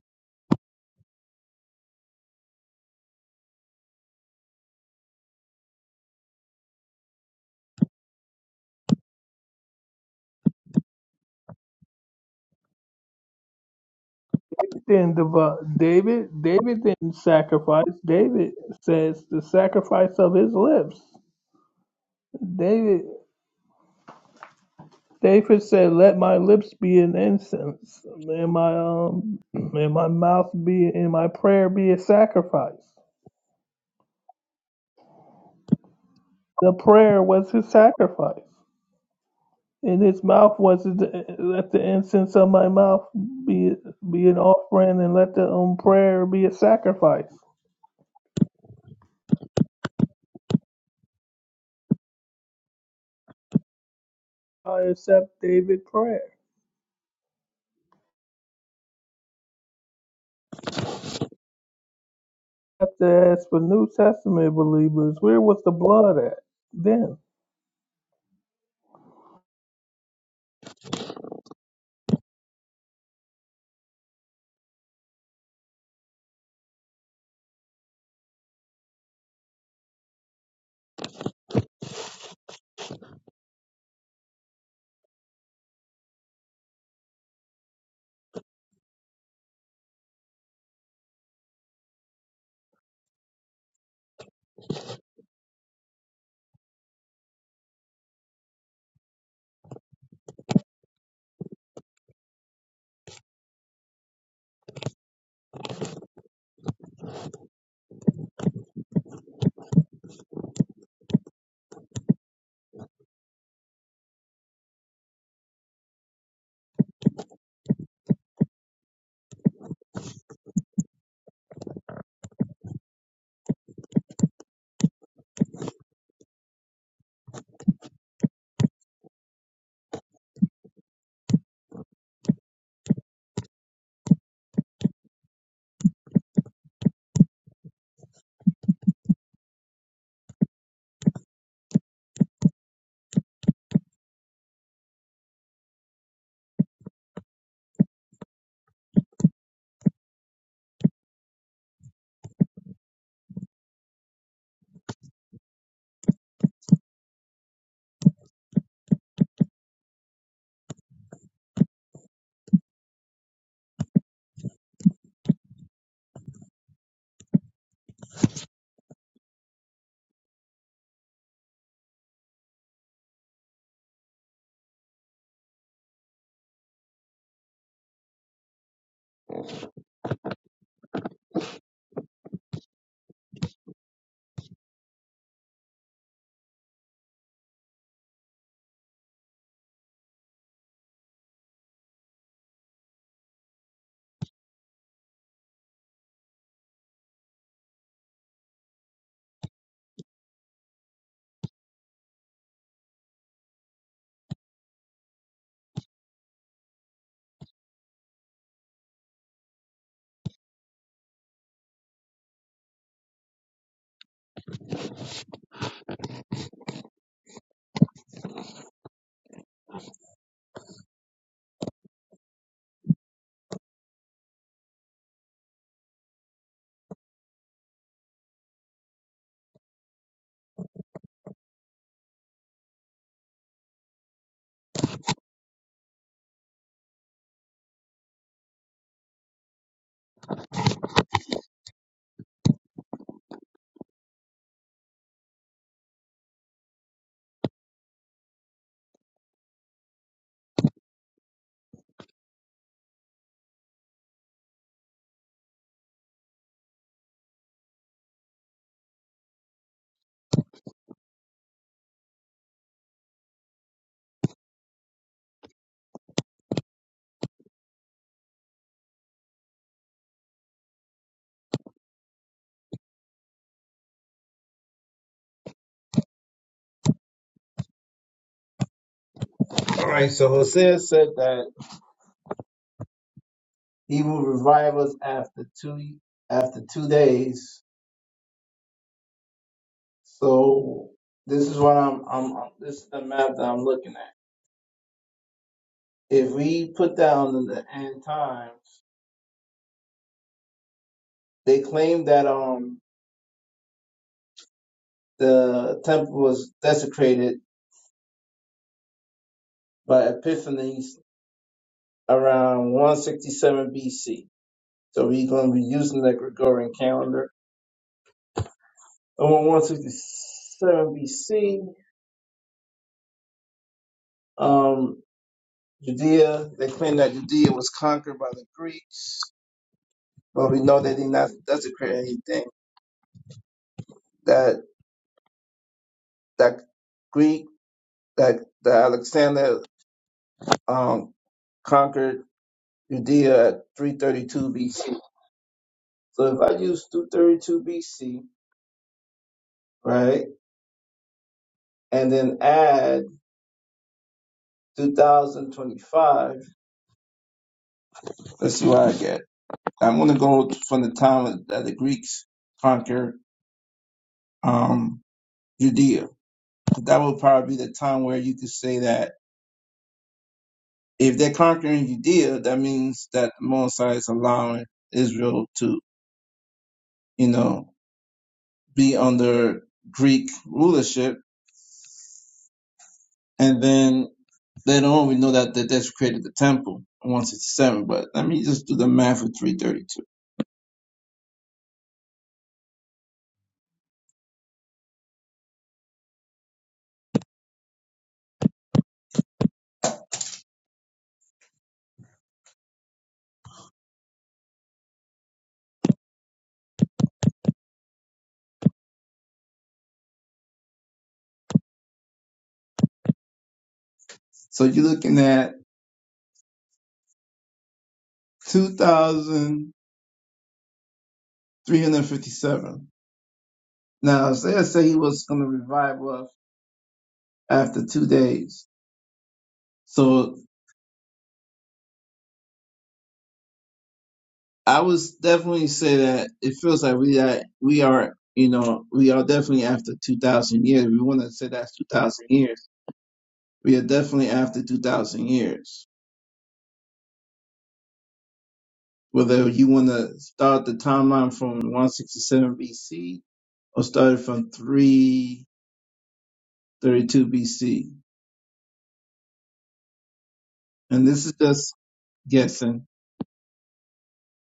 S6: Then Devi- David, David didn't sacrifice. David says the sacrifice of his lips. David David said, "Let my lips be an incense, and my um, and my mouth be, and my prayer be a sacrifice." The prayer was his sacrifice, and his mouth was the, let the incense of my mouth be be an offering, and let the um, prayer be a sacrifice. I accept David's prayer. I have to ask for New Testament believers, where was the blood at then?
S4: All right. So Hosea said that he will revive us after two after two days. So this is what I'm I'm this is the map that I'm looking at. If we put down on the end times, they claim that um the temple was desecrated by Epiphanes around 167 BC. So we're going to be using that Gregorian calendar. And 167 BC, um, Judea, they claim that Judea was conquered by the Greeks, but we know they did not desecrate anything. That that Greek, that, that Alexander um, conquered Judea at 332 BC. So if I use 232 BC, right, and then add 2025, let's see what I get. I'm going to go from the time that the Greeks conquered um, Judea. That would probably be the time where you could say that if they're conquering Judea, that means that Mosai is allowing Israel to, you know, be under Greek rulership. And then later on, we know that they desecrated the temple in 167. But let me just do the math for 332. So you're looking at 2,357. Now, Isaiah said he was going to revive us after two days. So I would definitely say that it feels like we that we are, you know, we are definitely after two thousand years. We want to say that's two thousand years. We are definitely after two thousand years. Whether you want to start the timeline from 167 BC or start it from 332 BC, and this is just guessing.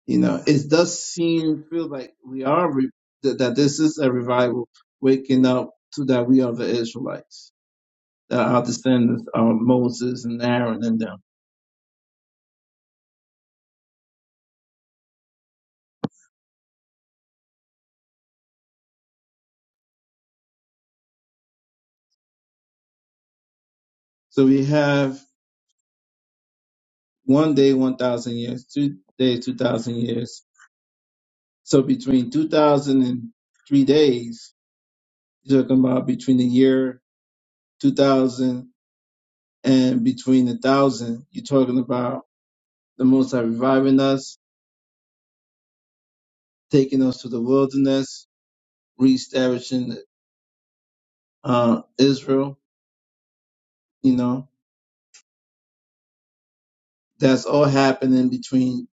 S4: you know, it does seem feel like we are re- that, that this is a revival, waking up to that we are the Israelites, that our descendants are Moses and Aaron and them. So we have one day, one thousand years, two days, two thousand years. So between two thousand and three days, you're talking about between the year two thousand and between the thousand, you're talking about the Most High reviving us, taking us to the wilderness, reestablishing uh, Israel. You know, that's all happening between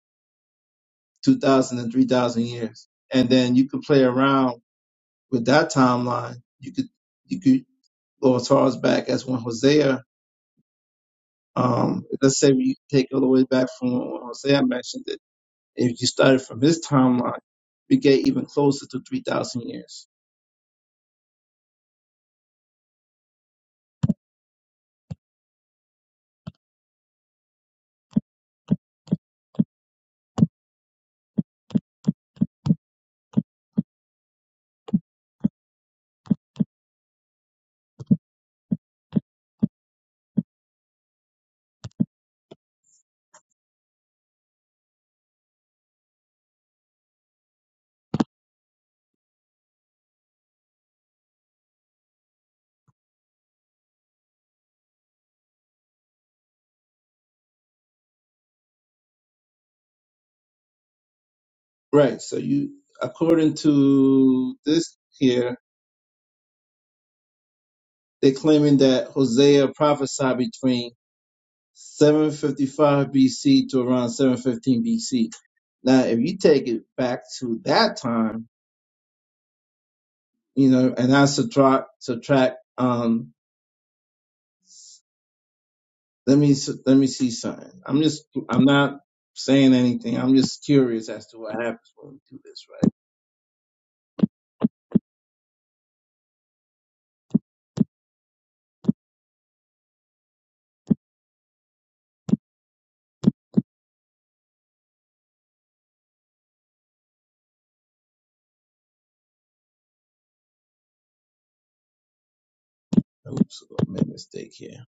S4: 2,000 and 3,000 years. And then you could play around with that timeline. You could, you could go as far as back as when Hosea, um, let's say we take all the way back from when Hosea mentioned it. If you started from his timeline, we get even closer to 3,000 years. Right. So you, according to this here, they're claiming that Hosea prophesied between 755 BC to around 715 BC. Now, if you take it back to that time, you know, and I subtract, subtract, um, let me, let me see something. I'm just, I'm not saying anything. I'm just curious as to what happens when we do this, right? Oops, I made a mistake here.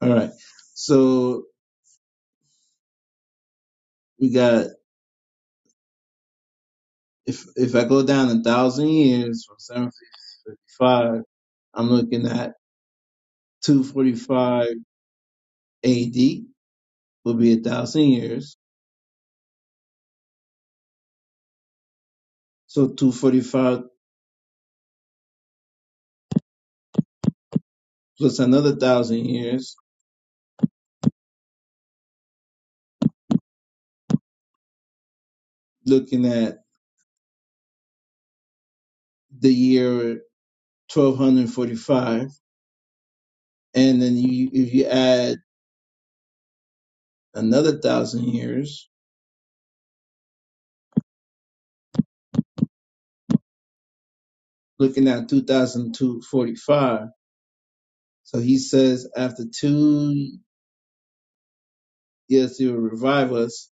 S4: All right. So we got, if, if I go down a thousand years from 755, I'm looking at 245 AD will be a thousand years. So 245 plus another thousand years, looking at the year 1245. And then you, if you add another thousand years, looking at two thousand two forty five. So he says, after two years, he will revive us.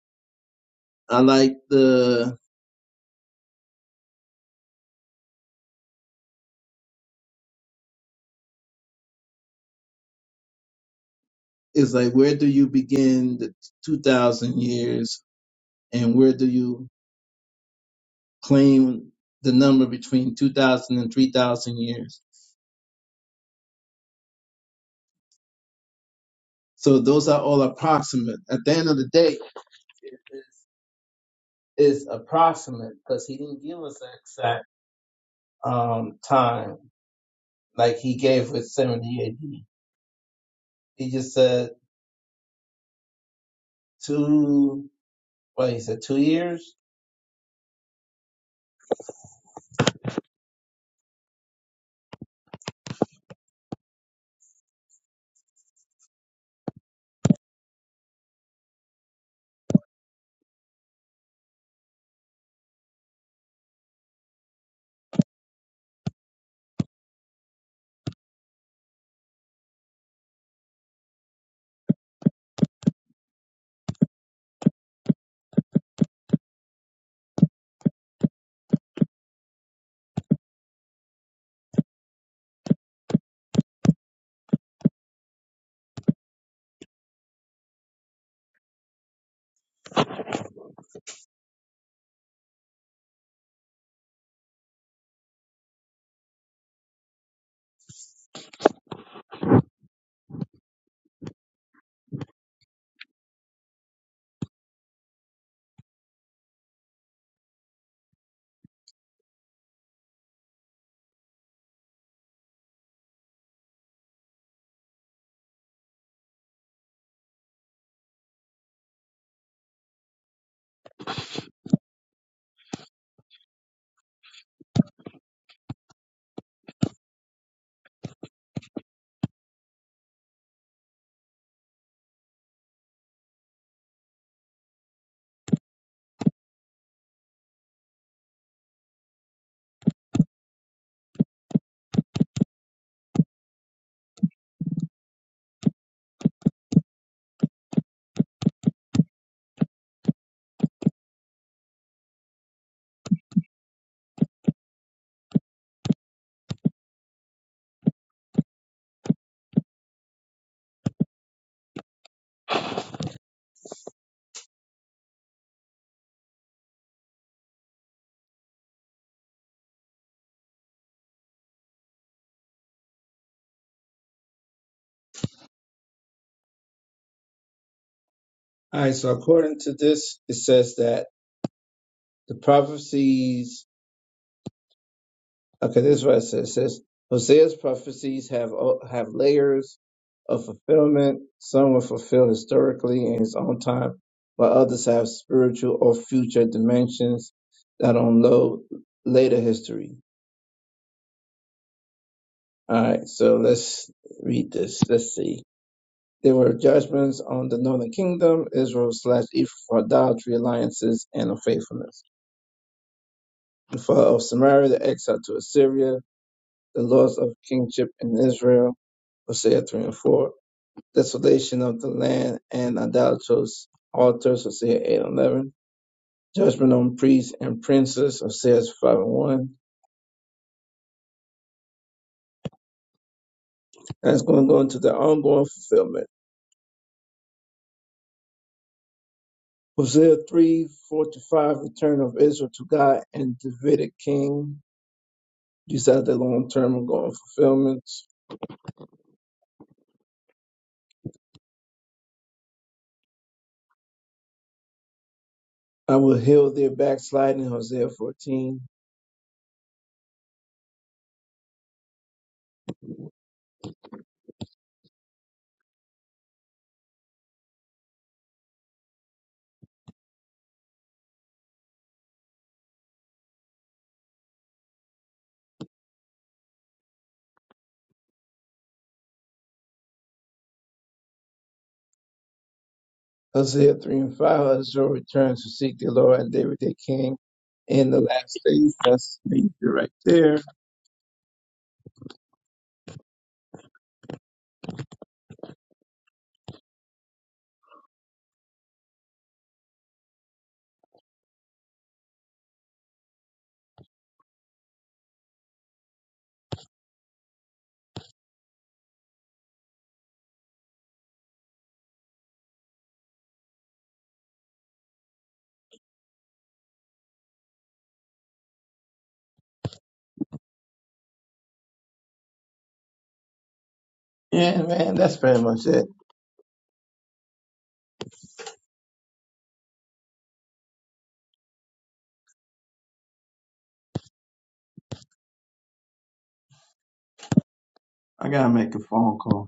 S4: I like the, it's like, where do you begin the 2000 years and where do you claim the number between 2000 and 3000 years? So those are all approximate. At the end of the day, it is approximate because he didn't give us an exact um, time like he gave with 70 AD. He just said two, what he said, two years? All right, so according to this, it says that the prophecies Okay, this is what it says. It says Hosea's prophecies have have layers of fulfillment. Some were fulfilled historically in his own time, while others have spiritual or future dimensions that unload later history. All right, so let's read this. Let's see. There were judgments on the northern kingdom, Israel slash Ephraim for idolatry, alliances, and unfaithfulness. The fall of Samaria, the exile to Assyria, the loss of kingship in Israel, Hosea 3 and 4 desolation of the land and idolatrous altars, Hosea 8 11. Judgment on priests and princes, Hosea 5 and 1. And it's going to go into the ongoing fulfillment. Hosea 3 4 to 5, return of Israel to God and Davidic king. These are the long term ongoing fulfillments. I will heal their backsliding, Hosea 14. Hosea 3 and 5, Israel returns to seek the Lord and David their king in the last days. That's me right there. Yeah, man, that's pretty much it. I gotta make a phone call.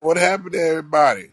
S7: What happened to everybody?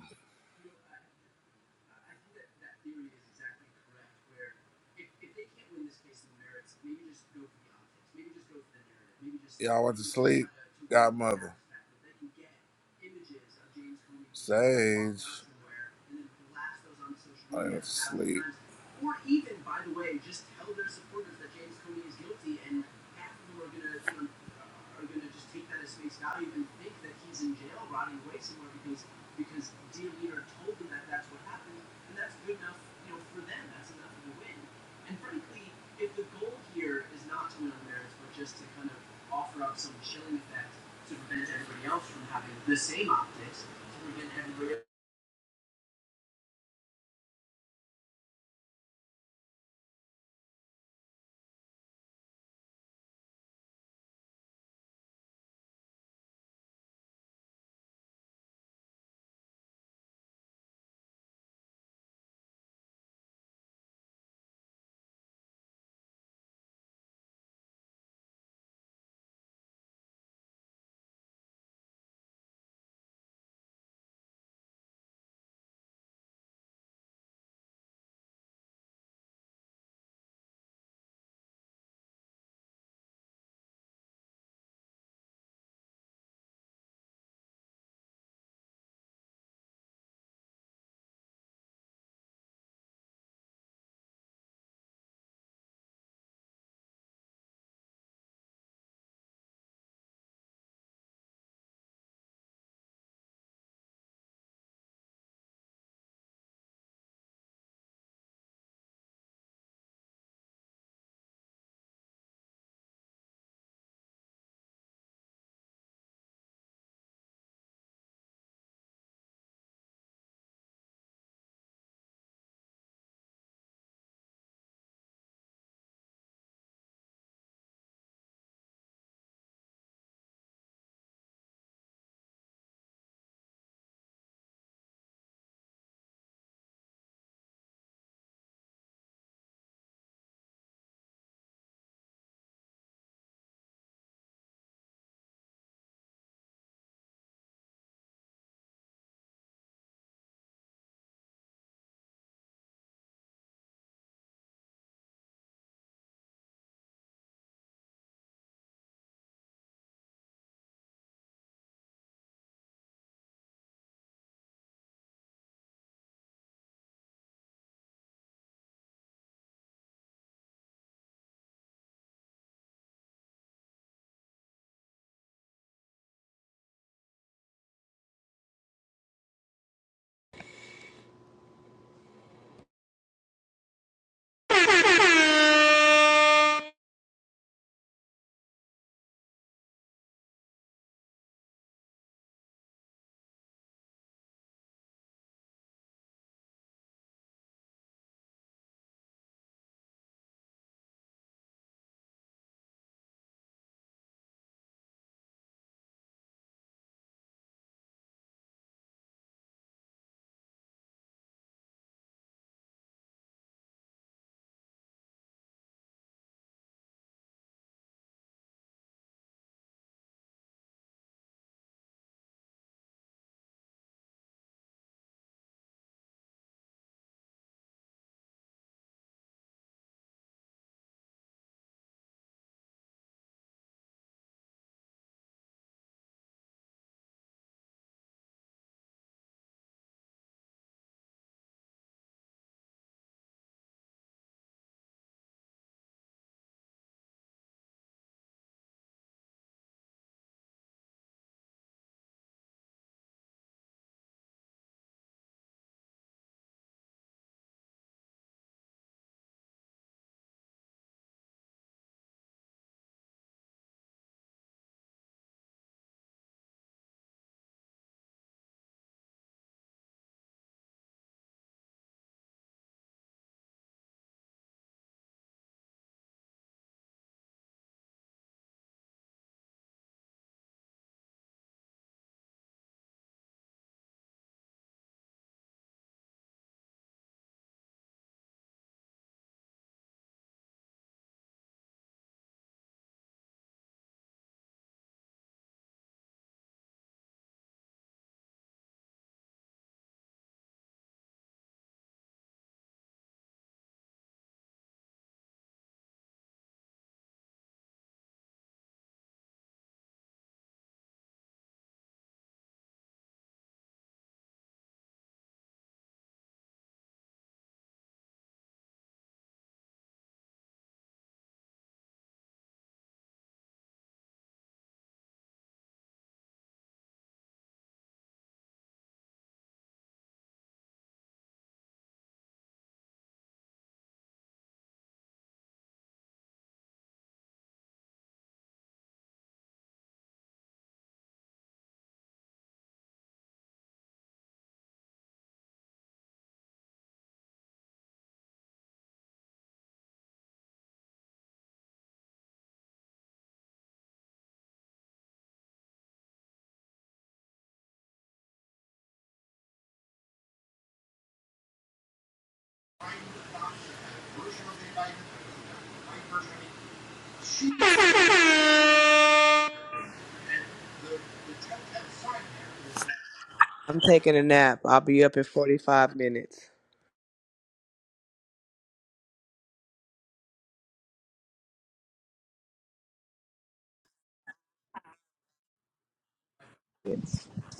S9: I'm taking a nap. I'll be up in 45 minutes.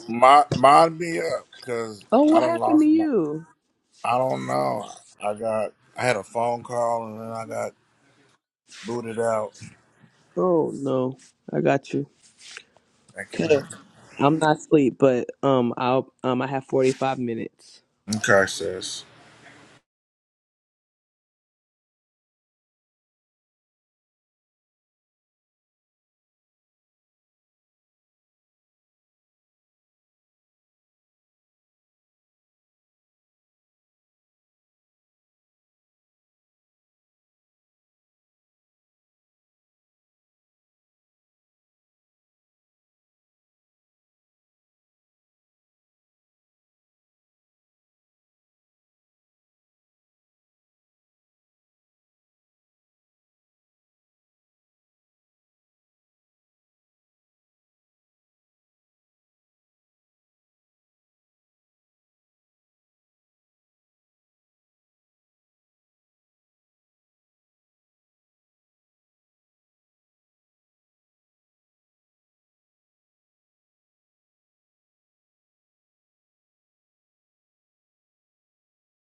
S7: Mod, mod me up, cause
S9: Oh,
S7: I
S9: what
S7: done
S9: happened to
S7: lost my.
S9: you?
S7: I don't know. I got. I had a phone call and then I got booted out.
S9: Oh no, I got you.
S7: Thank you,
S9: Okay,
S7: man.
S9: I'm not asleep, but um, I'll um, I have 45 minutes.
S7: Okay, sis.